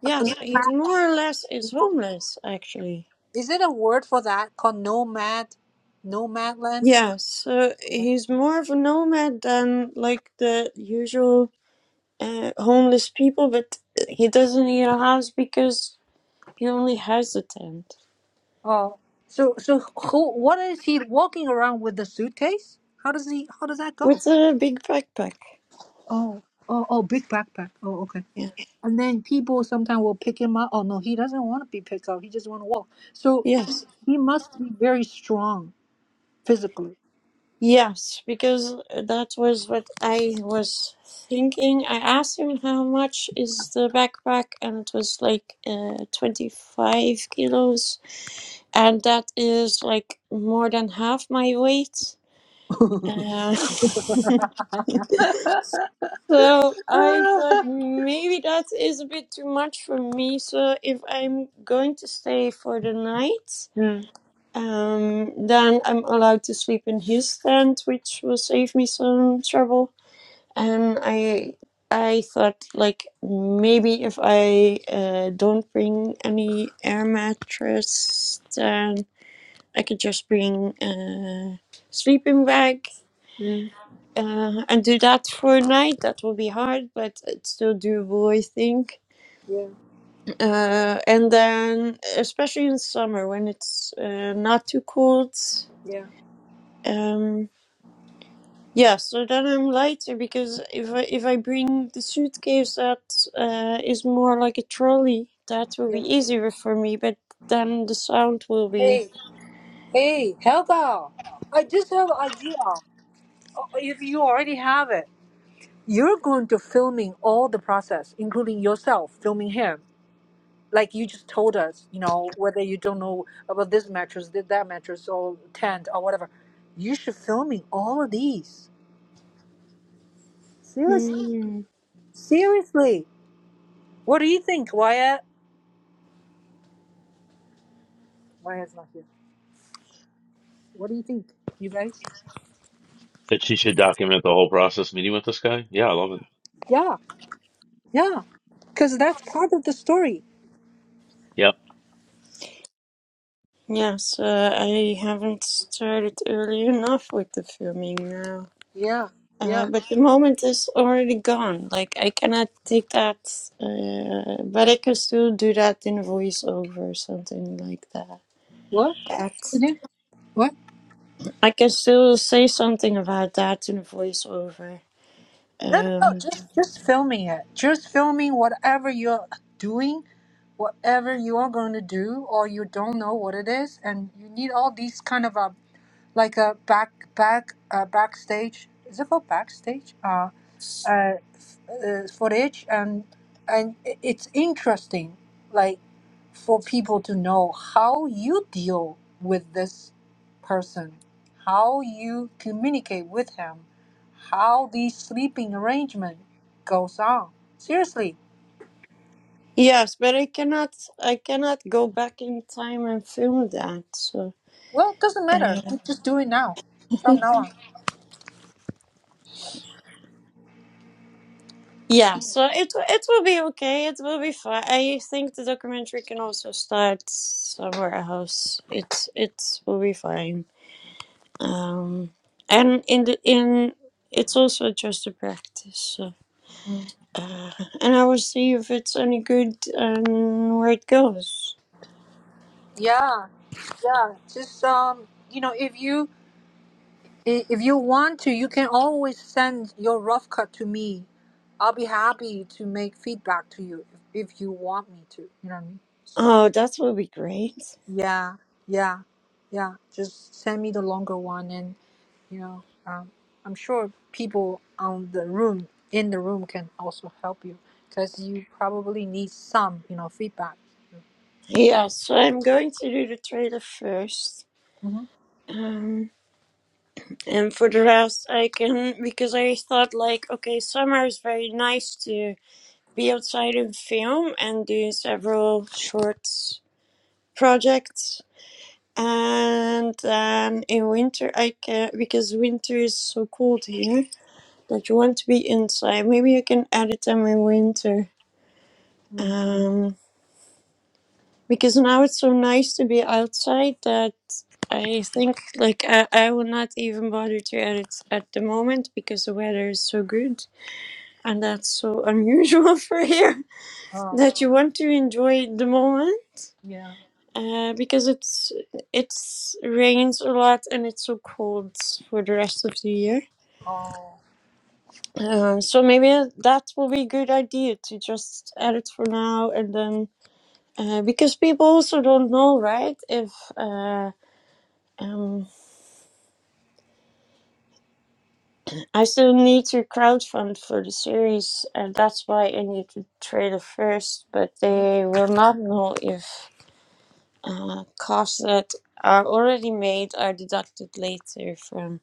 Speaker 6: yes,
Speaker 1: Yes.
Speaker 6: he's more or less is homeless actually.
Speaker 1: Is it a word for that called nomad? Nomadland?
Speaker 6: Yeah, so he's more of a nomad than like the usual uh, homeless people, but he doesn't need a house because he only has a tent
Speaker 1: Oh, so so who? What is he walking around with the suitcase? How does he? How does that go?
Speaker 6: with a big backpack.
Speaker 1: Oh, oh, oh, big backpack. Oh, okay.
Speaker 6: Yeah.
Speaker 1: And then people sometimes will pick him up. Oh no, he doesn't want to be picked up. He just want to walk. So he,
Speaker 6: Yes.
Speaker 1: he must be very strong physically.
Speaker 6: Yes, because that was what I was thinking. I asked him how much is the backpack, and it was like uh, 25 kilos, and that is like more than half my weight. Uh, so I thought maybe that is a bit too much for me. So if I'm going to stay for the night, um, then I'm allowed to sleep in his tent, which will save me some trouble and I I thought like maybe if I uh, don't bring any air mattress, then I could just bring a sleeping bag
Speaker 1: Mm,
Speaker 6: uh, and do that for a night. That will be hard, but it's still doable, I think.
Speaker 1: yeah,
Speaker 6: Uh, and then, especially in summer when it's uh, not too cold.
Speaker 1: yeah,
Speaker 6: Um, Yeah, so then I'm lighter because if I if I bring the suitcase that uh, is more like a trolley, that will be
Speaker 1: yeah.
Speaker 6: easier for me. But then the sound will be.
Speaker 1: Hey, hey, Helga! I just have an idea. Uh, If you already have it, you're going to filming all the process, including yourself filming him like you just told us, you know, whether you don't know about this mattress, did that mattress, or tent, or whatever, you should filming all of these. Seriously,
Speaker 6: Hmm.
Speaker 1: seriously. What do you think, Wyatt? Wyatt's not here. What do you think, you guys?
Speaker 5: That she should document the whole process meeting with this guy. Yeah, I love it.
Speaker 1: Yeah, yeah, because that's part of the story.
Speaker 5: Yep.
Speaker 6: Yes, uh, I haven't started early enough with the filming now.
Speaker 1: Yeah,
Speaker 6: Uh,
Speaker 1: yeah.
Speaker 6: but the moment is already gone. Like I cannot take that, uh, but I can still do that in voiceover or something like
Speaker 1: What? You
Speaker 6: that.
Speaker 1: do?
Speaker 6: I can still say something about that in the voiceover.
Speaker 1: No, no, no.
Speaker 6: Um,
Speaker 1: Just, just filming it. Just filming whatever you're doing, whatever you are going to do, or you don't know what it is, and you need all these kind of uh, like a back back uh, backstage is it called backstage uh, uh, f- uh footage and and i- it's interesting like for people to know how you deal with this person how you communicate with him how the sleeping arrangement goes on seriously
Speaker 6: yes, but I cannot. I cannot go back in time and film that. So
Speaker 1: well it doesn't matter
Speaker 6: uh,
Speaker 1: you just do it now from now on
Speaker 6: yeah, so it it will be okay. It will be fine. I think the documentary can also start somewhere else. It it will be fine. Um, and in the in it's also just a practice. So,
Speaker 1: Mm.
Speaker 6: uh, and I will see if it's any good and where it goes.
Speaker 1: yeah yeah just um you know if you I- If you want to, you can always send your rough cut to me. I'll be happy to make feedback to you if, if you want me to. You know what I mean? So
Speaker 6: Oh, that will be great.
Speaker 1: yeah, yeah, yeah. Just send me the longer one, and you know, um, I'm sure people on the room in the room can also help you because you probably need some, you know, feedback.
Speaker 6: Yeah, so I'm going to do the trailer first.
Speaker 1: Mm-hmm.
Speaker 6: Um, and for the rest, I can, because I thought, like, okay, summer is very nice to be outside and film and do several short projects. And then in winter, I can, because winter is so cold here that you want to be inside. Maybe you can edit them in winter. Um, because now it's so nice to be outside that I think like I, I will not even bother to edit at the moment because the weather is so good and that's so unusual for here
Speaker 1: Oh
Speaker 6: that you want to enjoy the moment
Speaker 1: yeah.
Speaker 6: uh, because it's it's rains a lot and it's so cold for the rest of the year.
Speaker 1: Oh
Speaker 6: Uh, so maybe that will be a good idea to just edit for now and then uh, because people also don't know right if. Uh, um, I still need to crowdfund for the series, and that's why I need to trailer first. But they will not know if uh, costs that are already made are deducted later from.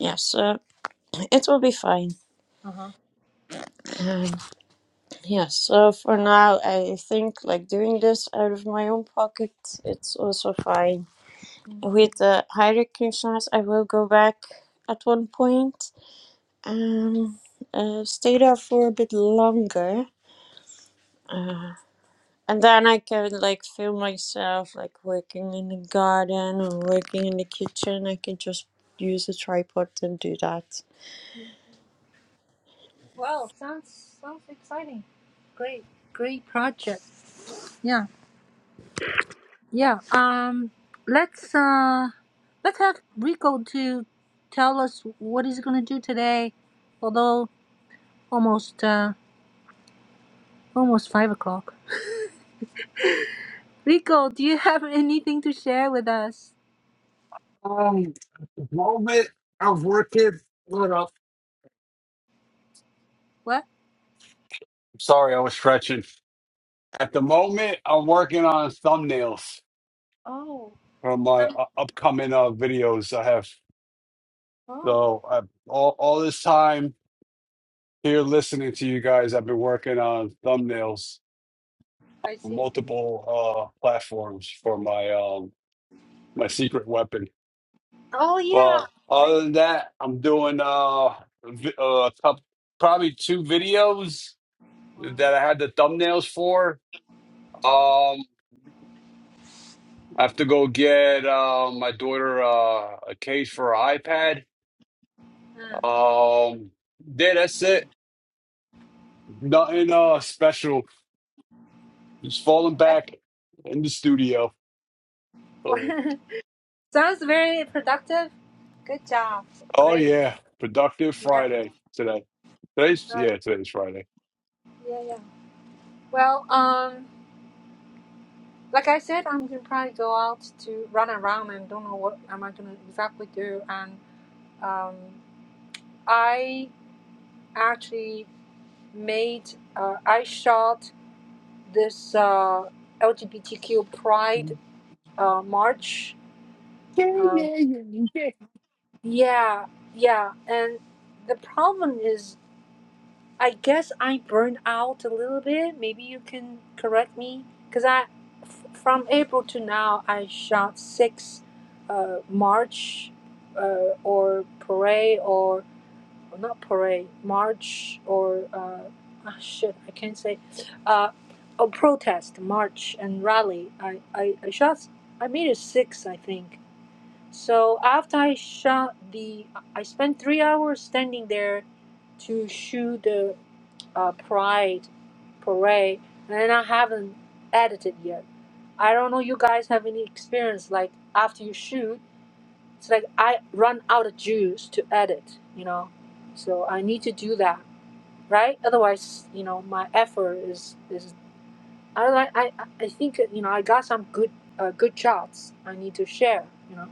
Speaker 6: Yeah, so it will be fine. Um, yeah, so for now, I think like doing this out of my own pocket, it's also fine. With the hierarchy size, I will go back at one point. Um, uh, stay there for a bit longer. Uh, And then I can like feel myself like working in the garden or working in the kitchen. I can just use a tripod and do that.
Speaker 1: well, sounds sounds exciting. Great, great project. Yeah. Yeah. Um. Let's uh. Let's have Rico to tell us what he's gonna do today. Although almost uh almost five o'clock. Rico, do you have anything to share with us?
Speaker 8: Um, the moment I'm working. What up?
Speaker 1: What?
Speaker 8: Sorry, I was stretching. At the moment, I'm working on thumbnails for my
Speaker 1: Um,
Speaker 8: uh, upcoming uh, videos. I have
Speaker 1: oh,
Speaker 8: so I, all all this time here listening to you guys. I've been working on thumbnails,
Speaker 1: I see.
Speaker 8: multiple uh platforms for my um my secret weapon.
Speaker 1: Oh yeah.
Speaker 8: Well,
Speaker 1: I,
Speaker 8: other than that, I'm doing uh, vi- uh a couple, probably two videos that I had the thumbnails for. Um, I have to go get uh, my daughter uh, a case for her iPad.
Speaker 1: uh,
Speaker 8: Um, yeah, that's it. Nothing uh special. Just falling
Speaker 1: that
Speaker 8: back in the studio. Oh,
Speaker 1: sounds very productive. Good job.
Speaker 8: oh
Speaker 1: Great.
Speaker 8: yeah, productive
Speaker 1: Yeah.
Speaker 8: Friday today. Today's
Speaker 1: Uh,
Speaker 8: yeah, today's Friday.
Speaker 1: yeah. Yeah. Well. Um. like I said, I'm gonna probably go out to run around and don't know what am I gonna exactly do. And um, I actually made, uh, I shot this uh, LGBTQ Pride uh, march. Um, yeah, yeah. And the problem is I guess I burned out a little bit. Maybe you can correct me, cause I, f- from April to now, I shot six, uh, march, uh, or parade or or not parade, march or uh, ah shit, I can't say, uh, a protest, march and rally. I I, I shot, I made it six, I think. So after I shot the, I spent three hours standing there to shoot the uh, Pride Parade, and I haven't edited yet. I don't know you guys have any experience like after you shoot, it's like I run out of juice to edit, you know. So I need to do that, right? Otherwise, you know, my effort is is I like I I I think you know I got some good uh, good shots I need to share, you know.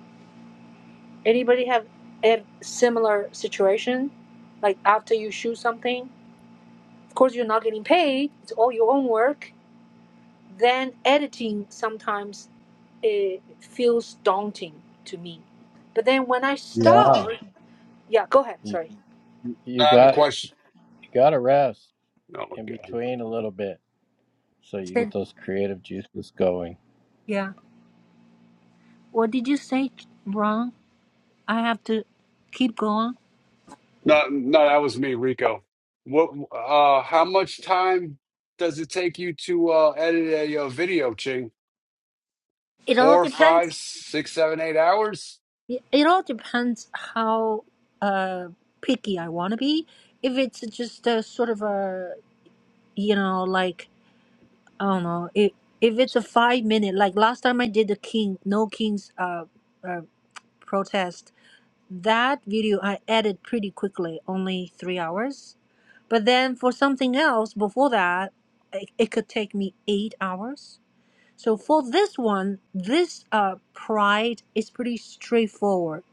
Speaker 1: Anybody have a similar situation like after you shoot something? Of course, you're not getting paid. It's all your own work then editing sometimes it feels daunting to me. But then when I
Speaker 9: Yeah.
Speaker 1: start, yeah, go ahead.
Speaker 9: You
Speaker 1: Sorry.
Speaker 9: you got you got to rest in between a little bit so you
Speaker 1: said
Speaker 9: get those creative juices going.
Speaker 1: yeah. What did you say wrong? I have to keep going.
Speaker 8: No, no, that was me, Rico. What? Uh, how much time does it take you to uh, edit a, uh, video, Ching?
Speaker 1: It all
Speaker 8: Four,
Speaker 1: depends.
Speaker 8: five, six, seven, eight hours?
Speaker 1: It it all depends how uh, picky I want to be. If it's just a sort of a you know like I don't know if if it's a five minute like last time I did the king no kings uh, uh protest That video I edit pretty quickly, only three hours. But then for something else before that, it, it could take me eight hours. So for this one, this uh, pride is pretty straightforward.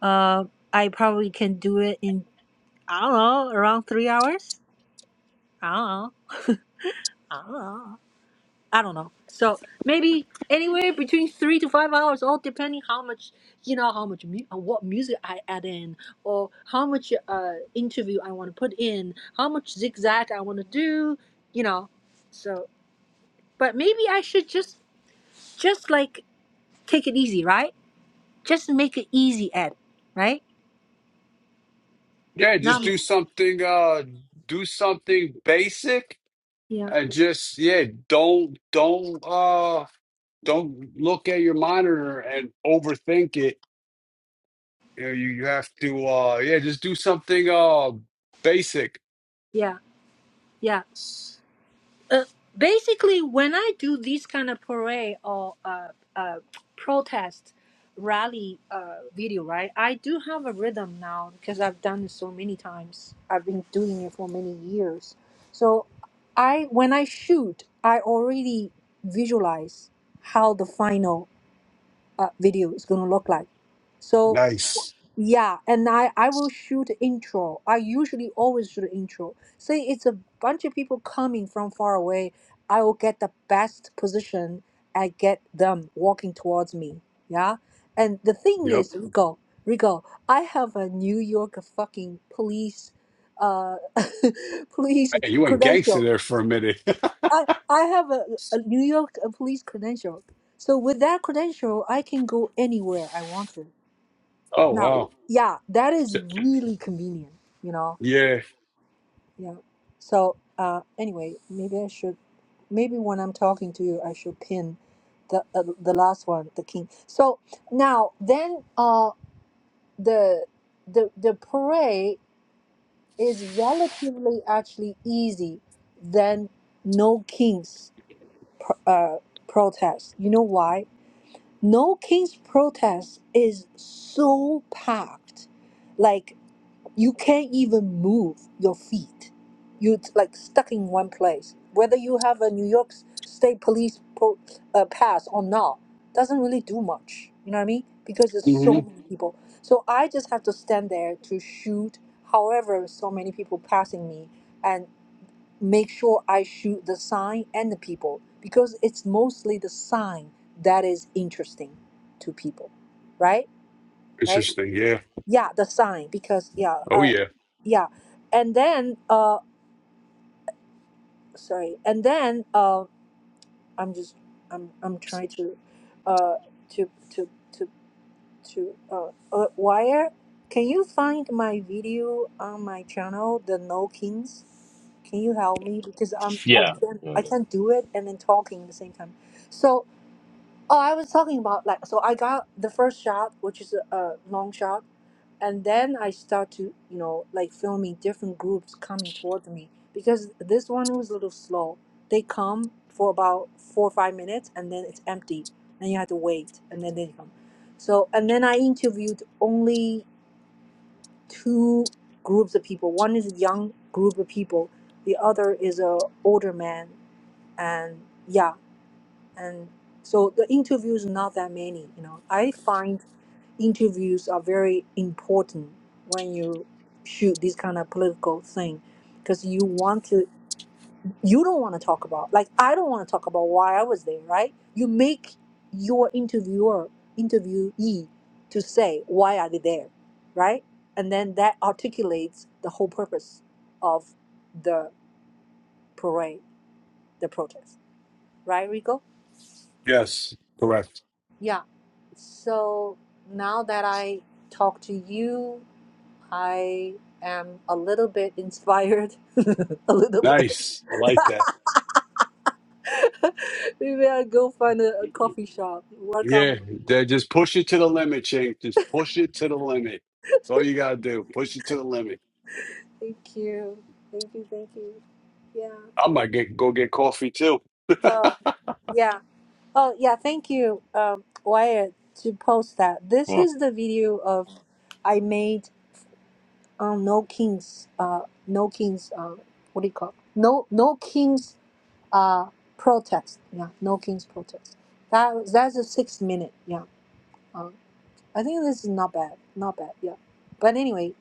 Speaker 1: Uh, I probably can do it in I don't know around three hours. I don't know. I don't know. I don't know. So maybe anywhere between three to five hours, all depending how much you know, how much mu- uh, what music I add in, or how much uh, interview I want to put in, how much zigzag I want to do, you know. So, but maybe I should just just like take it easy, right? Just make it easy, Ed. Right?
Speaker 8: Yeah, just
Speaker 1: Not
Speaker 8: do something. Uh, do something basic,
Speaker 1: yeah,
Speaker 8: and just yeah, don't don't uh don't look at your monitor and overthink it. You know, you, you have to uh yeah, just do something uh basic.
Speaker 1: yeah, yeah. Uh, basically, when I do these kind of parade or uh, uh, protest rally uh, video, right? I do have a rhythm now because I've done it so many times. I've been doing it for many years. So, I when I shoot, I already visualize how the final uh, video is going to look like. So.
Speaker 8: Nice.
Speaker 1: Yeah, and I I will shoot intro. I usually always shoot intro. Say it's a bunch of people coming from far away, I will get the best position and get them walking towards me. Yeah, and the thing
Speaker 8: Yep.
Speaker 1: is, Rico, Rico, I have a New York fucking police, uh, police
Speaker 8: Man, you went gangster
Speaker 1: credential.
Speaker 8: there for a minute.
Speaker 1: I I have a, a New York uh, police credential. So with that credential, I can go anywhere I want to.
Speaker 8: oh
Speaker 1: Now, Mhm.
Speaker 8: wow.
Speaker 1: yeah, that is really convenient, you know.
Speaker 8: Yeah.
Speaker 1: Yeah. So, uh, anyway, maybe I should. Maybe when I'm talking to you, I should pin the uh, the last one, the king. So now, then, uh, the the the parade is relatively actually easy than no kings pr- uh, protest. You know why? No kings protest is so packed, like. you can't even move your feet. You're t- like stuck in one place. Whether you have a New York S- State Police pro, uh, pass or not, doesn't really do much. You know what I mean? Because there's
Speaker 8: hmm
Speaker 1: so many people. So I just have to stand there to shoot, however, so many people passing me, and make sure I shoot the sign and the people because it's mostly the sign that is interesting to people, right? Right?
Speaker 8: Interesting. Yeah.
Speaker 1: yeah the sign because yeah
Speaker 8: Oh
Speaker 1: uh
Speaker 8: yeah.
Speaker 1: yeah and then uh sorry and then uh i'm just i'm i'm trying to uh to to to to uh, uh wire can you find my video on my channel the no kings can you help me because i'm i
Speaker 5: Yeah.
Speaker 1: can't
Speaker 5: yeah.
Speaker 1: i can't do it and then talking at the same time so. Oh, I was talking about like so. I got the first shot, which is a, a long shot, and then I start to you know like filming different groups coming toward me because this one was a little slow. They come for about four or five minutes, and then it's empty, and you have to wait, and then they come. So and then I interviewed only two groups of people. One is a young group of people. The other is a older man, and yeah and so the interviews not that many you know i find interviews are very important when you shoot this kind of political thing because you want to you don't want to talk about like i don't want to talk about why i was there right you make your interviewer interviewee to say why are they there right and then that articulates the whole purpose of the parade the protest right rico
Speaker 8: Yes. Correct.
Speaker 1: Yeah. So now that I talk to you, I am a little bit inspired. a little bit.
Speaker 8: Nice. I like that.
Speaker 1: Maybe I'll go find a, a coffee shop, work on my.
Speaker 8: Yeah. Then just push it to the limit, Chink. Just push it to the limit. That's all you gotta do. Push it to the limit.
Speaker 1: Thank you. Thank you. Thank you. Yeah.
Speaker 8: I might get go get coffee too.
Speaker 1: Oh, yeah. Oh, yeah. Thank you, um, Wyatt, to post that. This
Speaker 5: Well,
Speaker 1: is the video of I made on No Kings. Uh, no Kings. Um, what do you call? No, No Kings uh, protest. Yeah, no king's protest. That was- that's a six minute. Yeah, um, I think this is not bad. Not bad. Yeah, but anyway,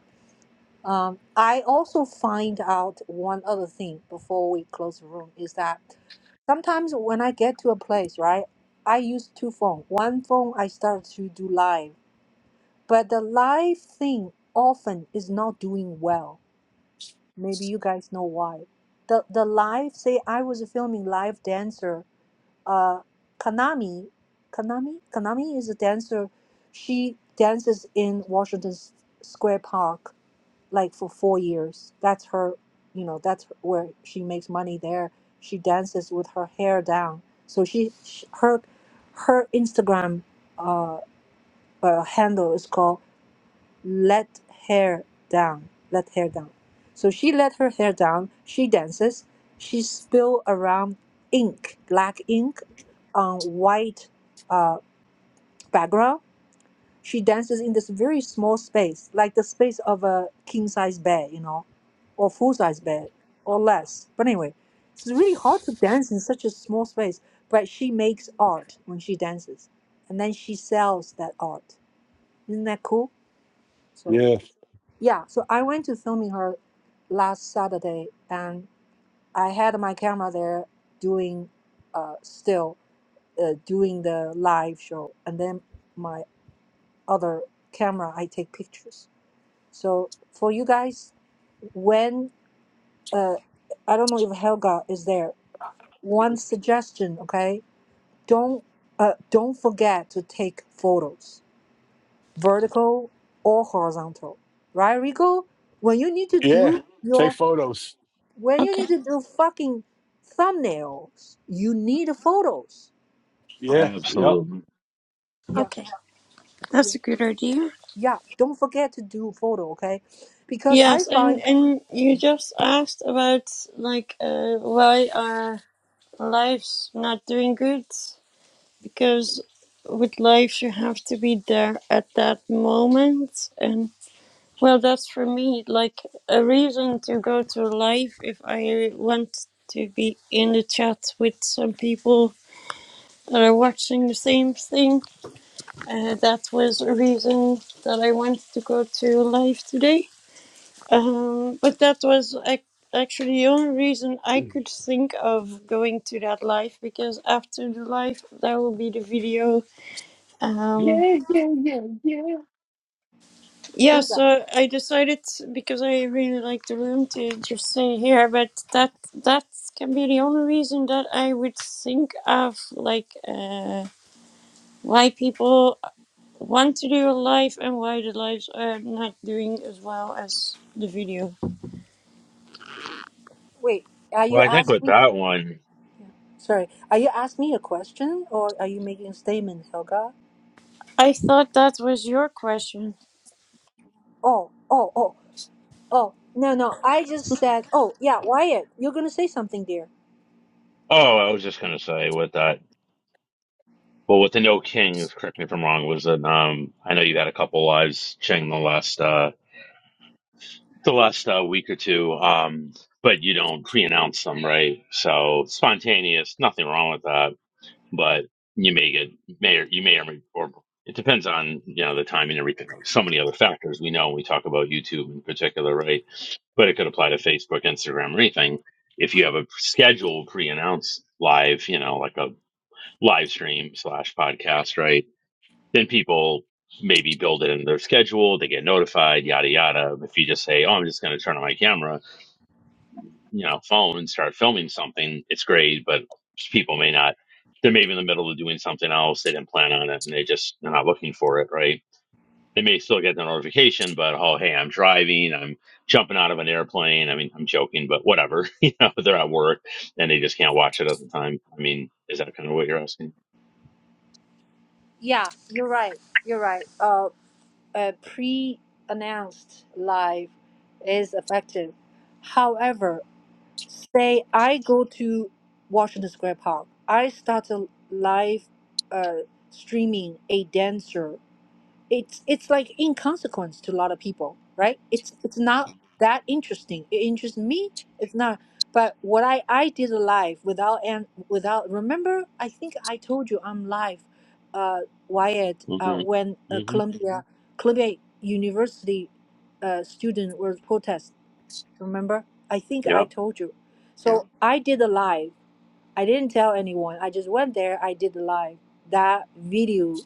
Speaker 1: um, I also find out one other thing before we close the room is that sometimes when I get to a place, right, I use two phones. One phone I start to do live, but the live thing often is not doing well. Maybe you guys know why. The the live say I was filming live dancer uh, Kanami, Kanami, Kanami is a dancer. She dances in Washington S- Square Park like for four years. That's her, you know, that's where she makes money there. She dances with her hair down. So she, sh her, her Instagram uh, uh, handle is called let hair down, let hair down. So she let her hair down. She dances. She spill around ink, black ink, on white uh, background. She dances in this very small space, like the space of a king size bed, you know, or full size bed, or less. But anyway, it's really hard to dance in such a small space. But she makes art when she dances, and then she sells that art. Isn't that cool? So.
Speaker 8: Yeah.
Speaker 1: Yeah, so I went to filming her last Saturday, and I had my camera there doing, uh, still uh, doing the live show, and then my other camera I take pictures. So for you guys, when uh, I don't know if Helga is there. One suggestion, okay? Don't uh, don't forget to take photos, vertical or horizontal, right, Rico? When you need to
Speaker 8: Yeah.
Speaker 1: do
Speaker 8: Take
Speaker 1: your
Speaker 8: photos.
Speaker 1: When you
Speaker 6: Okay,
Speaker 1: need to do fucking thumbnails, you need photos.
Speaker 8: Yeah,
Speaker 6: okay,
Speaker 8: yep.
Speaker 5: absolutely.
Speaker 1: Yeah,
Speaker 6: okay. That's a good idea.
Speaker 1: yeah. Don't forget to do photo, okay? Because I
Speaker 6: Yes, and
Speaker 1: find
Speaker 6: and you just asked about like uh, why our lives not doing good because with life you have to be there at that moment and. Well, that's for me like a reason to go to live if I want to be in the chat with some people that are watching the same thing. Uh, that was a reason that I wanted to go to live today. Um, but that was ac- actually the only reason I could think of going to that live because after the live, there will be the video. Um,
Speaker 8: Yeah, yeah, yeah, yeah.
Speaker 6: Yeah,
Speaker 1: who's that?
Speaker 6: so I decided because I really like the room to just stay here, but that that can be the only reason that I would think of like uh, why people want to do a live and why the lives are not doing as well as the video.
Speaker 1: Wait, are
Speaker 5: Well,
Speaker 1: you
Speaker 5: I think with
Speaker 1: asking?
Speaker 5: that one,
Speaker 1: Sorry, are you asking me a question or are you making a statement, Helga?
Speaker 6: I thought that was your question.
Speaker 1: Oh, oh, oh, oh. No, no. I just said, oh, yeah, Wyatt, you're gonna say something, dear.
Speaker 5: oh, I was just going to say with that, Well, what the No King, correct me if I'm wrong, was an um I know you had a couple lives, Cheng, the last uh the last uh, week or two, um, but you don't pre announce them, right? So spontaneous, nothing wrong with that. But you may get may or you may or may or it depends on, you know, the time and everything. So many other factors we know when we talk about YouTube in particular, right? But it could apply to Facebook, Instagram, or anything. If you have a scheduled pre announced live, you know, like a live stream slash podcast, right? then people maybe build it in their schedule. They get notified, yada yada. If you just say, "Oh, I'm just going to turn on my camera, you know, phone and start filming something," it's great, but people may not. They're maybe in the middle of doing something else. They didn't plan on it, and they just are not looking for it, right? They may still get the notification, but oh, hey, I'm driving. I'm jumping out of an airplane. I mean, I'm joking, but whatever. you know, they're at work and they just can't watch it at the time. I mean, is that kind of what you're asking?
Speaker 1: Yeah, you're right. You're right. Uh, a pre-announced live is effective. However, Say I go to Washington Square Park. I start a live uh, streaming a dancer. It's it's like inconsequence to a lot of people, right? It's it's not that interesting. It interests me. It's not. But what I I did live without and without remember I think I told you I'm live, uh, Wyatt uh, when
Speaker 5: Mm-hmm.
Speaker 1: uh,
Speaker 5: Mm-hmm.
Speaker 1: Columbia Mhm. Columbia University uh, student was protest. Remember? I think
Speaker 5: Yeah.
Speaker 1: I told you. So Yeah. I did a live. I didn't tell anyone. I just went there. I did a live. That video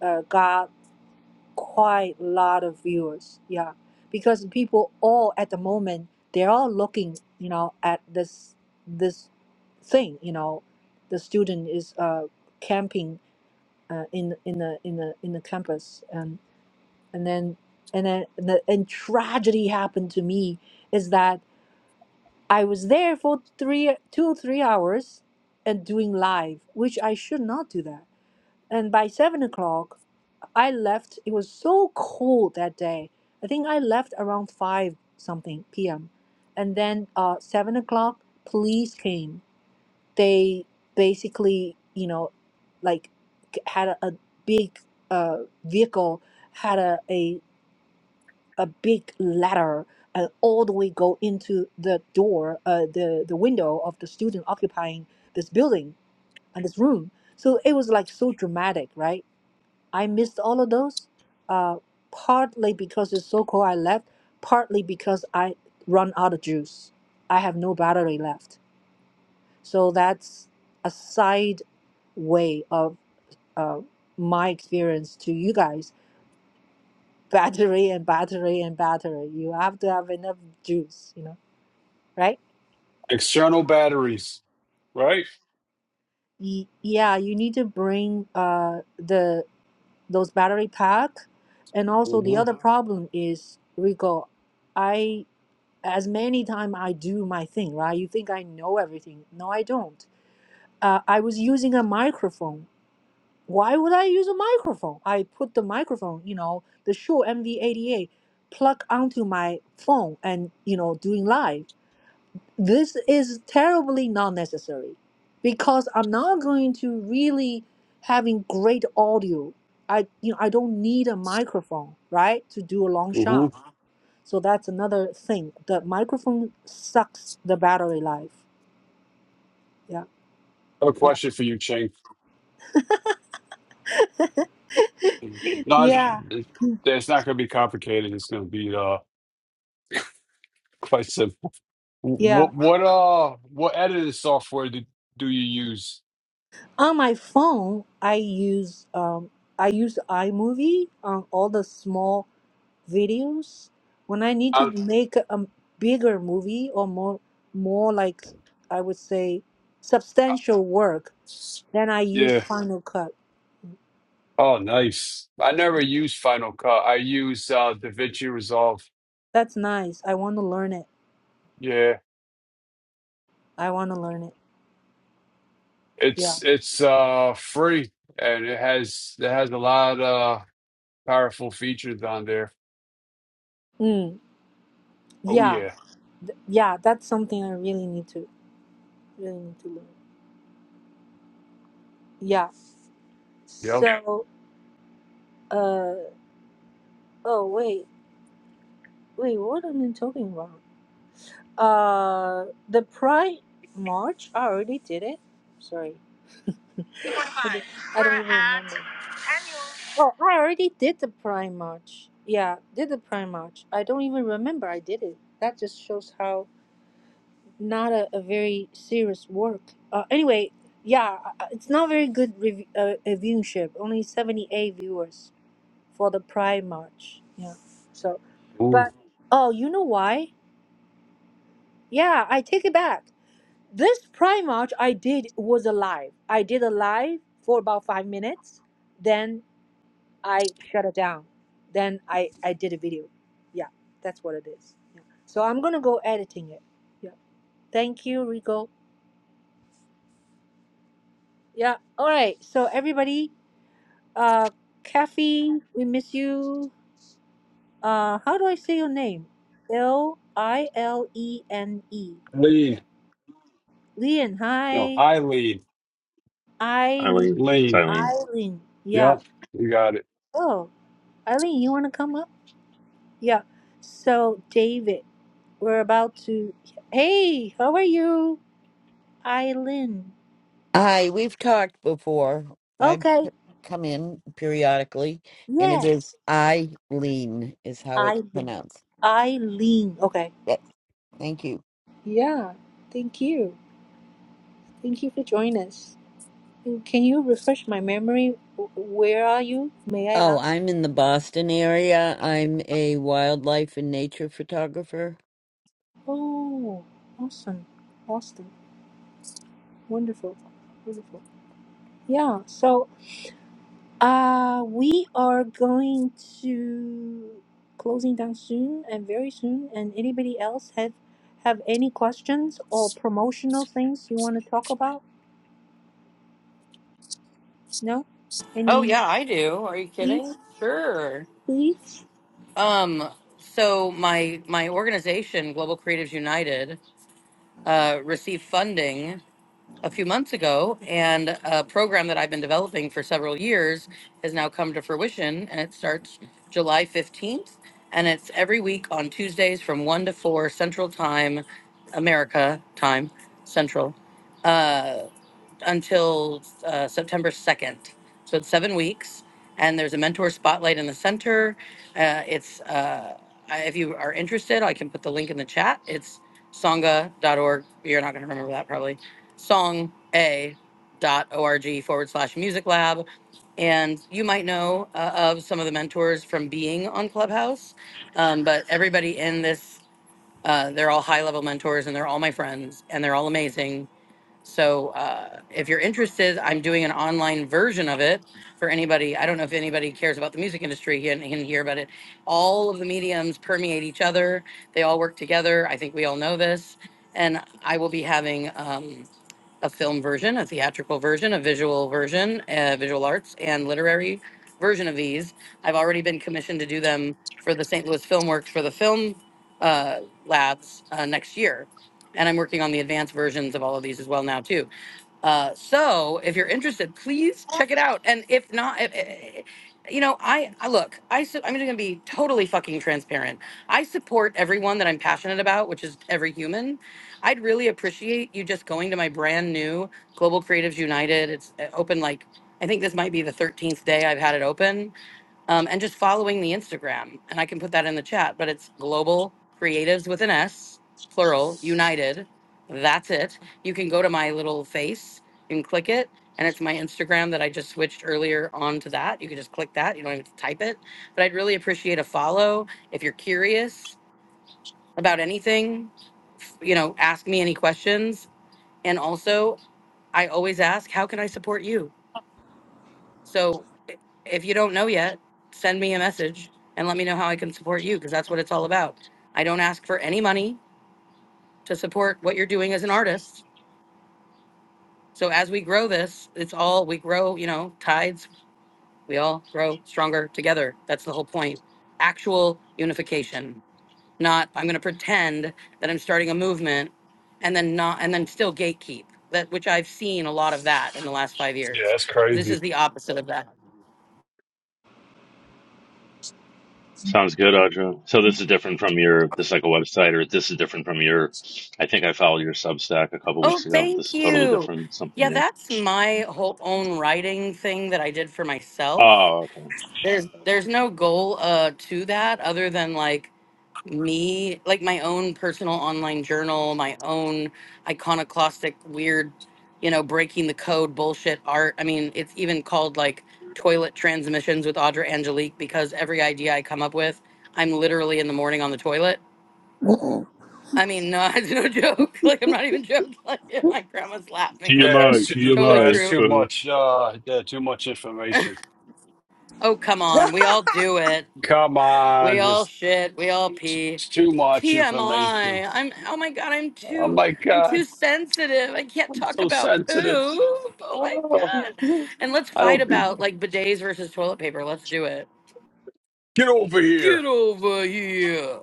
Speaker 1: uh, got quite a lot of viewers. Yeah, because people all at the moment they're all looking, you know, at this this thing. You know, the student is uh, camping uh, in in the in the in the campus, and and then and then and, the, and tragedy happened to me is that I was there for three, two, three hours, and doing live, which I should not do that. And by seven o'clock, I left. It was so cold that day. I think I left around five something p.m. And then uh, seven o'clock, police came. They basically, you know, like c- had a, a big uh, vehicle had a, a a big ladder and all the way go into the door, uh, the the window of the student occupying this building and this room. So it was like so dramatic, right? I missed all of those, uh, partly because it's so cold I left, partly because I run out of juice. I have no battery left. So that's a side way of uh, my experience to you guys. Battery and battery and battery. You have to have enough juice, you know right?
Speaker 8: External batteries, right?
Speaker 1: Y- yeah, you need to bring uh the those battery pack, and also the
Speaker 8: Mm-hmm.
Speaker 1: other Mhm. problem is Rico. I as many time I do my thing, right? You think I know everything? No, I don't. Uh, I was using a microphone. Why would I use a microphone? I put the microphone, you know, the Shure MV88, plug onto my phone, and you know, doing live. this is terribly not necessary because I'm not going to really having great audio. I you know I don't need a microphone, right, to do a long shot.
Speaker 8: Mm-hmm.
Speaker 1: Uh-huh. So that's another thing. The microphone sucks the battery life. Yeah.
Speaker 8: A
Speaker 1: Yeah.
Speaker 8: question for you, Ching. No, it's,
Speaker 1: Yeah.
Speaker 8: it's it's not going to be complicated. It's going to be uh quite simple.
Speaker 1: Yeah.
Speaker 8: What what uh what editing software do, do you use?
Speaker 1: On my phone, I use um I use iMovie on all the small videos when I need to
Speaker 8: i
Speaker 1: make a bigger movie or more more like I would say substantial work, then I use
Speaker 8: yeah.
Speaker 1: Final Cut.
Speaker 8: Oh, nice. I never use Final Cut. I use uh DaVinci Resolve.
Speaker 1: That's nice. I want to learn it.
Speaker 8: Yeah,
Speaker 1: I want to learn it. Yeah.
Speaker 8: it's it's uh free and it has it has a lot of powerful features on there.
Speaker 1: Mm.
Speaker 8: Oh
Speaker 1: Yeah.
Speaker 8: yeah.
Speaker 1: Th- yeah, that's something I really need to really need to learn. Yeah.
Speaker 8: Yep.
Speaker 1: So uh oh wait. Wait, what am I talking about? Uh the Pride March, I already did it. Sorry. I don't I don't even remember. Oh, I already did the prime march. Yeah, did the prime march. I don't even remember I did it. That just shows how not a, a very serious work. Uh, anyway, yeah, uh, it's not very good rev- uh, uh, viewership. Only 78 viewers for the prime march. Yeah. So,
Speaker 8: Ooh.
Speaker 1: but oh, you know why? Yeah, I take it back. This prime march I did was a live. I did a live for about 5 minutes. Then. I shut it down. Then I I did a video. Yeah, that's what it is. Yeah. So I'm gonna go editing it. Yeah. Thank you, Rico. Yeah. All right. So everybody, uh, Kathy, we miss you. Uh, how do I say your name? L I L E N E.
Speaker 8: Lean.
Speaker 1: Leon.
Speaker 8: No,
Speaker 1: Hi,
Speaker 8: I lean.
Speaker 1: Eileen.
Speaker 5: Eileen. It's
Speaker 8: Lean.
Speaker 5: Eileen.
Speaker 1: Eileen. Yeah.
Speaker 8: Yep. You got it.
Speaker 1: Oh, Eileen, you wanna come up? Yeah. So David, we're about to. Hey, how are you? Eileen.
Speaker 10: Hi, we've talked before. I p-
Speaker 1: Okay.
Speaker 10: come in periodically, and it
Speaker 1: Yes.
Speaker 10: is Eileen, is how it's
Speaker 1: Eileen.
Speaker 10: pronounced.
Speaker 1: Eileen. Okay.
Speaker 10: Yes, thank you.
Speaker 1: Yeah. Thank you. Thank you for joining us. And Can you refresh my memory? Wh- Where are you? May I
Speaker 10: Oh,
Speaker 1: ask?
Speaker 10: I'm in the Boston area. I'm a wildlife and nature photographer.
Speaker 1: Oh, awesome. Austin. Wonderful. Wonderful. Yeah. So, uh, we are going to closing down soon and very soon. And anybody else have have any questions or promotional things you want to talk about? No?
Speaker 4: Oh,
Speaker 1: Any?
Speaker 4: yeah, I do. Are you kidding?
Speaker 1: Please?
Speaker 4: Sure.
Speaker 1: Please?
Speaker 4: Um, so my my organization, Global Creatives United, uh, received funding a few months ago, and a program that I've been developing for several years has now come to fruition, and it starts July 15th. And it's every week on Tuesdays from 1 to 4 Central Time, America time, Central. Uh, until uh, September 2nd. So it's seven weeks. And there's a mentor spotlight in the center. Uh, it's, uh, I- if you are interested, I can put the link in the chat. It's songa.org. You're not going to remember that probably. Songa.org forward slash music lab. And you might know uh, of some of the mentors from being on Clubhouse, um, but everybody in this, uh, they're all high level mentors and they're all my friends and they're all amazing so uh, if you're interested, I'm doing an online version of it for anybody. I don't know if anybody cares about the music industry in, in here, but it, all of the mediums permeate each other. They all work together. I think we all know this. And I will be having. Um, a film version, a theatrical version, a visual version, uh, visual arts, and literary version of these. I've already been commissioned to do them for the St. Louis Film Works for the film uh, labs uh, next year. And I'm working on the advanced versions of all of these as well now, too. Uh, so if you're interested, please check it out. And if not, eh, eh, eh, you know, I, I look, I, su- I'm just going to be totally fucking transparent. I support everyone that I'm passionate about, which is every human I'd really appreciate you just going to my brand new Global Creatives United. It's uh, open like I think this might be the 13th day I've had it open, um, and just following the Instagram. And I can put that in the chat, but it's Global Creatives with an S, plural, United. That's it. You can go to my little face and click it. And it's my Instagram that I just switched earlier onto that. You can just click that. You don't even have to type it. But I'd really appreciate a follow if you're curious about anything, you know, ask me any questions. And also, I always ask, how can I support you? So i- if you don't know yet, send me a message and let me know how I can support you because that's what it's all about. I don't ask for any money to support what you're doing as an artist. So as we grow this, it's all we grow, you know, tides, we all grow stronger together. That's the whole point. Actual unification. not I'm going to pretend that I'm starting a movement and then not and then still gatekeep that which I've seen a lot of that in the last 5
Speaker 8: Yeah,
Speaker 4: years.
Speaker 8: that's
Speaker 4: This
Speaker 8: crazy.
Speaker 4: is the opposite of that.
Speaker 5: Sounds good, Audra. So this is different from your this is like a website, or this is different from your. I think I followed your Substack a couple
Speaker 4: Oh,
Speaker 5: weeks ago. This
Speaker 4: thank
Speaker 5: is totally
Speaker 4: you.
Speaker 5: different, something
Speaker 4: Yeah,
Speaker 5: new.
Speaker 4: that's my whole own writing thing that I did for myself.
Speaker 5: Oh, okay.
Speaker 4: There's there's no goal uh to that other than like me like my own personal online journal my own iconoclastic weird you know breaking the code bullshit art i mean it's even called like toilet transmissions with audra angelique because every idea i come up with i'm literally in the morning on the toilet i mean no it's no joke like i'm not even joking like my grandma's laughing
Speaker 8: Yeah,
Speaker 4: over here.
Speaker 8: that's
Speaker 5: TMI,
Speaker 8: too,
Speaker 4: totally
Speaker 5: TMI.
Speaker 8: that's
Speaker 4: true
Speaker 8: too
Speaker 5: Uh,
Speaker 8: much. Uh, yeah, too much information.
Speaker 4: oh come on we all do it
Speaker 8: Come
Speaker 4: We
Speaker 8: on,
Speaker 4: all
Speaker 8: just
Speaker 4: shit. We all
Speaker 8: it's
Speaker 4: pee.
Speaker 8: it's too much information.
Speaker 4: TMI. I'm. Oh my god. I'm
Speaker 8: Oh
Speaker 4: too.
Speaker 8: my
Speaker 4: I'm too
Speaker 8: God,
Speaker 4: sensitive. I can't
Speaker 8: I'm
Speaker 4: talk
Speaker 8: so
Speaker 4: about poo.
Speaker 8: sensitive.
Speaker 4: Oh my
Speaker 8: Oh,
Speaker 4: god. And let's
Speaker 8: I
Speaker 4: fight
Speaker 8: don't do
Speaker 4: about
Speaker 8: that.
Speaker 4: like bidets versus toilet paper. Let's do it.
Speaker 8: Get over here.
Speaker 4: Get over here,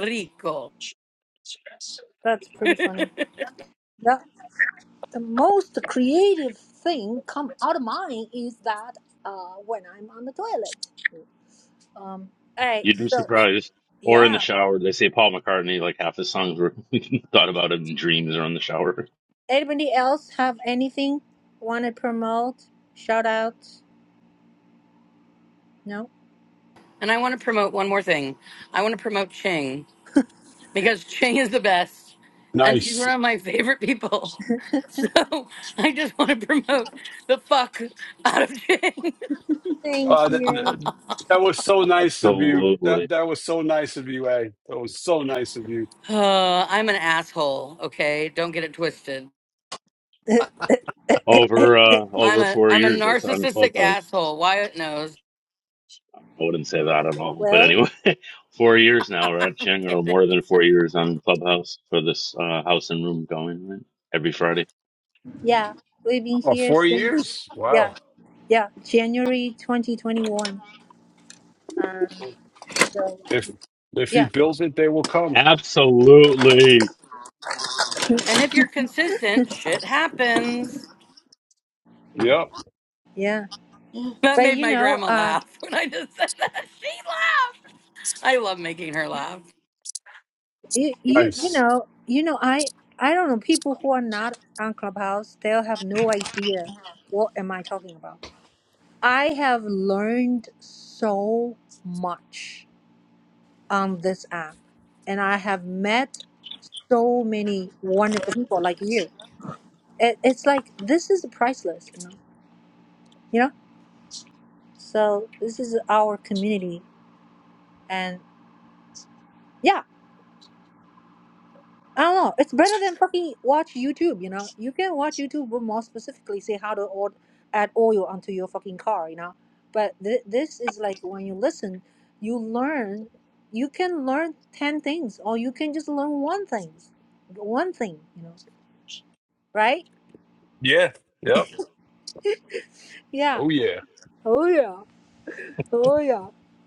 Speaker 4: Rico.
Speaker 8: Yes.
Speaker 1: That's pretty funny. That the most creative thing come out of mine is that uh, when I'm on the toilet. Um. Hey.
Speaker 5: You'd be
Speaker 1: So
Speaker 5: surprised. Or in the
Speaker 1: yeah.
Speaker 5: shower, they say Paul McCartney. Like half his songs were thought about in dreams or in the shower.
Speaker 1: Anybody else have anything want to promote? Shout out? No.
Speaker 4: And I want to promote one more thing. I want to promote Ching because Ching is the best, and she's
Speaker 8: Nice.
Speaker 4: one of my favorite people. So I just want to promote the fuck out of Ching.
Speaker 1: Thank
Speaker 8: Uh, th-
Speaker 1: you.
Speaker 8: th- that was so nice of you.
Speaker 5: Absolutely.
Speaker 8: That that was so nice of you, A. That was so nice of you.
Speaker 4: Uh, I'm an asshole. Okay, don't get it twisted.
Speaker 5: Over uh,
Speaker 4: I'm
Speaker 5: over
Speaker 4: a
Speaker 5: four
Speaker 4: I'm a
Speaker 5: years, that's on
Speaker 4: narcissistic
Speaker 5: Clubhouse.
Speaker 4: asshole. Wyatt knows.
Speaker 5: I wouldn't say that at all. But
Speaker 1: Well,
Speaker 5: anyway, four years now, right,
Speaker 4: I'm
Speaker 5: Ching, or more
Speaker 4: kidding.
Speaker 5: than four years on Clubhouse for this uh, house and room going right? every Friday.
Speaker 1: yeah. We've been
Speaker 8: Oh,
Speaker 1: here
Speaker 8: four
Speaker 1: since
Speaker 8: years.
Speaker 1: yeah,
Speaker 8: Wow.
Speaker 1: yeah, January 2021. Um. So
Speaker 8: If if you
Speaker 1: yeah,
Speaker 8: build it, they will come.
Speaker 5: Absolutely,
Speaker 4: And if you're consistent, shit happens.
Speaker 8: Yep.
Speaker 1: yeah.
Speaker 6: Yeah.
Speaker 4: That
Speaker 1: But
Speaker 4: made
Speaker 1: you
Speaker 4: my
Speaker 1: know,
Speaker 4: grandma
Speaker 1: uh.
Speaker 4: laugh when I just said that. She laughed. I love making her laugh.
Speaker 1: you you you
Speaker 8: Nice.
Speaker 1: know you know i i don't know people who are not on clubhouse they'll have no idea what am i talking about i have learned so much on this app and i have met so many wonderful people like you it, it's like this is priceless you know you know so this is our community and yeah I don't know. It's better than fucking watch YouTube. You know, you can watch YouTube, but more specifically, say how to or- add oil onto your fucking car. You know, but th- this is like when you listen, you learn. You can learn ten things, or you can just learn one thing, one thing. You know, right?
Speaker 8: Yeah. Yep.
Speaker 1: yeah.
Speaker 8: Oh yeah.
Speaker 1: Oh yeah. Oh yeah,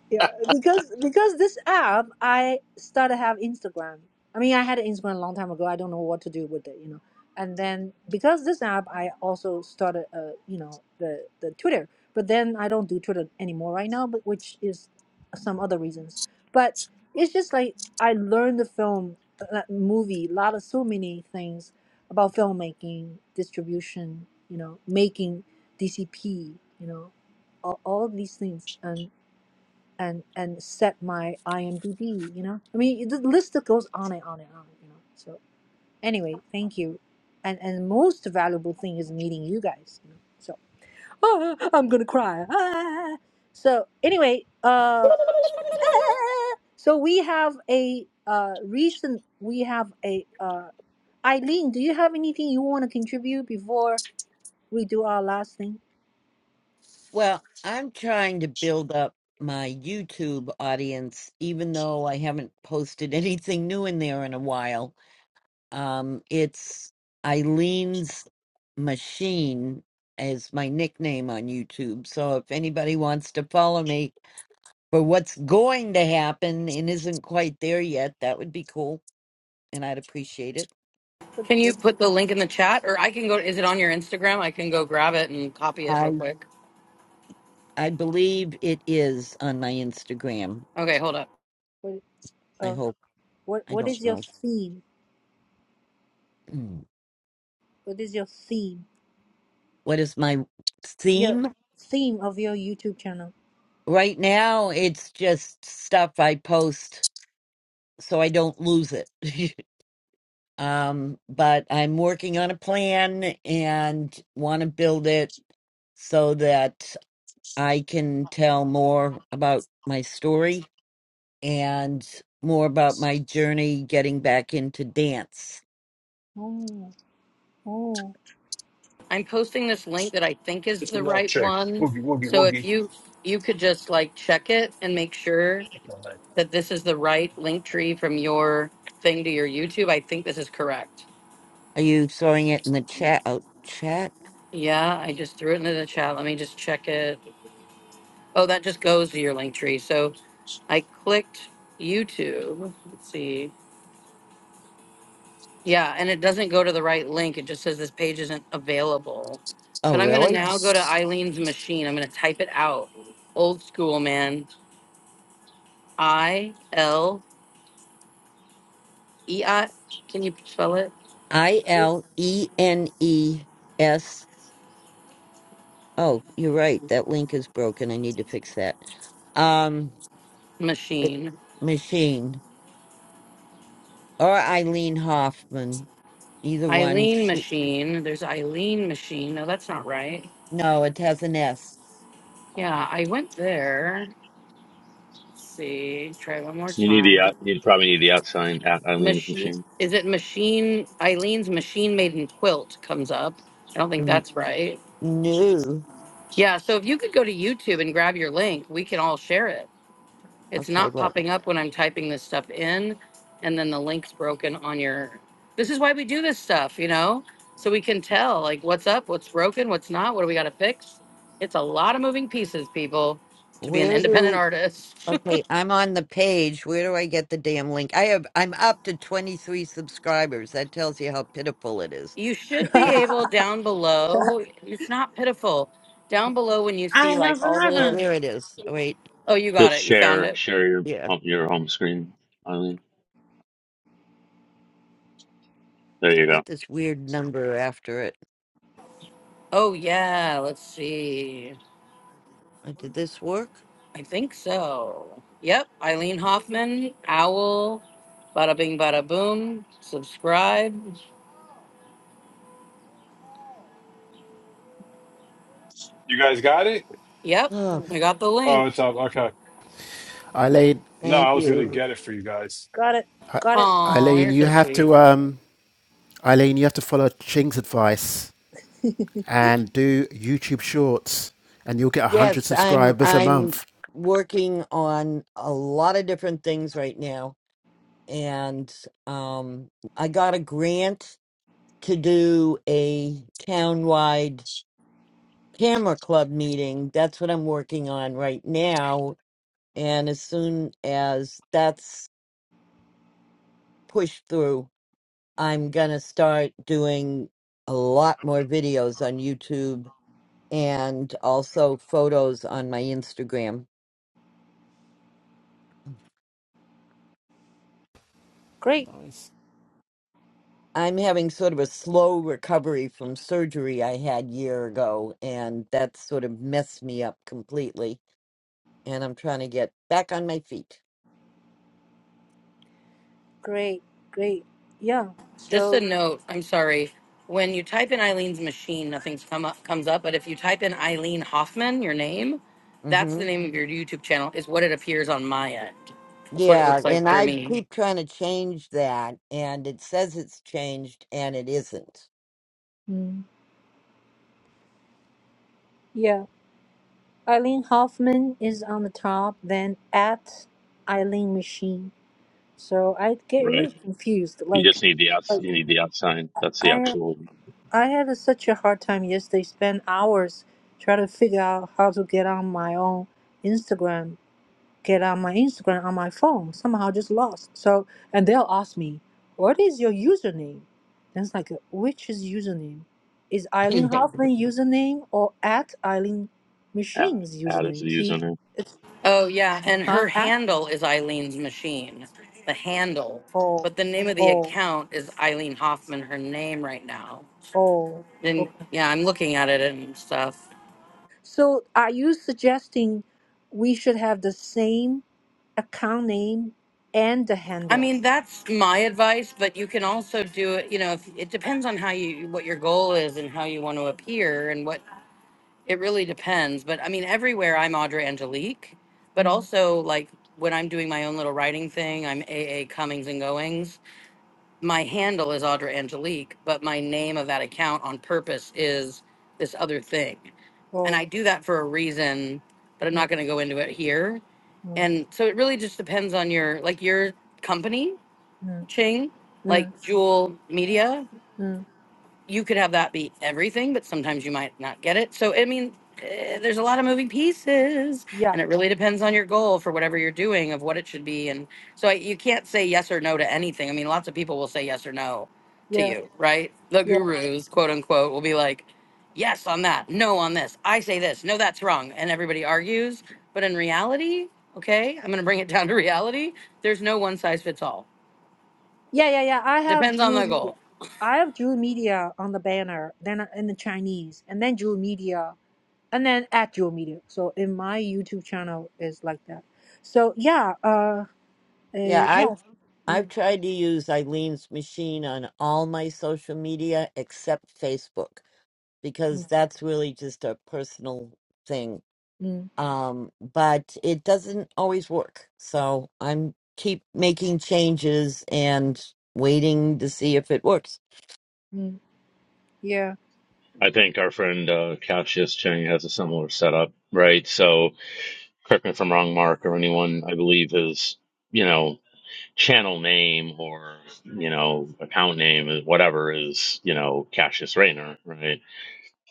Speaker 1: yeah. Because because this app, I started have Instagram. I mean, I had an Instagram a long time ago. I don't know what to do with it, you know. And then because this app, I also started, uh, you know, the the Twitter. But then I don't do Twitter anymore right now, but which is some other reasons. But it's just like I learned the film, uh, movie, a lot of so many things about filmmaking, distribution, you know, making DCP, you know, all, all of these things. and and and set my IMDb. You know, I mean, the list that goes on and on and on. You know, so anyway, thank you, and and most valuable thing is meeting you guys. You know? So ah, I'm gonna cry. Ah. So anyway, uh, ah. so we have a uh recent. We have a uh Eileen. Do you have anything you want to contribute before we do our last thing?
Speaker 10: Well, I'm trying to build up my YouTube audience, even though I haven't posted anything new in there in a while. Um, it's Eileen's Machine as my nickname on YouTube. So if anybody wants to follow me for what's going to happen and isn't quite there yet, that would be cool, and I'd appreciate it.
Speaker 1: What
Speaker 4: Can you
Speaker 1: what
Speaker 4: put the link in the chat, or I can go? Is it on your Instagram? I can go grab it and copy it real
Speaker 10: I
Speaker 4: quick.
Speaker 10: I believe it is on my Instagram.
Speaker 4: Okay, hold up.
Speaker 1: what
Speaker 10: I
Speaker 1: uh
Speaker 10: hope.
Speaker 1: what
Speaker 10: I
Speaker 1: what
Speaker 10: don't
Speaker 1: is your
Speaker 10: know.
Speaker 1: theme?
Speaker 10: Mm.
Speaker 1: What is your theme?
Speaker 10: What is my
Speaker 1: your
Speaker 10: theme
Speaker 1: theme of your YouTube channel.
Speaker 10: right now? It's just stuff I post so I don't lose it. Um, but I'm working on a plan and want to build it so that I can tell more about my story and more about my journey getting back into dance.
Speaker 1: Oh, oh,
Speaker 4: I'm posting this link that I think is the right
Speaker 8: Check.
Speaker 4: one. So if you you could just like check it and make sure that this is the right link tree from your thing to your YouTube? I think this is correct.
Speaker 10: Are you throwing it in the chat? Oh, chat?
Speaker 4: Yeah, I just threw it into the chat. Let me just check it. Oh, that just goes to your link tree. So I clicked YouTube. Let's see. Yeah, and it doesn't go to the right link. It just says this page isn't available.
Speaker 10: Oh,
Speaker 4: But I'm going to
Speaker 10: really?
Speaker 4: now go to Eileen's machine. I'm going to type it out. Old school, man. I L E I. Can you spell it?
Speaker 10: I L E N E S. Oh, you're right. That link is broken. I need to fix that. Um, it-
Speaker 4: Machine.
Speaker 10: machine or Eileen Hoffman. Either one.
Speaker 4: Eileen Machine. There's Eileen Machine. No, that's not right.
Speaker 10: No, it has an S.
Speaker 4: Yeah, I went there. Let's see. Try one more
Speaker 5: you need the
Speaker 4: time.
Speaker 5: out- you probably need the out sign at Eileen's
Speaker 4: Machine.
Speaker 5: machine.
Speaker 4: Is it Machine? Eileen's Machine Maiden Quilt comes up. I don't think
Speaker 10: N-
Speaker 4: that's right.
Speaker 10: New.
Speaker 4: Yeah, so if you could go to YouTube and grab your link, we can all share it. It's
Speaker 10: Okay,
Speaker 4: not
Speaker 10: wait.
Speaker 4: popping up when I'm typing this stuff in, and then the link's broken on your. This is why we do this stuff, you know, so we can tell like what's up, what's broken, what's not, what do we got to fix. It's a lot of moving pieces, people, to be an
Speaker 10: Where
Speaker 4: independent
Speaker 10: do?
Speaker 4: artist.
Speaker 10: Okay, I'm on the page. Where do I get the damn link? I have. I'm up to 23 subscribers. That tells you how pitiful it is.
Speaker 4: You should be able down below. It's not pitiful. Down below, when you
Speaker 6: I
Speaker 4: see like
Speaker 6: have
Speaker 4: all the
Speaker 10: Oh,
Speaker 4: little.
Speaker 6: eleven.
Speaker 10: there it is. Oh, Wait.
Speaker 4: Oh, you got
Speaker 5: Just
Speaker 4: it. You found
Speaker 5: share
Speaker 4: it.
Speaker 5: share your
Speaker 10: Yeah.
Speaker 5: home,
Speaker 10: It's
Speaker 5: your home screen, Eileen. There you go.
Speaker 10: got this weird number after it.
Speaker 4: Oh yeah. Let's see.
Speaker 10: Uh, Did this work?
Speaker 4: I think so. Yep, Eileen Hoffman, Owl, bada bing, bada boom, subscribe.
Speaker 8: You guys got it?
Speaker 4: Yep,
Speaker 10: Oh,
Speaker 4: we got the link.
Speaker 8: Oh, it's up. Okay.
Speaker 7: eileen
Speaker 8: No, I
Speaker 10: thank
Speaker 8: was gonna
Speaker 10: you.
Speaker 8: get it for you guys.
Speaker 1: got it,
Speaker 7: I-
Speaker 1: got it.
Speaker 4: Oh,
Speaker 7: eileen
Speaker 4: you're
Speaker 7: you
Speaker 4: so
Speaker 7: have
Speaker 4: sweet.
Speaker 7: to um Eileen, you have to follow Ching's advice and do YouTube Shorts, and you'll get 100
Speaker 10: Yes, I'm.
Speaker 7: subscribers a
Speaker 10: I'm
Speaker 7: month.
Speaker 10: working on a lot of different things right now, and um, I got a grant to do a townwide camera club meeting. That's what I'm working on right now. And as soon as that's pushed through, I'm going to start doing a lot more videos on YouTube and also photos on my Instagram.
Speaker 1: Great,
Speaker 7: Nice.
Speaker 10: I'm having sort of a slow recovery from surgery I had year ago, and that sort of messed me up completely. And I'm trying to get back on my feet.
Speaker 1: great, great. Yeah.
Speaker 4: Just a
Speaker 1: So,
Speaker 4: note, I'm sorry. When you type in Eileen's machine, nothing's come up comes up, but if you type in Eileen Hoffman, your name, that's
Speaker 10: Mm-hmm.
Speaker 4: the name of your YouTube channel, is what it appears on my end. That's what it
Speaker 10: Yeah,
Speaker 4: looks
Speaker 10: and
Speaker 4: like for
Speaker 10: I
Speaker 4: me.
Speaker 10: keep trying to change that, and it says it's changed, and it isn't.
Speaker 1: mm, yeah, Eileen Hoffman is on the top, then at Eileen Machine. So I get
Speaker 5: Right.
Speaker 1: really confused.
Speaker 5: You
Speaker 1: Like,
Speaker 5: just need the out you
Speaker 1: like
Speaker 5: need the out sign. That's the
Speaker 1: I
Speaker 5: actual
Speaker 1: I had a, such a hard time yesterday. Spent hours trying to figure out how to get on my own Instagram get on my Instagram on my phone. Somehow just lost. So and they'll ask me, "What is your username?" And it's like, which is username? Is Eileen
Speaker 10: yeah,
Speaker 1: Hoffman username or at Eileen
Speaker 5: ad,
Speaker 1: Machines
Speaker 5: ad is the
Speaker 1: username? See,
Speaker 5: username.
Speaker 1: it's
Speaker 4: Oh yeah, and
Speaker 1: huh
Speaker 4: her
Speaker 1: at
Speaker 4: handle is Eileen's machine. The handle,
Speaker 1: oh
Speaker 4: but the name of the
Speaker 1: oh
Speaker 4: account is Eileen Hoffman. Her name right now.
Speaker 1: oh
Speaker 4: And
Speaker 1: okay.
Speaker 4: yeah, I'm looking at it and stuff.
Speaker 1: So are you suggesting we should have the same account name and the
Speaker 4: I
Speaker 1: handle?
Speaker 4: mean, that's my advice, but you can also do it. You know, if, it depends on how you what your goal is and how you want to appear and what it really depends. But I mean, everywhere I'm Audra Angelique, but
Speaker 1: Mm,
Speaker 4: also like when I'm doing my own little writing thing, I'm AA Cummings and Goings my handle is Audra Angelique, but my name of that account on purpose is this other thing. And
Speaker 1: oh,
Speaker 4: I do that for a reason, but I'm
Speaker 1: mm,
Speaker 4: not going to go into it here.
Speaker 1: mm,
Speaker 4: And so it really just depends on your, like your company,
Speaker 1: mm,
Speaker 4: Ching, like
Speaker 1: mm,
Speaker 4: Jewel Media
Speaker 1: mm.
Speaker 4: you could have that be everything, but sometimes you might not get it. So, I mean, eh, there's a lot of moving pieces,
Speaker 1: Yeah,
Speaker 4: and it really depends on your goal for whatever you're doing of what it should be. And so, I, you can't say yes or no to anything. I mean, lots of people will say yes or no to
Speaker 1: yeah,
Speaker 4: you, right? The
Speaker 1: yeah.
Speaker 4: gurus, quote unquote, will be like, yes on that, no on this. I say this, no, that's wrong. And everybody argues. But in reality, okay, I'm going to bring it down to reality. There's no one size fits all.
Speaker 1: Yeah, yeah, yeah. I have
Speaker 4: Depends on
Speaker 1: dual
Speaker 4: the
Speaker 1: media.
Speaker 4: goal.
Speaker 1: I have dual media on the banner, then uh, in the Chinese, and then dual media, and then at dual media. So in my YouTube channel is like that. So yeah, uh, uh
Speaker 10: I
Speaker 1: yeah, yeah,
Speaker 10: I've tried to use Eileen's machine on all my social media except Facebook because
Speaker 1: mm,
Speaker 10: that's really just a personal thing.
Speaker 1: mm,
Speaker 10: Um, but it doesn't always work, so I'm keep making changes and waiting to see if it works.
Speaker 1: mm, yeah.
Speaker 5: I think our friend uh, Cassius Chang has a similar setup, right? So correct me if I'm wrong, Mark, or anyone, I believe his, you know, channel name or, you know, account name is whatever is, you know, Cassius Rayner, right?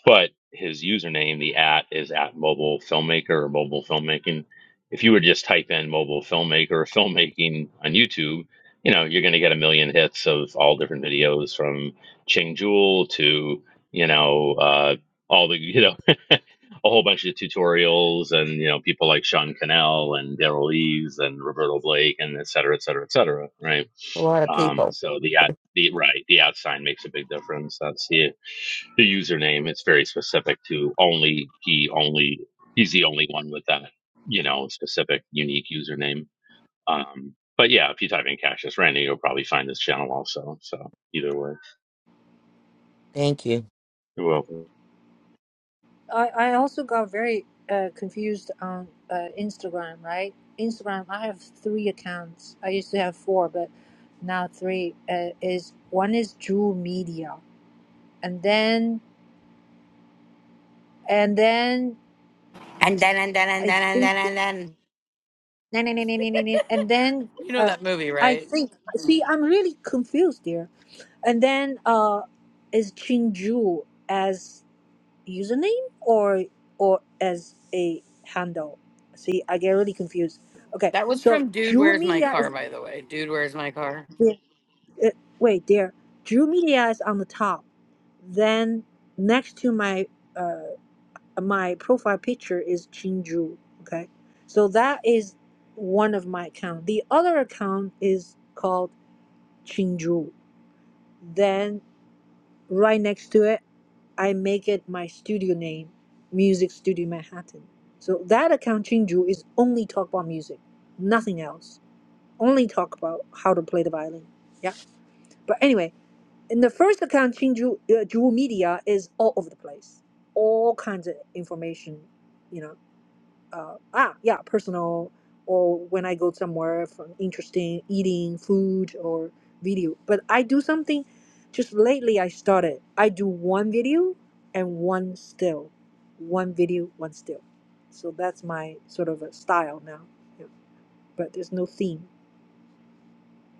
Speaker 5: but his username, the at, is at mobile filmmaker or mobile filmmaking. If you were to just type in mobile filmmaker or filmmaking on YouTube, you know, you're going to get a million hits of all different videos from Ching Jewel to, you know, uh, all the, you know, a whole bunch of tutorials and, you know, people like Sean Cannell and Daryl Eves and Roberto Blake and et cetera, et cetera, et cetera. Right.
Speaker 10: A lot of
Speaker 5: Um,
Speaker 10: people.
Speaker 5: so the at the right, the at sign makes a big difference. That's the the username. It's very specific to only he only he's the only one with that you know specific unique username. Um, but yeah, if you type in Cassius Randy, you'll probably find this channel also. So either way,
Speaker 10: Thank you.
Speaker 5: you're welcome.
Speaker 1: I I also got very uh confused on uh Instagram, right? Instagram, I have three accounts. I used to have four, but now three. Uh, is one is dual media, and then and then. I Nah, nah, nah, nah, nah, nah, nah. And then
Speaker 4: You know
Speaker 1: uh,
Speaker 4: that movie,
Speaker 1: I
Speaker 4: right?
Speaker 1: think, see, I'm really confused there. And then uh, is Chinju as username or or as a handle? See, I get really confused. Okay,
Speaker 4: That was
Speaker 1: so
Speaker 4: from Dude
Speaker 1: Drew
Speaker 4: Where's My
Speaker 1: Media
Speaker 4: Car,
Speaker 1: is
Speaker 4: by the way. Dude Where's My Car.
Speaker 1: uh, wait there. Drew Media is on the top. Then next to my uh, my profile picture is Chinju. Okay, so that is one of my account. The other account is called Chinju. Then right next to it, I make it my studio name, Music Studio Manhattan. So that account Chinju is only talk about music, nothing else. Only talk about how to play the violin. Yeah, but anyway, in the first account Chinju uh, Jewel Media is all over the place, all kinds of information. You know uh, ah, yeah, personal, or when I go somewhere for interesting eating food or video. But I do something. Just lately, I started. I do one video and one still, one video, one still. So that's my sort of a style now. Yeah. But there's no theme.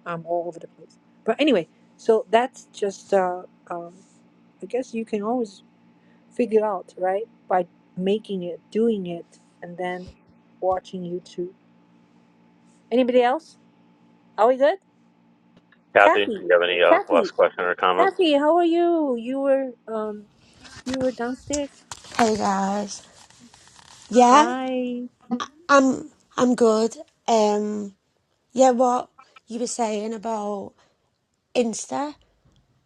Speaker 1: I'm all over the place. But anyway, so that's just. Uh, um, I guess you can always figure out right by making it, doing it, and then watching YouTube. Anybody else? Are we good?
Speaker 5: Kathy, do
Speaker 1: Kathy,
Speaker 5: you have any uh,
Speaker 1: Kathy,
Speaker 5: last question or comment?
Speaker 1: Kathy, how are you? You were um, you were downstairs.
Speaker 11: Hey guys. Yeah,
Speaker 1: Hi.
Speaker 11: I'm I'm good. Um yeah, what you were saying about Insta,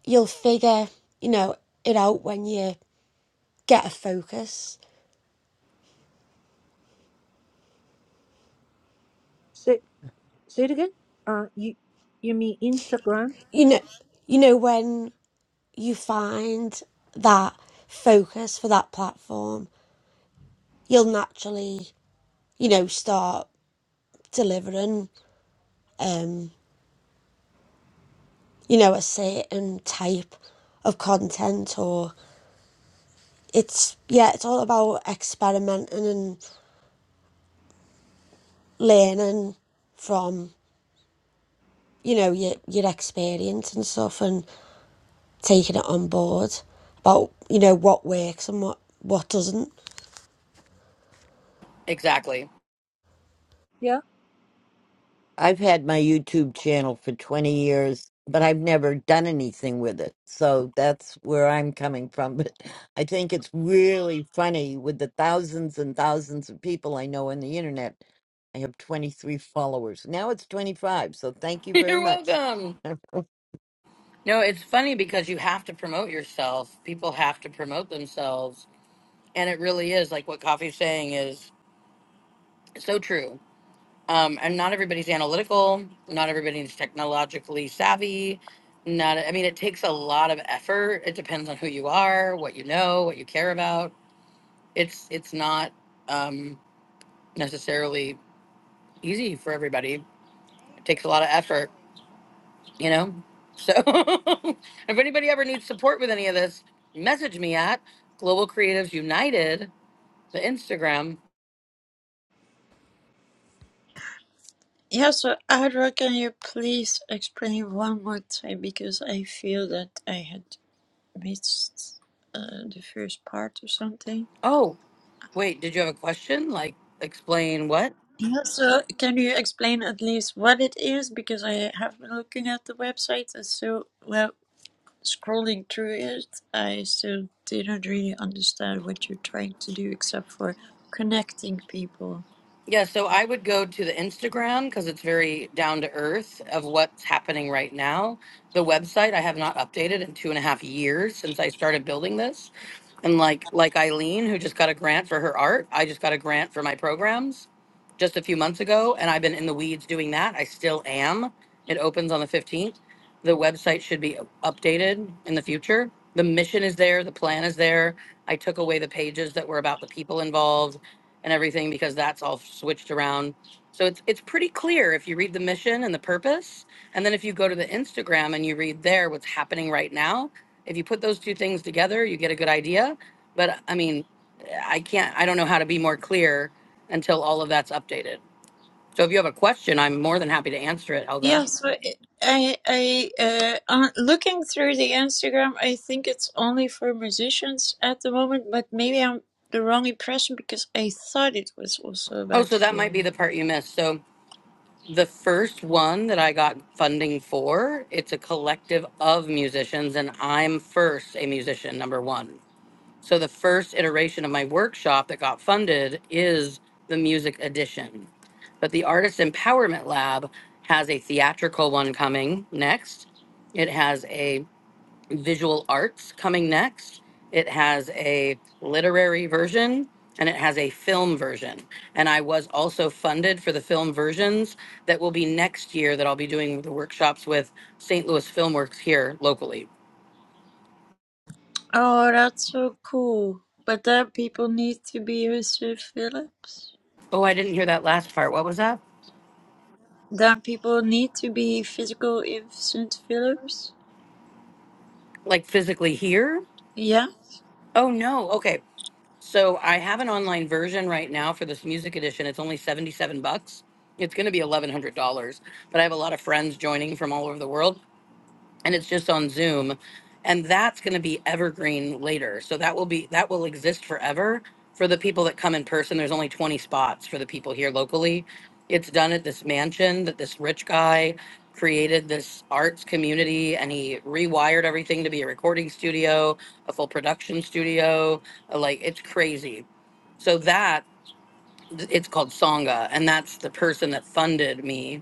Speaker 11: you'll figure, you know, it out when you get a focus.
Speaker 1: Say say it again. Uh, you you mean Instagram?
Speaker 11: You know you know when you find that focus for that platform, you'll naturally, you know, start delivering um, you know, a certain type of content or it's yeah, it's all about experimenting and. learning from you know your your experience and stuff and taking it on board about you know what works and what what doesn't
Speaker 4: Exactly.
Speaker 1: Yeah.
Speaker 10: I've had my YouTube channel for 20 years, but I've never done anything with it. So that's where I'm coming from. But I think it's really funny with the thousands and thousands of people I know on the internet. I have 23 followers. Now it's 25. So thank you very
Speaker 4: You're
Speaker 10: much.
Speaker 4: welcome. No, it's funny because you have to promote yourself. People have to promote themselves. And it really is like what Coffee's saying is so true. Um, and not everybody's analytical, not everybody's technologically savvy. Not, I mean, it takes a lot of effort. It depends on who you are, what you know, what you care about. It's it's not um, necessarily easy for everybody. It takes a lot of effort you know so if anybody ever needs support with any of this message me at global creatives united the instagram
Speaker 6: Yeah, so Adra, can you please explain one more time because I feel that I had. missed uh, the first part or something.
Speaker 4: oh wait did you have a question like explain what
Speaker 6: Yeah, so can you explain at least what it is? Because I have been looking at the website and so, well, scrolling through it, I still didn't really understand what you're trying to do except for connecting people.
Speaker 4: Yeah, so I would go to the Instagram because it's very down to earth of what's happening right now. The website I have not updated in two and a half years since I started building this. And like like Eileen, who just got a grant for her art, I just got a grant for my programs just a few months ago, and I've been in the weeds doing that. I still am. It opens on the 15th. The website should be updated in the future. The mission is there, the plan is there. I took away the pages that were about the people involved and everything because that's all switched around. So it's it's pretty clear if you read the mission and the purpose, and then if you go to the Instagram and you read there what's happening right now, if you put those two things together, you get a good idea. But I mean, I can't I don't know how to be more clear until all of that's updated. So if you have a question, I'm more than happy to answer it, Helga.
Speaker 6: Yeah, so it, I, I, uh, on looking through the Instagram, I think it's only for musicians at the moment, but maybe I'm the wrong impression because I thought it was also
Speaker 4: Oh,
Speaker 6: about
Speaker 4: so that might
Speaker 6: film.
Speaker 4: be the part you missed. So the first one that I got funding for, it's a collective of musicians and I'm first a musician number 1. So the first iteration of my workshop that got funded is the music edition. But the Artist Empowerment Lab has a theatrical one coming next. It has a visual arts coming next. It has a literary version and it has a film version. And I was also funded for the film versions that will be next year that I'll be doing the workshops with St. Louis Filmworks here locally.
Speaker 6: Oh, that's so cool. But then people need to be with St. Phillips.
Speaker 4: Oh, I didn't hear that last part. What was that?
Speaker 6: Then people need to be physical in St. Phillips.
Speaker 4: Like physically here?
Speaker 6: Yes.
Speaker 4: Oh no. Okay. So I have an online version right now for this music edition. It's only 77 bucks. It's going to be $1100, but I have a lot of friends joining from all over the world and it's just on Zoom. And that's going to be evergreen later. So that will be that will exist forever for the people that come in person. There's only 20 spots for the people here locally. It's done at this mansion that this rich guy created this arts community and he rewired everything to be a recording studio, a full production studio, uh, like it's crazy. So that it's called Songa and that's the person that funded me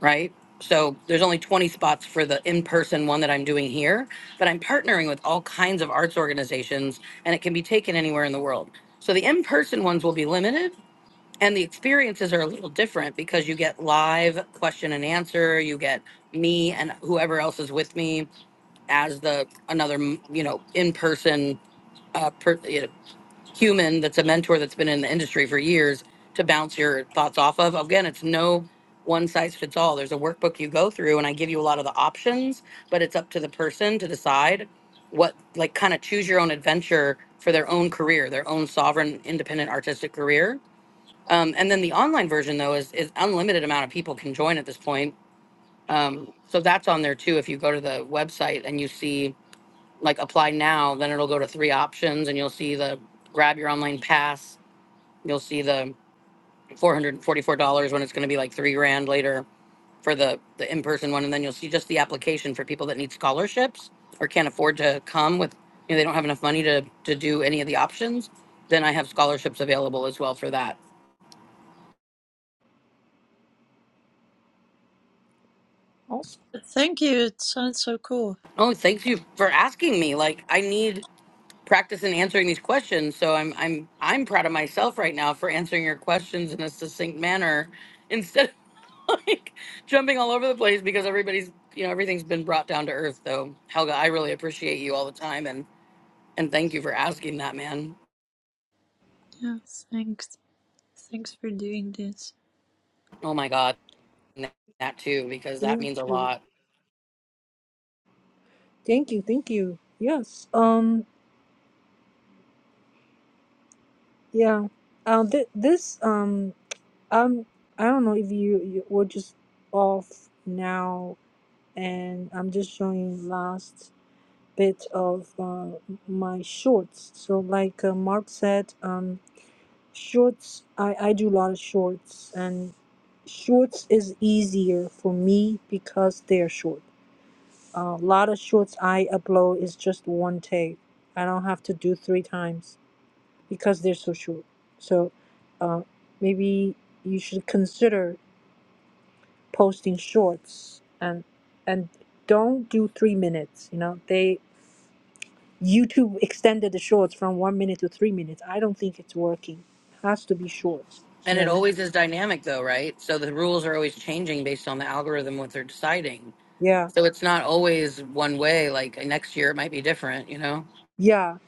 Speaker 4: right? So there's only 20 spots for the in-person one that I'm doing here, but I'm partnering with all kinds of arts organizations and it can be taken anywhere in the world. So the in-person ones will be limited and the experiences are a little different because you get live question and answer, you get me and whoever else is with me as the another, you know, in-person uh, per, you know, human that's a mentor that's been in the industry for years to bounce your thoughts off of. Again, it's no one size fits all. There's a workbook you go through, and I give you a lot of the options, but it's up to the person to decide what, like, kind of choose your own adventure for their own career, their own sovereign, independent artistic career. Um, and then the online version, though, is, is unlimited amount of people can join at this point. Um, so that's on there too. If you go to the website and you see like apply now, then it'll go to three options, and you'll see the grab your online pass, You'll see the four hundred and forty-four dollars when it's gonna be like three grand later for the, the in-person one, and then you'll see just the application for people that need scholarships or can't afford to come with, you know, they don't have enough money to, to do any of the options. Then I have scholarships available as well for that.
Speaker 1: Also.
Speaker 6: Thank you. It sounds so cool.
Speaker 4: Oh, thank you for asking me. Like, I need practice in answering these questions. So I'm I'm I'm proud of myself right now for answering your questions in a succinct manner instead of like jumping all over the place because everybody's you know everything's been brought down to earth though. Helga, I really appreciate you all the time and and thank you for asking that, man.
Speaker 6: Yes. Thanks. Thanks for doing this.
Speaker 4: Oh my god, and that too because that
Speaker 1: Thank
Speaker 4: means a
Speaker 1: you.
Speaker 4: lot.
Speaker 1: Thank you. Thank you. Yes. Um. Yeah. Um. Th- this. Um. Um. I don't know if you, you were just off now, and I'm just showing last. bit of uh, my shorts. So, like uh, Mark said, um, shorts, I, I do a lot of shorts, and shorts is easier for me because they're short. A lot of shorts I upload is just one take. I don't have to do three times because they're so short. So, maybe you should consider posting shorts and and don't do three minutes you know they YouTube extended the shorts from one minute to three minutes. I don't think it's working. It has to be short.
Speaker 4: And
Speaker 1: You know
Speaker 4: it
Speaker 1: what I mean?
Speaker 4: always is dynamic though, right? So the rules are always changing based on the algorithm what they're deciding.
Speaker 1: Yeah.
Speaker 4: So it's not always one way like next year it might be different, you know.
Speaker 1: Yeah.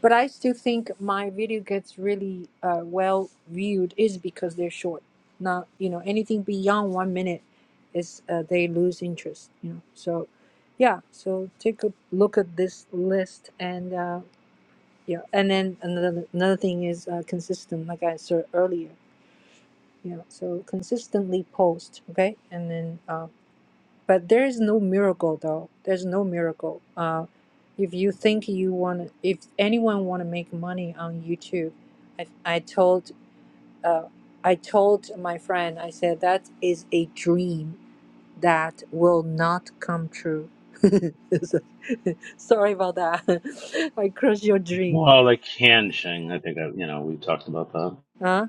Speaker 1: But I still think my video gets really uh, well viewed is because they're short. Not, you know, anything beyond one minute is uh, they lose interest, you know. So, yeah. So take a look at this list and, uh, yeah. And then another, another thing is uh, consistent, like I said earlier. You know, so consistently post, okay? And then, uh, but there is no miracle though there's no miracle uh, if you think you want if anyone want to make money on youtube i, I told uh, i told my friend i said that is a dream that will not come true sorry about that i crushed your dream
Speaker 5: Well, the can Shing, I think I, you know we talked about that.
Speaker 1: huh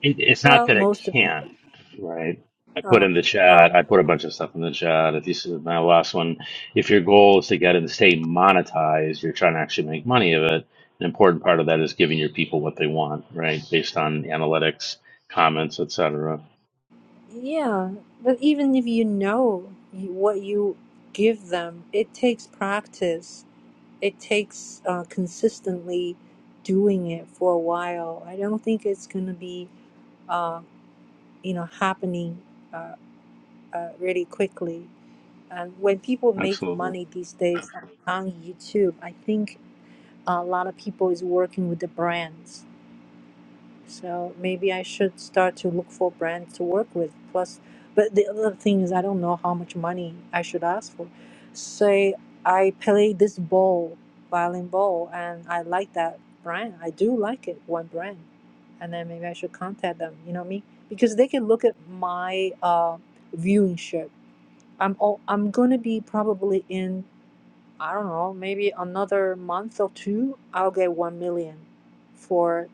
Speaker 5: It, it's not
Speaker 1: well
Speaker 5: that it
Speaker 1: most
Speaker 5: can't,
Speaker 1: people
Speaker 5: right? I put
Speaker 1: uh,
Speaker 5: in the
Speaker 1: oh
Speaker 5: chat, I put a bunch of stuff in the chat. If you see my last one, if your goal is to get and stay monetized, you're trying to actually make money of it. An important part of that is giving your people what they want, right? Based on analytics, comments, etc.
Speaker 1: yeah but even if you know you- what you give them it takes practice it takes uh, consistently doing it for a while. I don't think it's going to be, uh, you know, happening uh, uh, really quickly. And when people make
Speaker 5: Absolutely.
Speaker 1: money these days on YouTube, I think a lot of people is working with the brands So maybe I should start to look for brands to work with. Plus, but the other thing is, I don't know how much money I should ask for. Say I play this ball, violin ball, and I like that brand. I do like it, one brand, and then maybe I should contact them. You know me because they can look at my uh, viewing ship. I'm all, I'm gonna be probably in I don't know maybe another month or two. I'll get one million for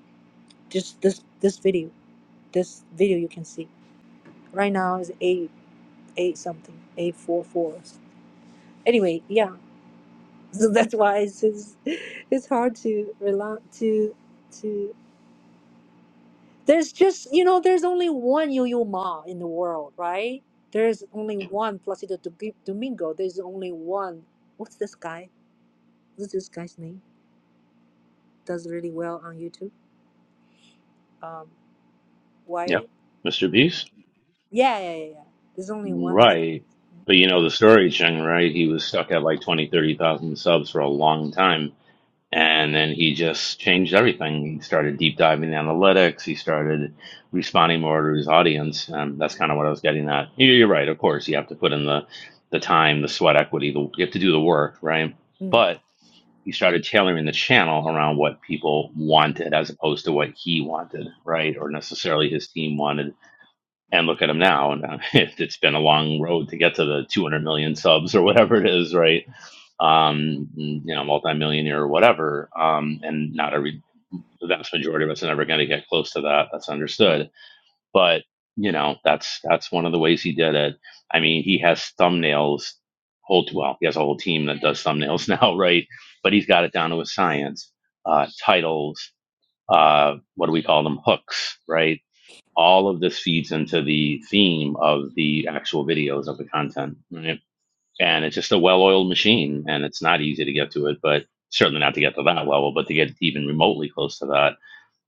Speaker 1: just this this video this video you can see right now is eight eight something eight four four anyway yeah so that's why it's it's, it's hard to rely to to there's just you know there's only one yo-yo ma in the world right there's only one placido Domi- domingo there's only one what's this guy what's this guy's name does really well on youtube um
Speaker 5: Yep.
Speaker 1: wired
Speaker 5: Mr. Beast?
Speaker 1: yeah yeah yeah, yeah. there's only one mr
Speaker 5: Right.
Speaker 1: beast
Speaker 5: But you know the story,
Speaker 1: yeah
Speaker 5: Cheng, right? He was stuck at like 20, 30,000 subs for a long time And then he just changed everything. He started deep diving the analytics. He started responding more to his audience. Um, that's kind of what I was getting at. You- You're right. Of course, you have to put in the, the time, the sweat equity. The, you have to do the work, right?
Speaker 1: Mm.
Speaker 5: But he started tailoring the channel around what people wanted as opposed to what he wanted, right? Or necessarily his team wanted. And look at him now. And uh, it's been a long road to get to the 200 million subs or whatever it is, right? um, you know, multimillionaire or whatever. Um, and not every the vast majority of us are never going to get close to that. That's understood. But you know, that's that's one of the ways he did it. I mean, he has thumbnails. Whole well, he has a whole team that does thumbnails now, right? But he's got it down to a science. Uh, titles. Uh, what do we call them? Hooks, right? All of this feeds into the theme of the actual videos of the content. right? and it's just a well-oiled machine and it's not easy to get to it but certainly not to get to that level but to get even remotely close to that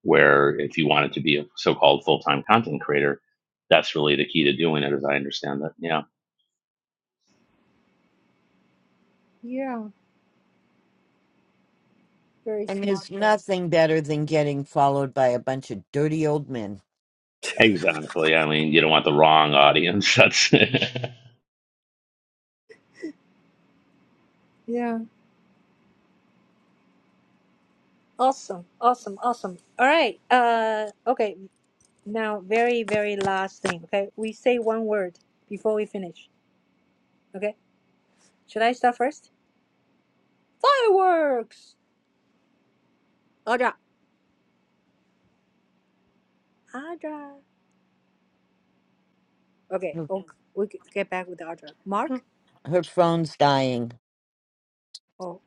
Speaker 5: where if you wanted to be a so-called full-time content creator that's really the key to doing it as i understand it yeah
Speaker 1: yeah very
Speaker 10: And
Speaker 1: smart
Speaker 10: there's
Speaker 1: guy.
Speaker 10: nothing better than getting followed by a bunch of dirty old men.
Speaker 5: exactly i mean you don't want the wrong audience that's
Speaker 1: Yeah. Awesome, awesome, awesome. All right. Uh, okay. Now, very, very last thing. Okay, we say one word before we finish. Okay. Should I start first? Fireworks. Audra. Audra. Okay.
Speaker 10: Her
Speaker 1: Okay. We g- get back with Audra.
Speaker 6: Hmm.
Speaker 1: Mark.
Speaker 10: her phone's dying.
Speaker 1: Oh,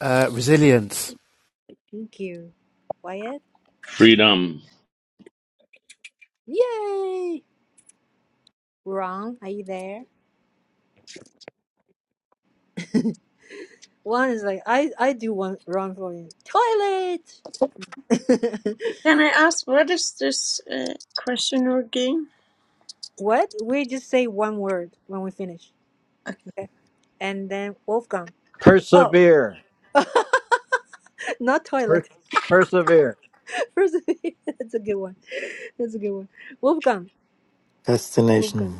Speaker 7: Uh, resilience.
Speaker 1: thank you. Wyatt.
Speaker 5: freedom
Speaker 1: Yay. Ron, are you there? One is like I. I do one. Ron for you. Toilet.
Speaker 6: Can I ask what is this uh, question or game?
Speaker 1: what? We just say one word when we finish. Okay. And then Wolfgang. Oh,
Speaker 9: Persevere.
Speaker 1: not toilet.
Speaker 9: Per- persevere.
Speaker 1: First, that's a good one. That's a good one. Wolfgang.
Speaker 3: fascination.
Speaker 1: Wolfgang.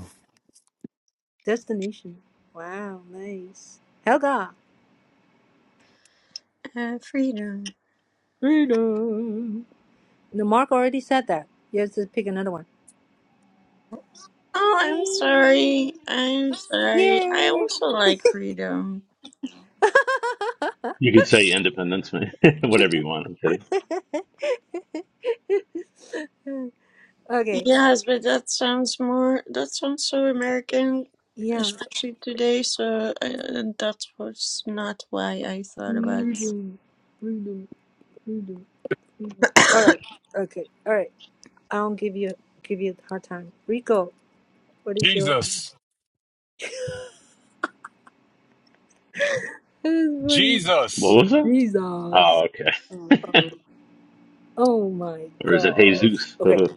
Speaker 1: Destination. Wow, nice. Helga.
Speaker 6: Uh, freedom.
Speaker 1: Freedom. No, Mark already said that. You have to pick another one.
Speaker 6: Oh, I'm sorry. I'm sorry. I
Speaker 1: Yeah.
Speaker 6: also like freedom.
Speaker 5: you could say independence whatever you want i'm kidding
Speaker 1: okay.
Speaker 6: Yes, but that sounds more, that sounds so American,
Speaker 1: Yeah.
Speaker 6: especially today. So I, and that was not why I thought about.
Speaker 1: Freedom. Freedom. Freedom. Freedom. All right. Okay. All right. I'll give you give you a hard time. Rico. What is yours?
Speaker 8: Jesus.
Speaker 1: That is funny.
Speaker 5: what
Speaker 8: Jesus.
Speaker 5: was it
Speaker 1: Jesus.
Speaker 5: oh okay
Speaker 1: Oh, oh my
Speaker 5: or is it
Speaker 1: god.
Speaker 5: jesus
Speaker 1: Okay.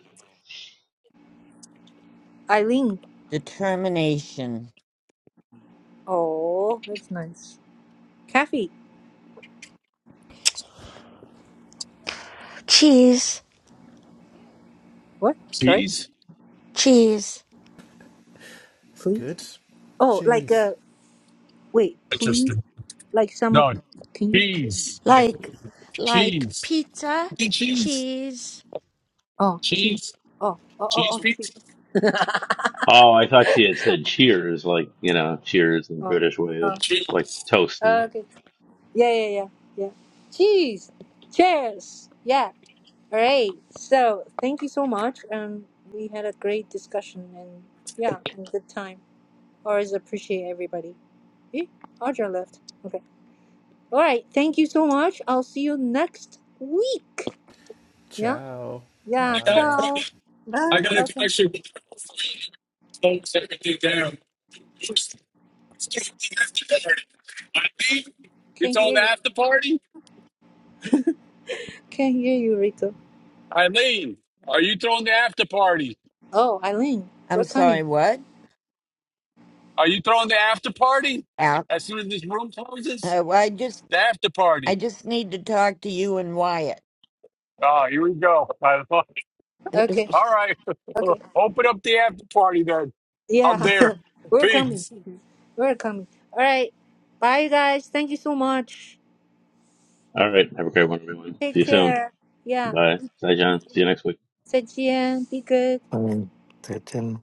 Speaker 1: Eileen.
Speaker 10: Determination.
Speaker 1: Oh, that's nice. Kathy.
Speaker 11: cheese
Speaker 1: What? Sorry.
Speaker 8: Cheese?
Speaker 11: cheese
Speaker 7: It's
Speaker 1: Please.
Speaker 7: good.
Speaker 1: Oh, like
Speaker 7: Cheers.
Speaker 1: uh, wait. Please.
Speaker 8: Interesting.
Speaker 1: Like someone.
Speaker 8: No,
Speaker 1: Can you? Please?
Speaker 8: cheese. Like
Speaker 11: like like
Speaker 8: cheese.
Speaker 11: pizza
Speaker 8: Hey, Cheese.
Speaker 11: cheese
Speaker 1: Oh, she.
Speaker 8: Cheese.
Speaker 1: Oh, oh, oh,
Speaker 8: Cheese
Speaker 1: oh, she.
Speaker 8: pizza.
Speaker 5: Oh, I thought she had said cheers, like, you know, cheers in the
Speaker 1: Oh,
Speaker 5: British way of
Speaker 1: oh.
Speaker 5: like
Speaker 8: Cheese.
Speaker 5: toast.
Speaker 1: oh,
Speaker 5: All
Speaker 1: Okay. Yeah, yeah, yeah, yeah. Cheese. Cheers. Yeah. All right. So thank you so much. Um, we had a great discussion and yeah, and good time. Always appreciate everybody. Eh? Audra left. Okay. All right. Thank you so much. I'll see you next week. Yeah.
Speaker 7: Ciao.
Speaker 1: Yeah.
Speaker 8: I got
Speaker 7: Bye.
Speaker 1: Ciao.
Speaker 6: Bye.
Speaker 8: I got a
Speaker 1: Ciao. ciao.
Speaker 8: connection with the phones everything down. Eileen, you
Speaker 1: Can't
Speaker 8: throwing the
Speaker 1: hear you.
Speaker 8: after party?
Speaker 1: Can't hear you, Rico.
Speaker 8: Eileen, are you throwing the after party?
Speaker 1: Oh, Eileen,
Speaker 10: I'm
Speaker 1: we're coming.
Speaker 10: sorry, what?
Speaker 8: Are you throwing the after party?
Speaker 10: Out.
Speaker 8: As soon as this room closes,
Speaker 10: Uh, well, I just
Speaker 8: the after
Speaker 10: I
Speaker 8: party.
Speaker 10: just need to talk to you and Wyatt.
Speaker 8: Oh, here we go. All
Speaker 1: Okay.
Speaker 8: right.
Speaker 1: Okay.
Speaker 8: Open up the after party then. I'm
Speaker 1: Yeah.
Speaker 8: there.
Speaker 1: we're coming.
Speaker 8: Peace.
Speaker 1: We're coming. All right. Bye, you guys. Thank you so much.
Speaker 5: right. Have a great one, everyone.
Speaker 1: Take
Speaker 5: See you soon.
Speaker 1: care. Yeah.
Speaker 5: Bye. Bye, John. See you next week.
Speaker 1: 再见. Be good.
Speaker 3: I mean, they didn't.